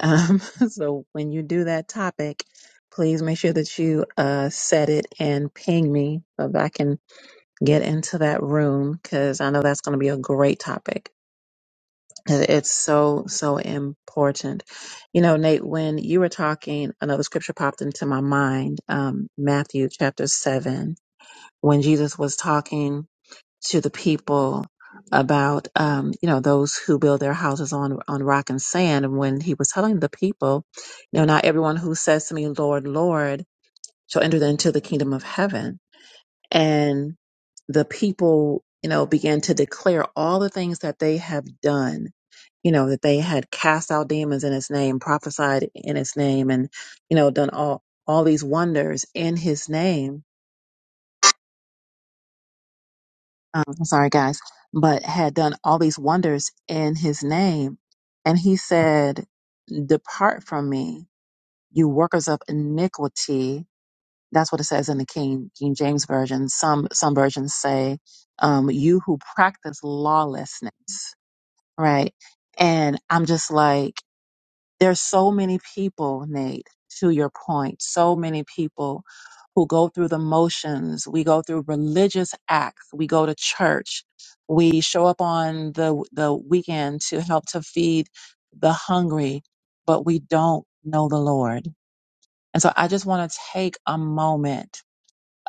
Um, *laughs* so when you do that topic, please make sure that you uh, set it and ping me so that I can get into that room because I know that's going to be a great topic. It- It's so, so important. You know, Nate, when you were talking, another scripture popped into my mind, um, Matthew chapter seven, when Jesus was talking to the people about, um, you know, those who build their houses on, on rock and sand. And when he was telling the people, you know, not everyone who says to me, Lord, Lord, shall enter into the kingdom of heaven and the people, you know, began to declare all the things that they have done, you know, that they had cast out demons in his name, prophesied in his name, and, you know, done all, all these wonders in his name. Um, I'm sorry, guys, but had done all these wonders in his name. And he said, Depart from me, you workers of iniquity That's what it says in the King King James version. Some some versions say, um, "You who practice lawlessness," right? And I'm just like, there's so many people, Nate. To your point, so many people who go through the motions. We go through religious acts. We go to church. We show up on the the weekend to help to feed the hungry, but we don't know the Lord. And so I just want to take a moment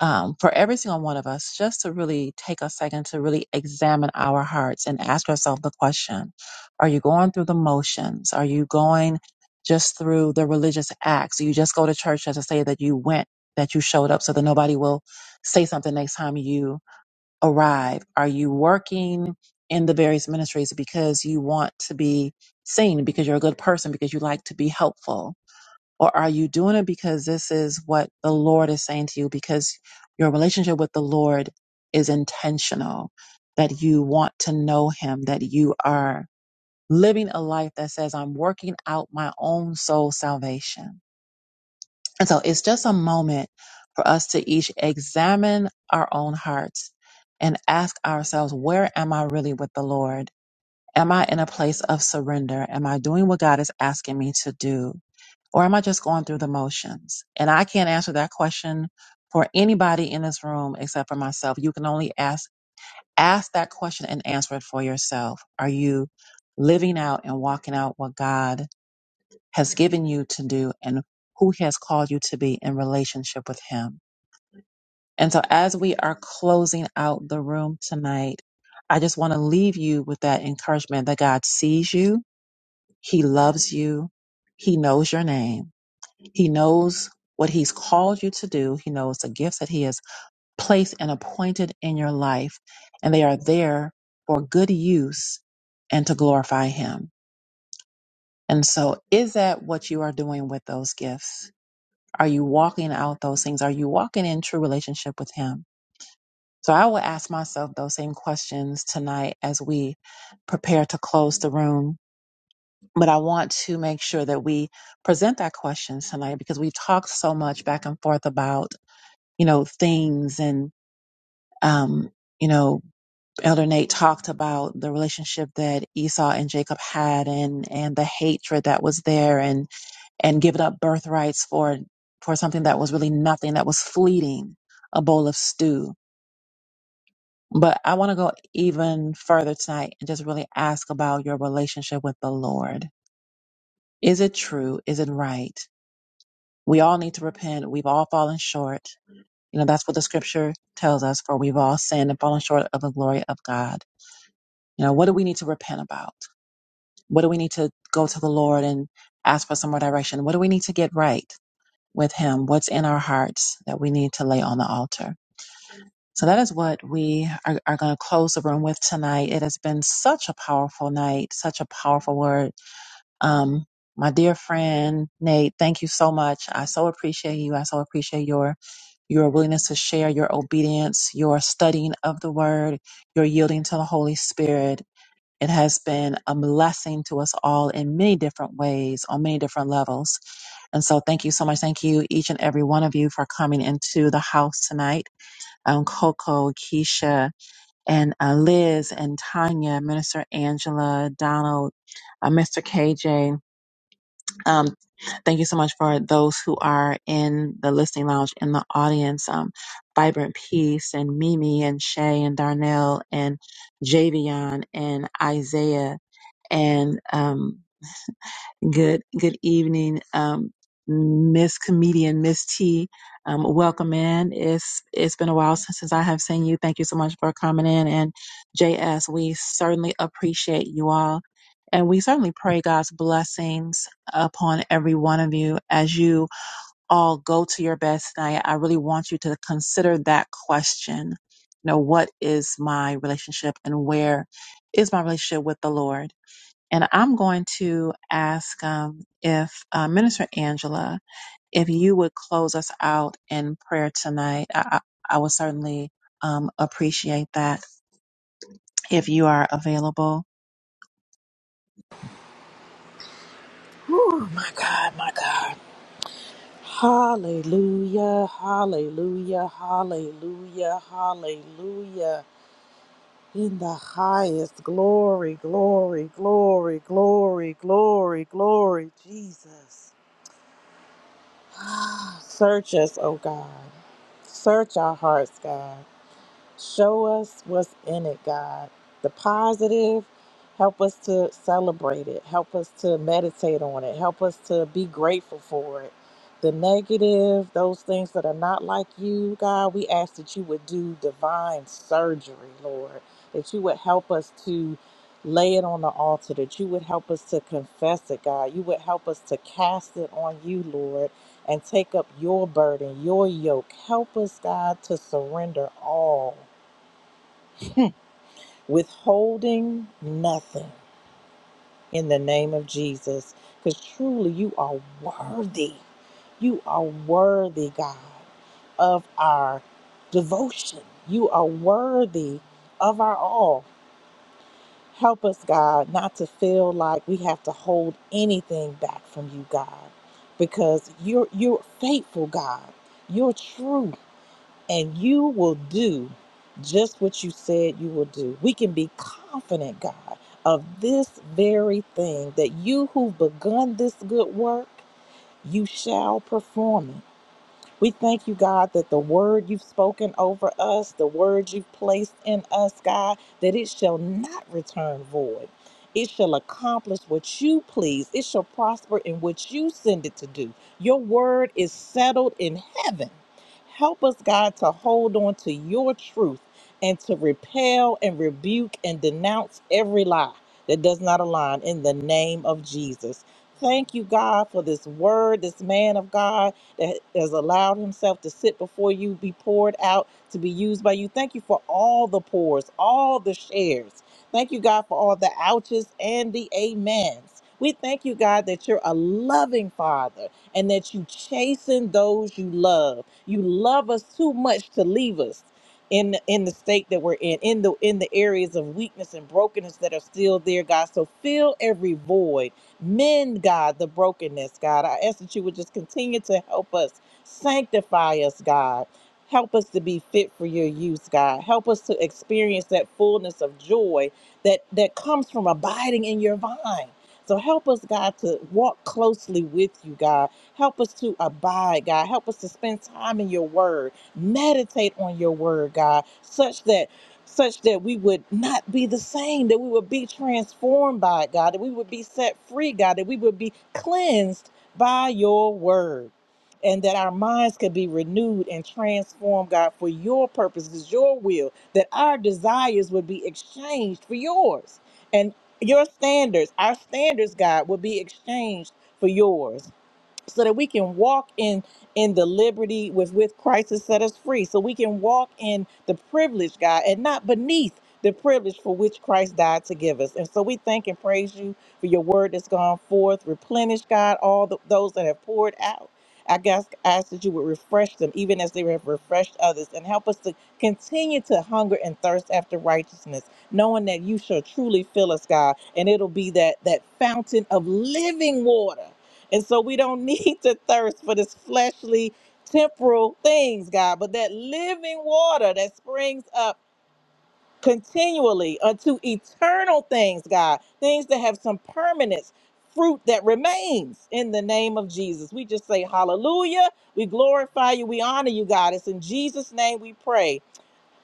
um, for every single one of us, just to really take a second to really examine our hearts and ask yourself the question Are you going through the motions? Are you going just through the religious acts? Do you just go to church just to say that you went, that you showed up so that nobody will say something next time you arrive? Are you working in the various ministries because you want to be seen, because you're a good person, because you like to be helpful? Or are you doing it because this is what the Lord is saying to you? Because your relationship with the Lord is intentional, that you want to know Him, that you are living a life that says, I'm working out my own soul salvation. And so it's just a moment for us to each examine our own hearts and ask ourselves, where am I really with the Lord? Am I in a place of surrender? Am I doing what God is asking me to do? Or am I just going through the motions? And I can't answer that question for anybody in this room except for myself. You can only ask ask that question and answer it for yourself. Are you living out and walking out what God has given you to do and who he has called you to be in relationship with him? And so as we are closing out the room tonight, I just want to leave you with that encouragement that God sees you, he loves you, he knows your name he knows what He's called you to do. He knows the gifts that He has placed and appointed in your life, and they are there for good use and to glorify Him. And so, is that what you are doing with those gifts? Are you walking out those things? Are you walking in true relationship with Him? So, I will ask myself those same questions tonight as we prepare to close the room. But I want to make sure that we present that question tonight because we've talked so much back and forth about you know, things and, um, you know, Elder Nate talked about the relationship that Esau and Jacob had and, and the hatred that was there and, and giving up birthrights for, for something that was really nothing, that was fleeting, a bowl of stew. But I want to go even further tonight and just really ask about your relationship with the Lord. Is it true? Is it right? We all need to repent. We've all fallen short You know, that's what the scripture tells us, for we've all sinned and fallen short of the glory of God. You know, what do we need to repent about? What do we need to go to the Lord and ask for some more direction? What do we need to get right with Him? What's in our hearts that we need to lay on the altar? So that is what we are, are going to close the room with tonight. It has been such a powerful night, such a powerful word. Um, my dear friend Nate, thank you so much. I so appreciate you. I so appreciate your your willingness to share, your obedience, your studying of the word, your yielding to the Holy Spirit. It has been a blessing to us all in many different ways, on many different levels. And so, thank you so much. Thank you, each and every one of you, for coming into the house tonight. Um, Coco, Keisha, and uh, Liz, and Tanya, Minister Angela, Donald, uh, Mr. KJ. Um, thank you so much for those who are in the listening lounge in the audience. Um, Vibrant Peace and Mimi and Shay and Darnell and Javion and Isaiah and um, good good evening, um, Miss Comedian Miss T. Um, welcome in. It's it's been a while since, since I have seen you. Thank you so much for coming in and JS. We certainly appreciate you all and we certainly pray God's blessings upon every one of you as you all go to your bed tonight. I really want you to consider that question. You know, what is my relationship and where is my relationship with the Lord? And I'm going to ask um, if uh, Minister Angela, if you would close us out in prayer tonight. I, I, I would certainly um, appreciate that if you are available.
Oh my God, my God. Hallelujah, hallelujah, hallelujah, hallelujah. In the highest glory, glory, glory, glory, glory, glory, Jesus. *gasps* Ah, Search us, oh God. Search our hearts, God. Show us what's in it, God. The positive, help us to celebrate it. Help us to meditate on it. Help us to be grateful for it. The negative, those things that are not like you, God, we ask that you would do divine surgery, Lord, that you would help us to lay it on the altar, that you would help us to confess it, God. You would help us to cast it on you, Lord, and take up your burden, your yoke. Help us, God, to surrender all withholding nothing in the name of Jesus. Because truly, you are worthy. You are worthy, God, of our devotion. You are worthy of our all. Help us, God, not to feel like we have to hold anything back from you, God, because you're, you're faithful, God. You're true and you will do just what you said you will do. We can be confident, God, of this very thing that you who've begun this good work, you shall perform it. We thank you, God, that the word you've spoken over us, the word you've placed in us, God, that it shall not return void. It shall accomplish what you please. It shall prosper in what you send it to do. Your word is settled in heaven. Help us, God, to hold on to your truth and to repel and rebuke and denounce every lie that does not align in the name of Jesus. Thank you, God, for this word, this man of God that has allowed himself to sit before you, be poured out, to be used by you. Thank you for all the pours, all the shares. Thank you, God, for all the ouches and the amens. We thank you, God, that you're a loving father and that you chasten those you love. You love us too much to leave us in in the state that we're in in the in the areas of weakness and brokenness that are still there god so fill every void Mend, God, the brokenness, God. I ask that you would just continue to help us, sanctify us, God. Help us to be fit for your use, God. Help us to experience that fullness of joy that, that comes from abiding in your vine. So help us, God, to walk closely with you, God. Help us to abide, God. Help us to spend time in your word. Meditate on your word, God, such that such that we would not be the same, that we would be transformed by it, God, that we would be set free, God, that we would be cleansed by your word, and that our minds could be renewed and transformed, God, for your purposes, your will, that our desires would be exchanged for yours, and your standards, our standards, God, would be exchanged for yours so that we can walk in in the liberty with with Christ has set us free so we can walk in the privilege God and not beneath the privilege for which Christ died to give us and so we thank and praise you for your word that's gone forth replenish God all the, those that have poured out I guess ask that you would refresh them even as they have refreshed others and help us to continue to hunger and thirst after righteousness knowing that you shall truly fill us God and it'll be that that fountain of living water and so we don't *laughs* need to thirst for this fleshly, temporal things, God, but that living water that springs up continually unto eternal things, God, things that have some permanence, fruit that remains in the name of Jesus. We just say hallelujah. We glorify you. We honor you, God. It's in Jesus' name we pray.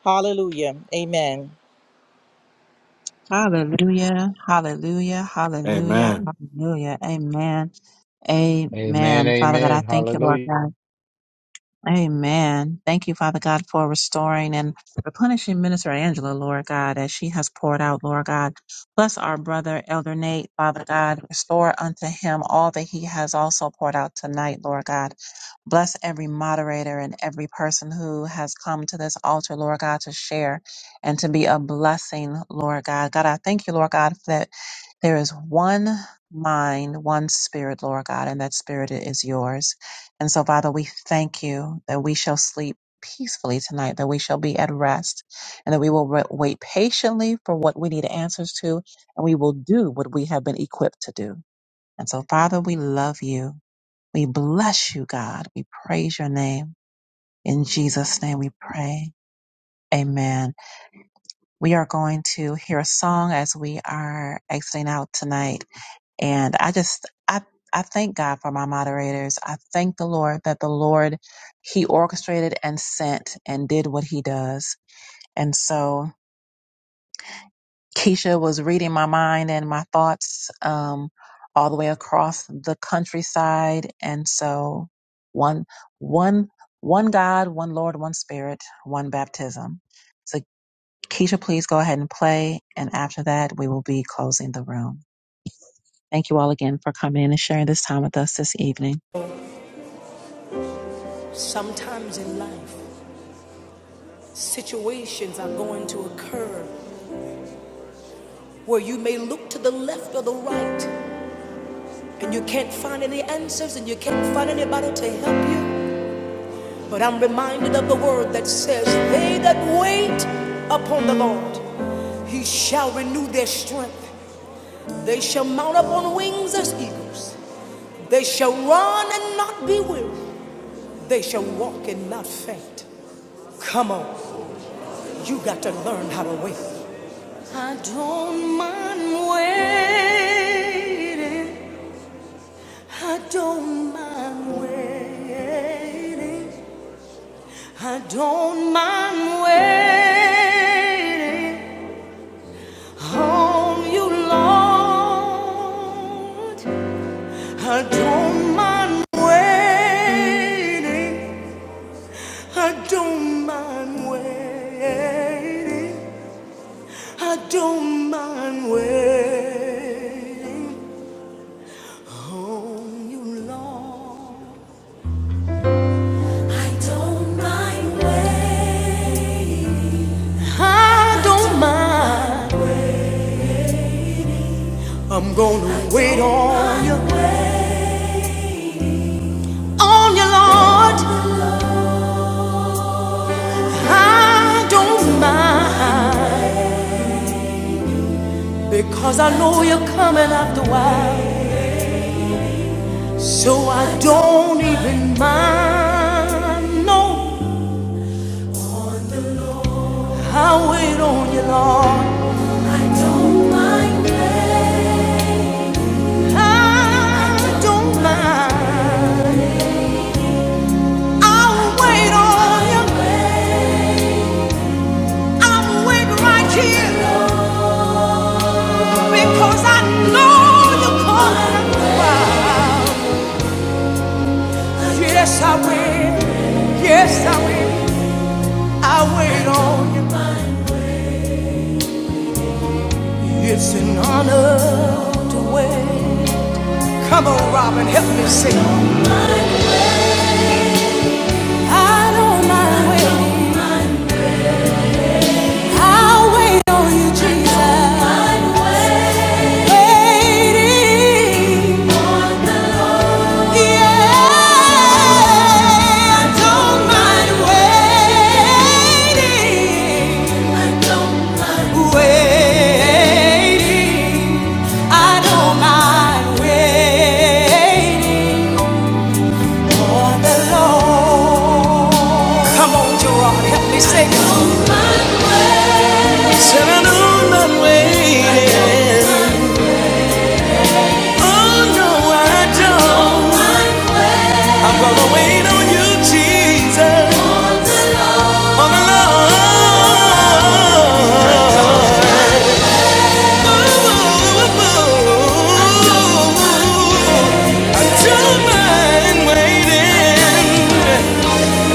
Hallelujah. Amen.
Hallelujah, hallelujah, hallelujah,
Amen.
hallelujah. Amen,
Amen.
amen. Father God, I
Amen.
thank you, Lord
Hallelujah.
God. Amen. Thank you, Father God, for restoring and replenishing Minister Angela, Lord God, as she has poured out, Lord God. Bless our brother, Elder Nate, Father God. Restore unto him all that he has also poured out tonight, Lord God. Bless every moderator and every person who has come to this altar, Lord God, to share and to be a blessing, Lord God. God, I thank you, Lord God, that there is one mind, one spirit, Lord God, and that spirit is yours. And so, Father, we thank you that we shall sleep peacefully tonight, that we shall be at rest, and that we will wa- wait patiently for what we need answers to, and we will do what we have been equipped to do. And so, Father, we love you. We bless you, God. We praise your name. In Jesus' name we pray. Amen. We are going to hear a song as we are exiting out tonight. And I just, I, I thank God for my moderators. I thank the Lord that the Lord, He orchestrated and sent and did what He does. And so Keisha was reading my mind and my thoughts um, all the way across the countryside. And so one, one, one God, one Lord, one Spirit, one baptism. So Keisha, please go ahead and play. And after that, we will be closing the room. Thank you all again for coming in and sharing this time with us this evening.
Sometimes in life, situations are going to occur where you may look to the left or the right and you can't find any answers and you can't find anybody to help you. But I'm reminded of the word that says, They that wait upon the Lord, he shall renew their strength. They shall mount up on wings as eagles. They shall run and not be weary. They shall walk and not faint. Come on, you got to learn how to wait. I don't mind waiting. I don't mind waiting. I don't mind waiting on you, Lord. I don't mind waiting. I don't mind waiting. I don't mind waiting on you, Lord. I don't mind waiting. I don't mind. I'm gonna wait on you, on you, Lord. I don't mind because I know you're coming after a while, so I don't even mind. No, I wait on you, Lord. I don't mind waiting. I don't mind. I'll wait on Him. I'll wait right here because I know you're coming. Yes, I will. Yes, I will. I'll wait on you. It's an honor to wait. Come on, Robin, help me sing. I don't mind waiting. I'll wait on you, Jesus. Waiting. Yeah, I don't mind waiting. Waiting. I don't mind waiting for the Come on, Gerard, help me sing. I know I'm waiting. Oh no, I don't. I'm gonna wait I don't mind waiting.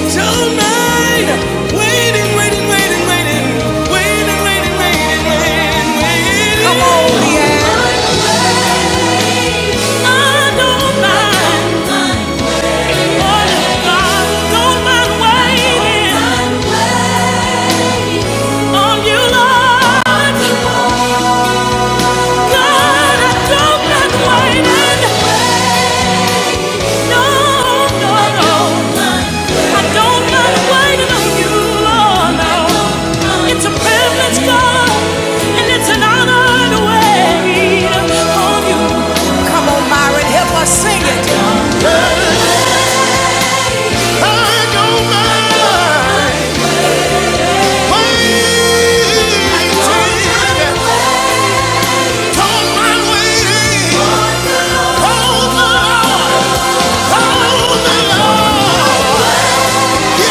Tonight, waiting, waiting, waiting, waiting, waiting, waiting, waiting, waiting, waiting. Come on, Leanne. I don't mind the word of God. Don't mind waiting on you, Lord. God, I don't mind waiting. No, no, no. I don't mind waiting on you, Lord. No. It's a privilege, God, and it's an honor to wait on you. Come on, Myron, help us sing it. I don't mind waiting. I don't mind waiting. Oh, Lord. Oh, Lord. Yeah, yeah,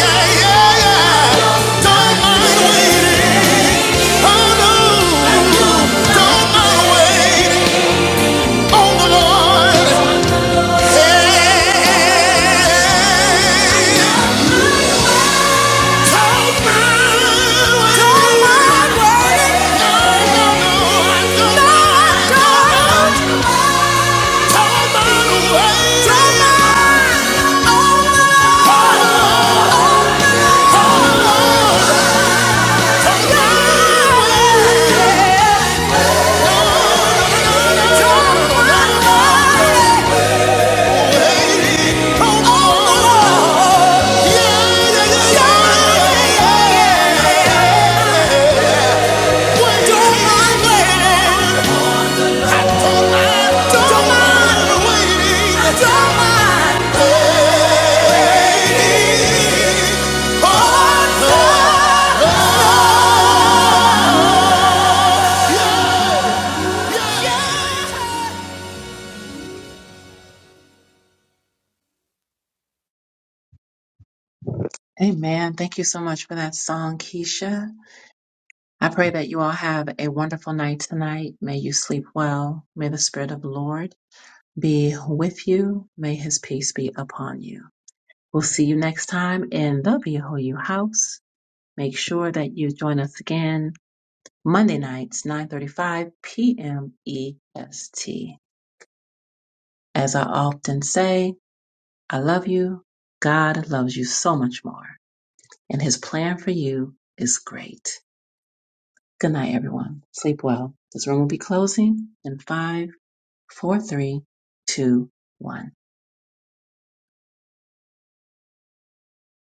yeah, yeah, yeah. Don't mind waiting. Oh no, don't mind waiting on the Lord. Hey, don't mind waiting. No, no, no, no, no, no. Don't mind waiting. Don't mind. Oh, oh, oh, oh, yeah. Don't mind waiting. I don't mind.
Amen. Thank you so much for that song, Keisha. I pray that you all have a wonderful night tonight. May you sleep well. May the Spirit of the Lord be with you. May his peace be upon you. We'll see you next time in the BYU house. Make sure that you join us again Monday nights, 9.35 p.m. EST. As I often say, I love you. God loves you so much more, and His plan for you is great. Good night, everyone. Sleep well. This room will be closing in five, four, three, two, one.